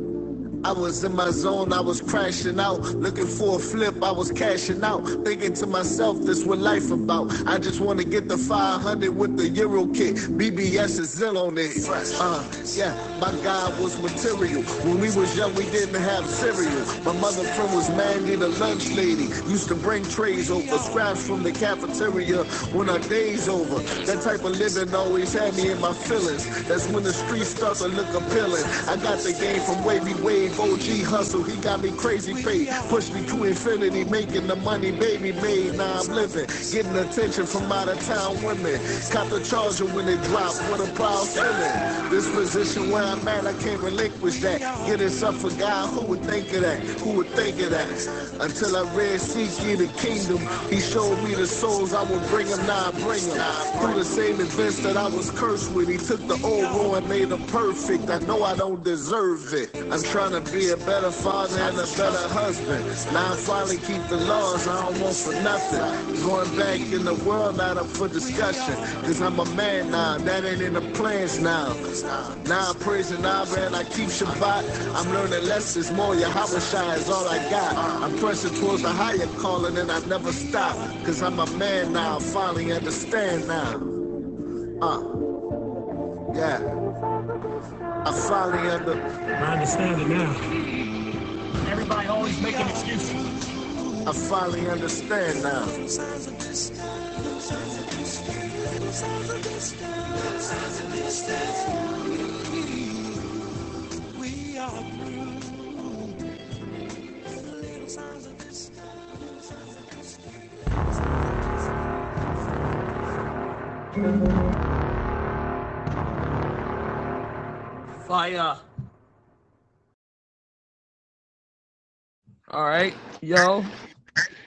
S6: I was in my zone, I was crashing out, looking for a flip, I was cashing out, thinking to myself, this what life about. I just wanna get the 500 with the Euro kit. BBS is ill on it. Uh, yeah, my God was material. When we was young, we didn't have cereal. My mother friend was Mandy the lunch lady, used to bring trays over, scraps from the cafeteria when our days over. That type of living always had me in my feelings. That's when the streets start to look appealing pillin'. I got the game from Wavy Wave, OG Hustle. He got me crazy paid. Push me to infinity, making the money baby made. Now I'm living, getting attention from out of town women. Caught the charger when it dropped. What a proud feeling. This position where I'm at, I can't relinquish that. Get us up for God. Who would think of that? Who would think of that? Until I read Seek Ye the Kingdom, He showed me the souls I would bring bring 'em. Now I bring 'em. Through the same events that I was cursed with, He took the old ruin made him perfect. I know I don't deserve it. I'm trying to be a better father and a better husband. Now I finally keep the laws I don't want for nothing. Going back in the world, not up for discussion. Cause I'm a man now, that ain't in the plans now. Now I'm praising Abba and I keep Shabbat. I'm learning lessons more. Yahweh Shai is all I got. I'm pressing towards a higher calling and I never stop. Cause I'm a man now, I finally understand now. Yeah, I finally understand. I finally understand now.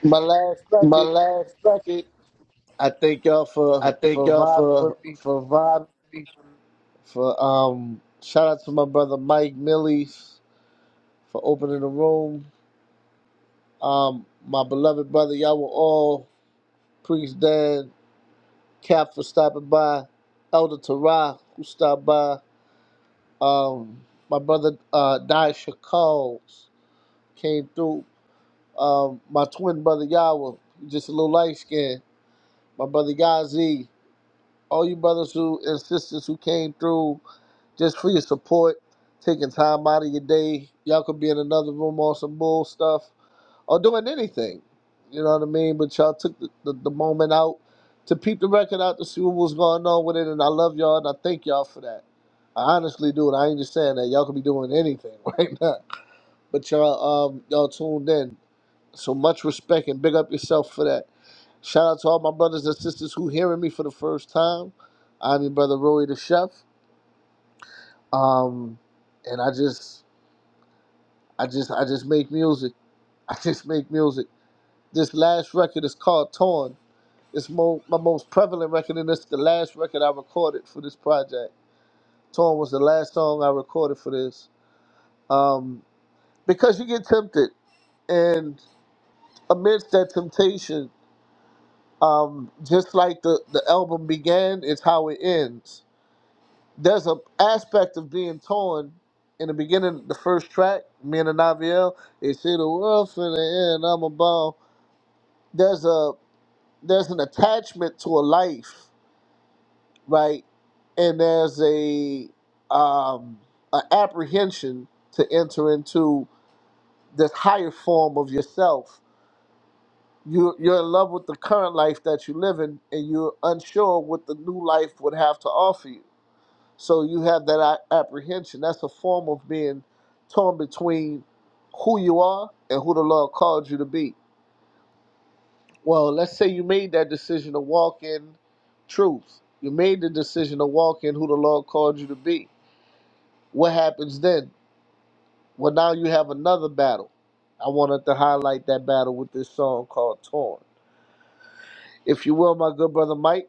S2: My last bucket. I thank y'all
S6: I
S2: for
S6: thank
S2: for
S6: y'all
S2: vibing with
S6: for
S2: me.
S6: for vibing.
S2: For um, shout out to my brother Mike Millies for opening the room. Um, my beloved brother, y'all were all Priest Dan, Cap for stopping by, Elder Tara who stopped by. Um, my brother uh, Daisha Calls came through. Um, my twin brother Yawa, just a little light skin. My brother Yazi, all you brothers who and sisters who came through, just for your support, taking time out of your day. Y'all could be in another room on some bull stuff or doing anything. You know what I mean? But y'all took the, the, the moment out to peep the record out to see what was going on with it. And I love y'all and I thank y'all for that. I honestly do. And I ain't just saying that. Y'all could be doing anything right now. But y'all, um, y'all tuned in. So much respect and big up yourself for that. Shout out to all my brothers and sisters who hearing me for the first time. I'm your brother Roy the Chef. Um, and I just I just I just make music. I just make music. This last record is called Torn. It's mo- my most prevalent record, and it's the last record I recorded for this project. Torn was the last song I recorded for this. Um, because you get tempted, and amidst that temptation, um, just like the, the album began, it's how it ends. There's an aspect of being torn in the beginning, the first track, me and the Naviel, it's see the world for the end, I'm a ball. There's a there's an attachment to a life right? And there's a um, an apprehension to enter into this higher form of yourself. You you're in love with the current life that you live in, and you're unsure what the new life would have to offer you. So you have that a- apprehension. That's a form of being torn between who you are and who the Lord called you to be. Well, let's say you made that decision to walk in truth. You made the decision to walk in who the Lord called you to be What happens then? Well, now you have another battle. I wanted to highlight that battle with this song called "Torn." If you will, my good brother Mike.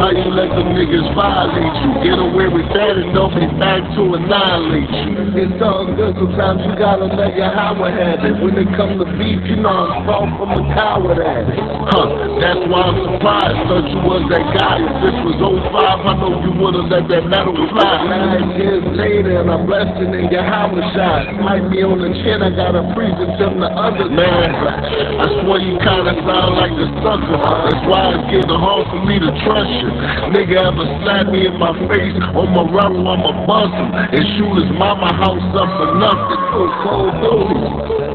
S6: How you let them niggas violate you? Get away with that and they'll be back to annihilate you. It's all good, sometimes you gotta let your power have it. When it comes to beef, you know I'm far from a coward at it. Huh, that's why I'm surprised, thought you was that guy. If this was oh 05, I know you would've let that metal fly. Nine years later and I'm blessed in your house shot. Might be on the chin, I got a freezing from the other man. I swear you kinda sound like a sucker. That's why it's getting hard for me to trust you. Nigga ever slap me in my face on my rubber, I'ma bust him and shoot his mama house up for nothing. Cold duty.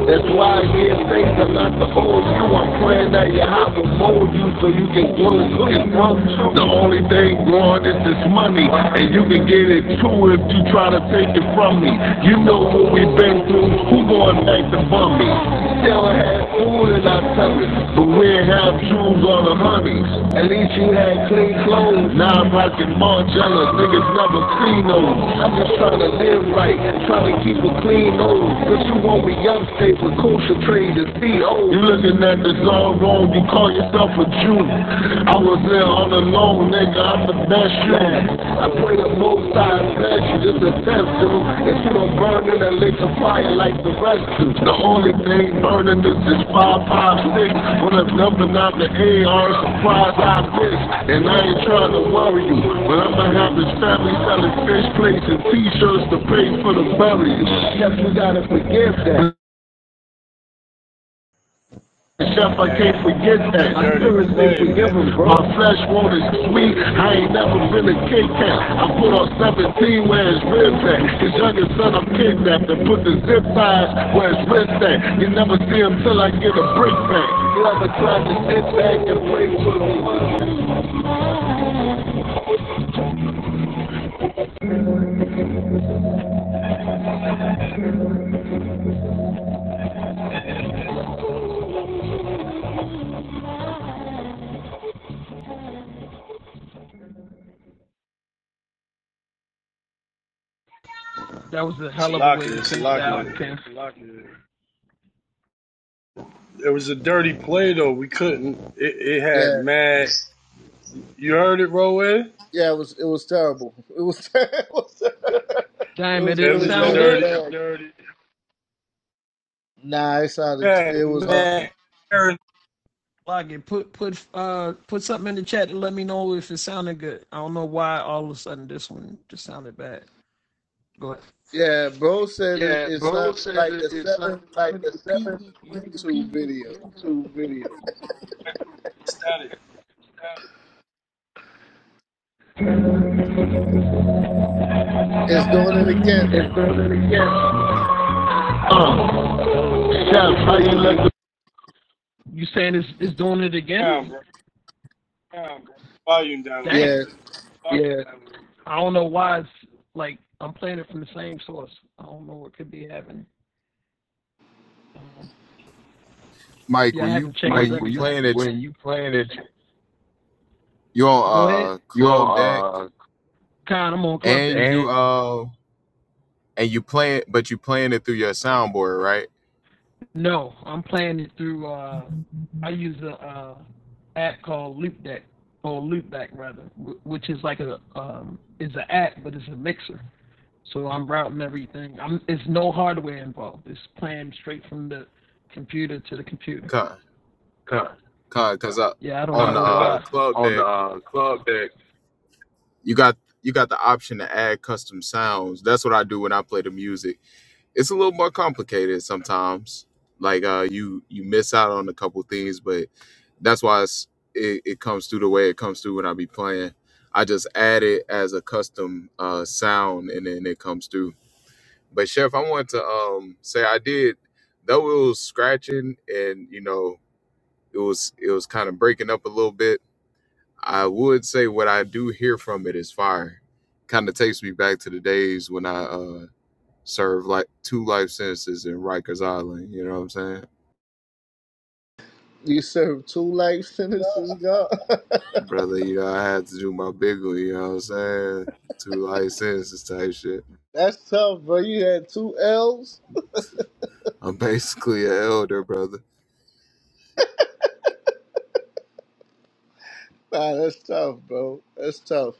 S6: That's why I get things I'm not the old you. I'm praying that your house will mold you so you can grow and grow. The only thing growing is this money, and you can get it too if you try try to take it from me. You know what we've been through. Who going back to bum me? Still had food in our tummies, but we did have jewels on the honeys. At least you had clean clothes. Now I'm rocking Margiela. Niggas never clean those. I'm just trying to live right, trying to keep a clean nose. But you want me young states with culture trade and be old. You looking at this all wrong. You call yourself a with you. I was there on the loan, nigga. I'm the best you. I pray the most I bless you. Just a test, dude. If you don't burn in that lake of fire like the rest do. The only thing burning is this 556. When I'm dumping out the AR, surprise I bitch. And I ain't trying to worry you. But I'ma have this family selling fish plates and t-shirts to pay for the burial. Yes, we gotta give that. Chef, I
S14: Yeah,
S6: can't forget
S14: it's a
S6: that. I
S14: dirty
S6: never
S14: play,
S6: give
S14: man.
S6: 'em, bro. My flesh wanted, really 17 where his wrist is son of kidnapped and put the zip ties where his wrist at. You never until I get a brick back. You ever tried to sit back and play with
S14: Salaka, Salaka. It was a dirty play, though. We couldn't. It, it had
S2: Yeah,
S14: mad. You heard it, Roy?
S2: yeah, it was it was terrible. It was it was, it was
S14: It
S2: really
S14: was a
S2: bad.
S6: Really
S14: dirty.
S6: good. bad.
S2: Nah, it
S14: It
S2: sounded it
S14: had
S2: was horrible.
S14: mad. errors.
S2: Yeah, bro said it,
S6: Yeah,
S2: it
S6: Bo
S2: sounded
S6: said
S2: like
S6: it,
S2: a
S6: it's something like a
S2: 720p YouTube
S6: 720p
S2: video.
S6: YouTube video.
S14: Static
S2: It's doing it
S6: It's
S2: again.
S6: better than yes. Oh, Chef, how you like the
S14: down, bro. Volume down a little
S2: Yeah,
S14: bit.
S6: Yeah,
S1: Mike, when you
S6: Mike,
S1: when you
S6: when you
S1: playing at
S6: when you playing it,
S1: you on uh
S6: you're
S1: club deck
S6: on Uh, uh
S1: and you
S6: and
S1: uh and you playing, but you playing it through your soundboard, right? Con,
S6: cut.
S1: con, cause uh,
S6: Uh,
S1: on the
S6: 'cause
S1: uh,
S6: I,
S1: club
S6: on the
S1: deck
S6: uh, club deck,
S1: you got you got the option to add custom sounds. That's what I do when I play the music it's a little more complicated sometimes. Like uh, you you miss out on a couple things, but that's why it's, it it comes through the way it comes through when I be playing. I just add it as a custom uh, sound, and then it comes through. But Chef, I want to um, say I did though it was scratching, and you know it was it was kind of breaking up a little bit. I would say what I do hear from it is fire. Kind of takes me back to the days when I uh, Serve like two life sentences in Rikers Island. You know what I'm saying,
S2: you served two life sentences, God.
S1: brother? You know, I had to do my big one. You know what I'm saying? Two life sentences type shit.
S2: That's tough, bro. You had two L's
S1: I'm basically an elder, brother.
S2: Nah, that's tough, bro. That's tough.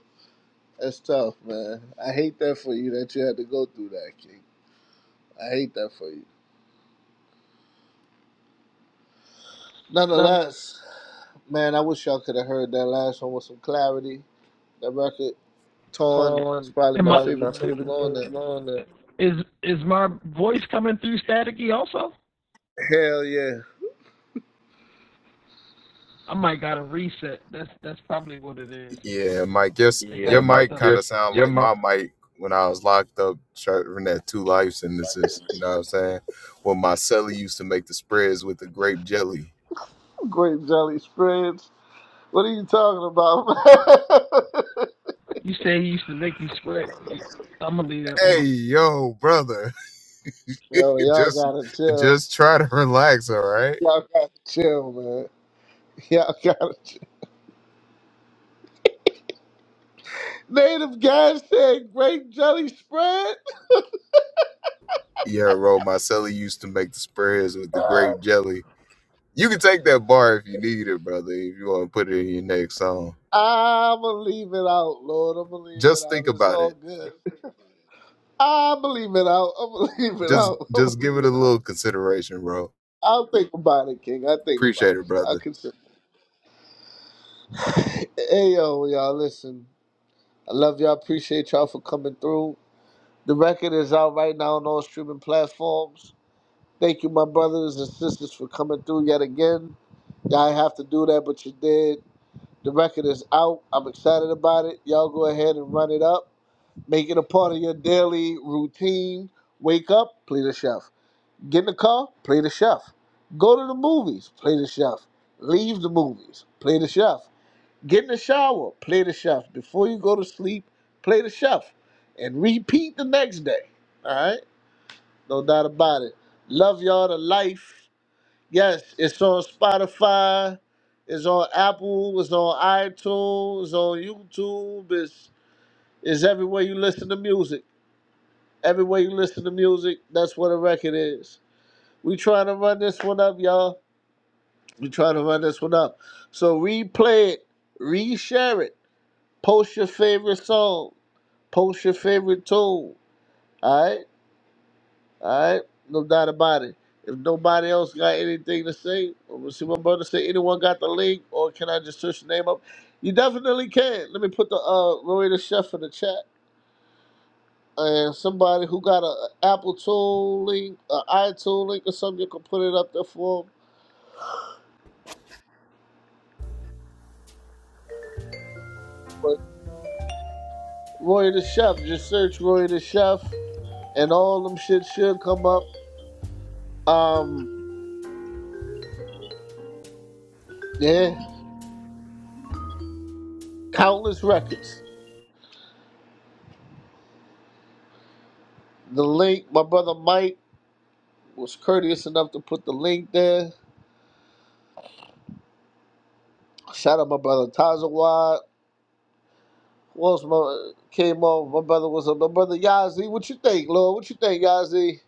S2: That's tough, man. I hate that for you that you had to go through that, King. I hate that for you.
S6: Not
S2: Nonetheless, man, I wish y'all could have heard that last one with some clarity. That record, Torn, is
S6: torn.
S2: probably my
S6: Probably my
S2: favorite tune
S6: favorite
S2: on it.
S6: team on that.
S2: Hell yeah.
S1: Yeah, Mike. Yes,
S6: yeah,
S1: your
S6: Mike,
S1: mic kind of
S6: just
S1: sound
S6: your
S1: like
S6: mind
S1: my mic when I was locked up serving that two life sentences. You know what I'm saying? When my celly used to make the spreads with the grape jelly.
S2: Grape Jelly Spreads. What are you talking about, man?
S1: Hey, yo, brother.
S2: Yo, y'all
S1: just
S2: gotta chill.
S1: just try to relax all right
S2: Y'all gotta chill, man. Y'all gotta chill. Native guys said grape jelly spread?
S1: Yeah, Ro, Marcelli used to make the spreads with the grape jelly. You can take that bar if you need it, brother, if you want to put it in your next song.
S2: I'm gonna leave it out, Lord. I'm gonna leave it
S1: Just
S2: out.
S1: think
S2: It's
S1: about it.
S2: all good. I'm gonna leave it out. I'm gonna leave it
S1: Just
S2: out. I'm gonna
S1: just give
S2: leave
S1: it a
S2: it out.
S1: little consideration, bro.
S2: I'll think about it, King. I'll think about
S1: Appreciate it,
S2: it.
S1: brother.
S2: I'll consider. Hey, yo, y'all, listen. I love y'all. Appreciate y'all for coming through. The record is out right now on all streaming platforms. Thank you, my brothers and sisters, for coming through yet again. Y'all didn't have to do that, but you did. The record is out. I'm excited about it. Y'all go ahead and run it up. Make it a part of your daily routine. Wake up, play the chef. Get in the car, play the chef. Go to the movies, play the chef. Leave the movies, play the chef. Get in the shower, play the chef. Before you go to sleep, play the chef. And repeat the next day. All right? No doubt about it. Love y'all to life. Yes, it's on Spotify. It's on Apple. It's on iTunes. It's on YouTube. It's, it's everywhere you listen to music. Everywhere you listen to music, that's what a record is. We trying to run this one up, y'all. We trying to run this one up. So replay it, reshare it, post your favorite song, post your favorite tune. All right, all right, no doubt about it. If nobody else got anything to say, I'm gonna see my brother say. Anyone got the link, or can I just search the name up? You definitely can. Let me put the uh Roy the Chef in the chat. and somebody who got a Apple tool link, an iTool link or something, you can put it up there for for 'em. But Roy the Chef, just search Roy the Chef, and all them shit should come up. Um, yeah, countless records. The link, my brother Mike was courteous enough to put the link there. Shout out my brother Tazawad. Who else my, came on? My brother was on. My brother Yazi. What you think, Lord? What you think, Yazi?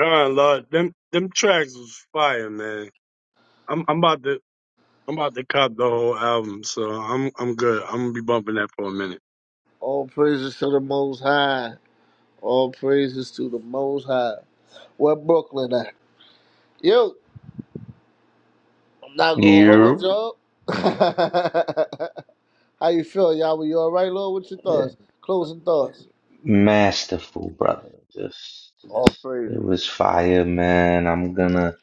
S14: God, Lord. Them, them tracks was fire, man. I'm, I'm about to. I'm about to cop the whole album, so I'm I'm good. I'm gonna be bumping that for a minute.
S2: All praises to the Most High. All praises to the Most High. Where Brooklyn at? You. I'm not gonna hold you
S12: You
S2: up. How you feel, Yahweh? You all right, Lord? What's your thoughts? Closing thoughts.
S12: masterful, brother. Just,
S2: All
S12: just
S2: praise.
S12: it was fire, man. I'm gonna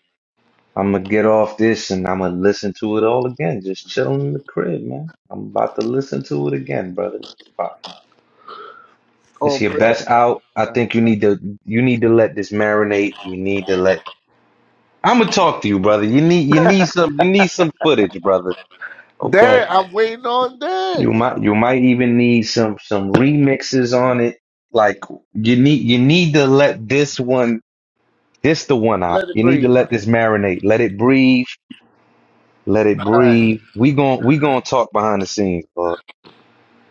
S12: I'm gonna get off this and I'm gonna listen to it all again. Just chilling in the crib, man. I'm about to listen to it again, brother. It's fire.
S2: All
S12: It's your
S2: praise.
S12: best out. I think you need to you need to let this marinate. You need to let I'm gonna talk to you, brother. You need you need some you need some footage, brother.
S2: Dan,
S12: Okay.
S2: I'm waiting on
S12: You
S2: Dan.
S12: might you might even need some some remixes on it. Like you need you need to let this one this the one I
S2: Let it
S12: you need to
S2: breathe.
S12: let this marinate. Let it breathe. Let it
S2: All right.
S12: breathe. We gon' we gonna talk behind the scenes,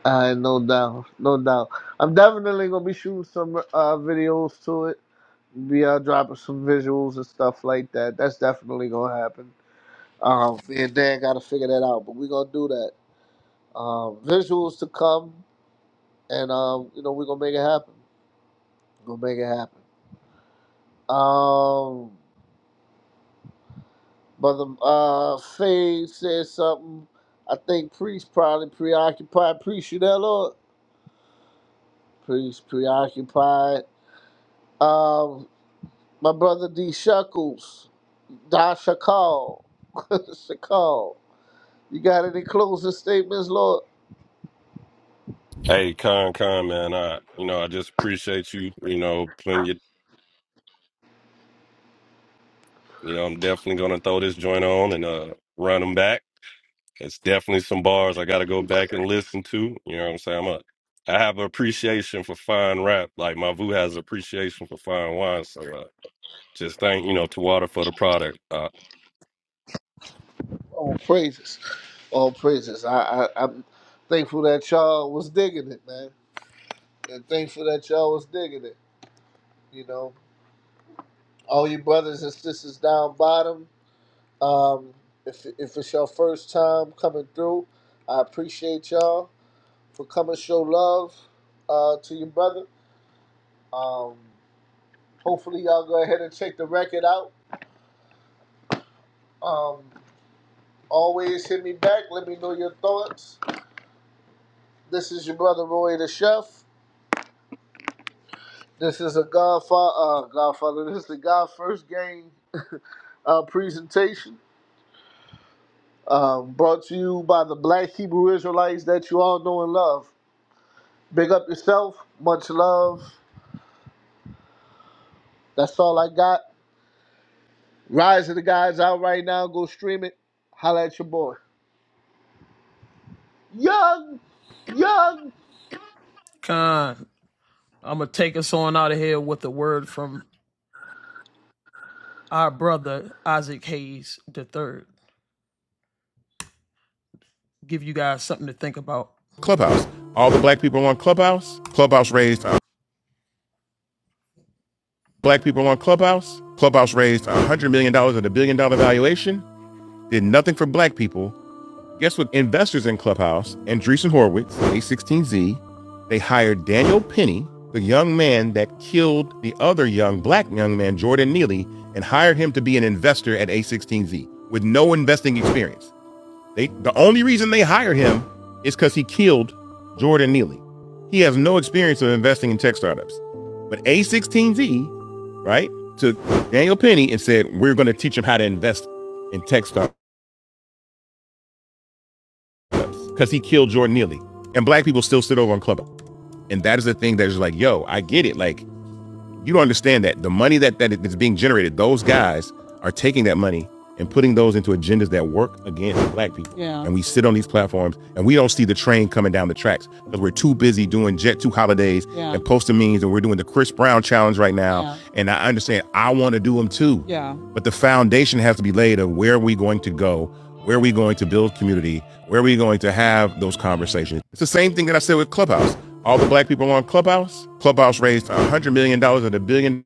S2: All right, no doubt, no doubt. I'm definitely gonna be shooting some uh, videos to it. Be uh, dropping some visuals and stuff like that. That's definitely gonna happen. Um, me and Dan gotta figure that out, but we gonna do that. Um, visuals to come. and um, you know we're gonna make it happen. We're gonna make it happen. Um, Brother uh, Faye said something. I think Priest probably preoccupied. Priest, you there, Lord? Priest preoccupied. Um, my brother D Shuckles, Da Shakal, Shakal. You got any closing statements, Lord?
S5: Hey, Con Con, man. I, you know, I just appreciate you, you know, putting your, you know, I'm definitely going to throw this joint on and uh run them back. It's definitely some bars I got to go back and listen to. You know what I'm saying? I'm a, I have appreciation for fine rap. Like my VU has appreciation for fine wine. So uh, just thank you know Tawada for the product. uh,
S2: All praises, all praises. I, I I'm thankful that y'all was digging it, man, and thankful that y'all was digging it. You know. all you brothers and sisters down bottom. Um, if, if it's your first time coming through, I appreciate y'all for coming. Show love uh, to your brother. Um, hopefully, y'all go ahead and check the record out. Um, always hit me back. Let me know your thoughts. This is your brother Roy the Chef. This is a Godfather. Uh, Godfather. This is the God First Game uh, presentation um, brought to you by the Black Hebrew Israelites that you all know and love. Big up yourself. Much love. That's all I got. Rise of the guys out right now. Go stream it. Holla at your boy. Young
S6: Clubhouse. All the black people Clubhouse raised uh, black people on Clubhouse. Clubhouse raised $100 million dollars at a billion dollar valuation. Did nothing for black people. Guess what? Investors in Clubhouse, Andreessen Horowitz, A16Z, they hired Daniel Penny, the young man that killed the other young black young man, Jordan Neely, and hired him to be an investor at A16Z with no investing experience. They the only reason they hired him is because he killed Jordan Neely. He has no experience of investing in tech startups. But A16Z, right, took Daniel Penny and said, We're gonna teach him how to invest in tech startups because he killed Jordan Neely. And black people still sit over on Club. And that is the thing that's like, yo, I get it. Like You don't understand that the money that that is being generated, those guys are taking that money and putting those into agendas that work against black people. Yeah. And we sit on these platforms and we don't see the train coming down the tracks because we're too busy doing Jet 2 holidays Yeah. and posting memes and we're doing the Chris Brown challenge right now. Yeah. And I understand I want to do them too. But the foundation has to be laid of where are we going to go? Where are we going to build community? Where are we going to have those conversations? It's the same thing that I said with Clubhouse. All the black people on Clubhouse, Clubhouse raised $100 million dollars and a billion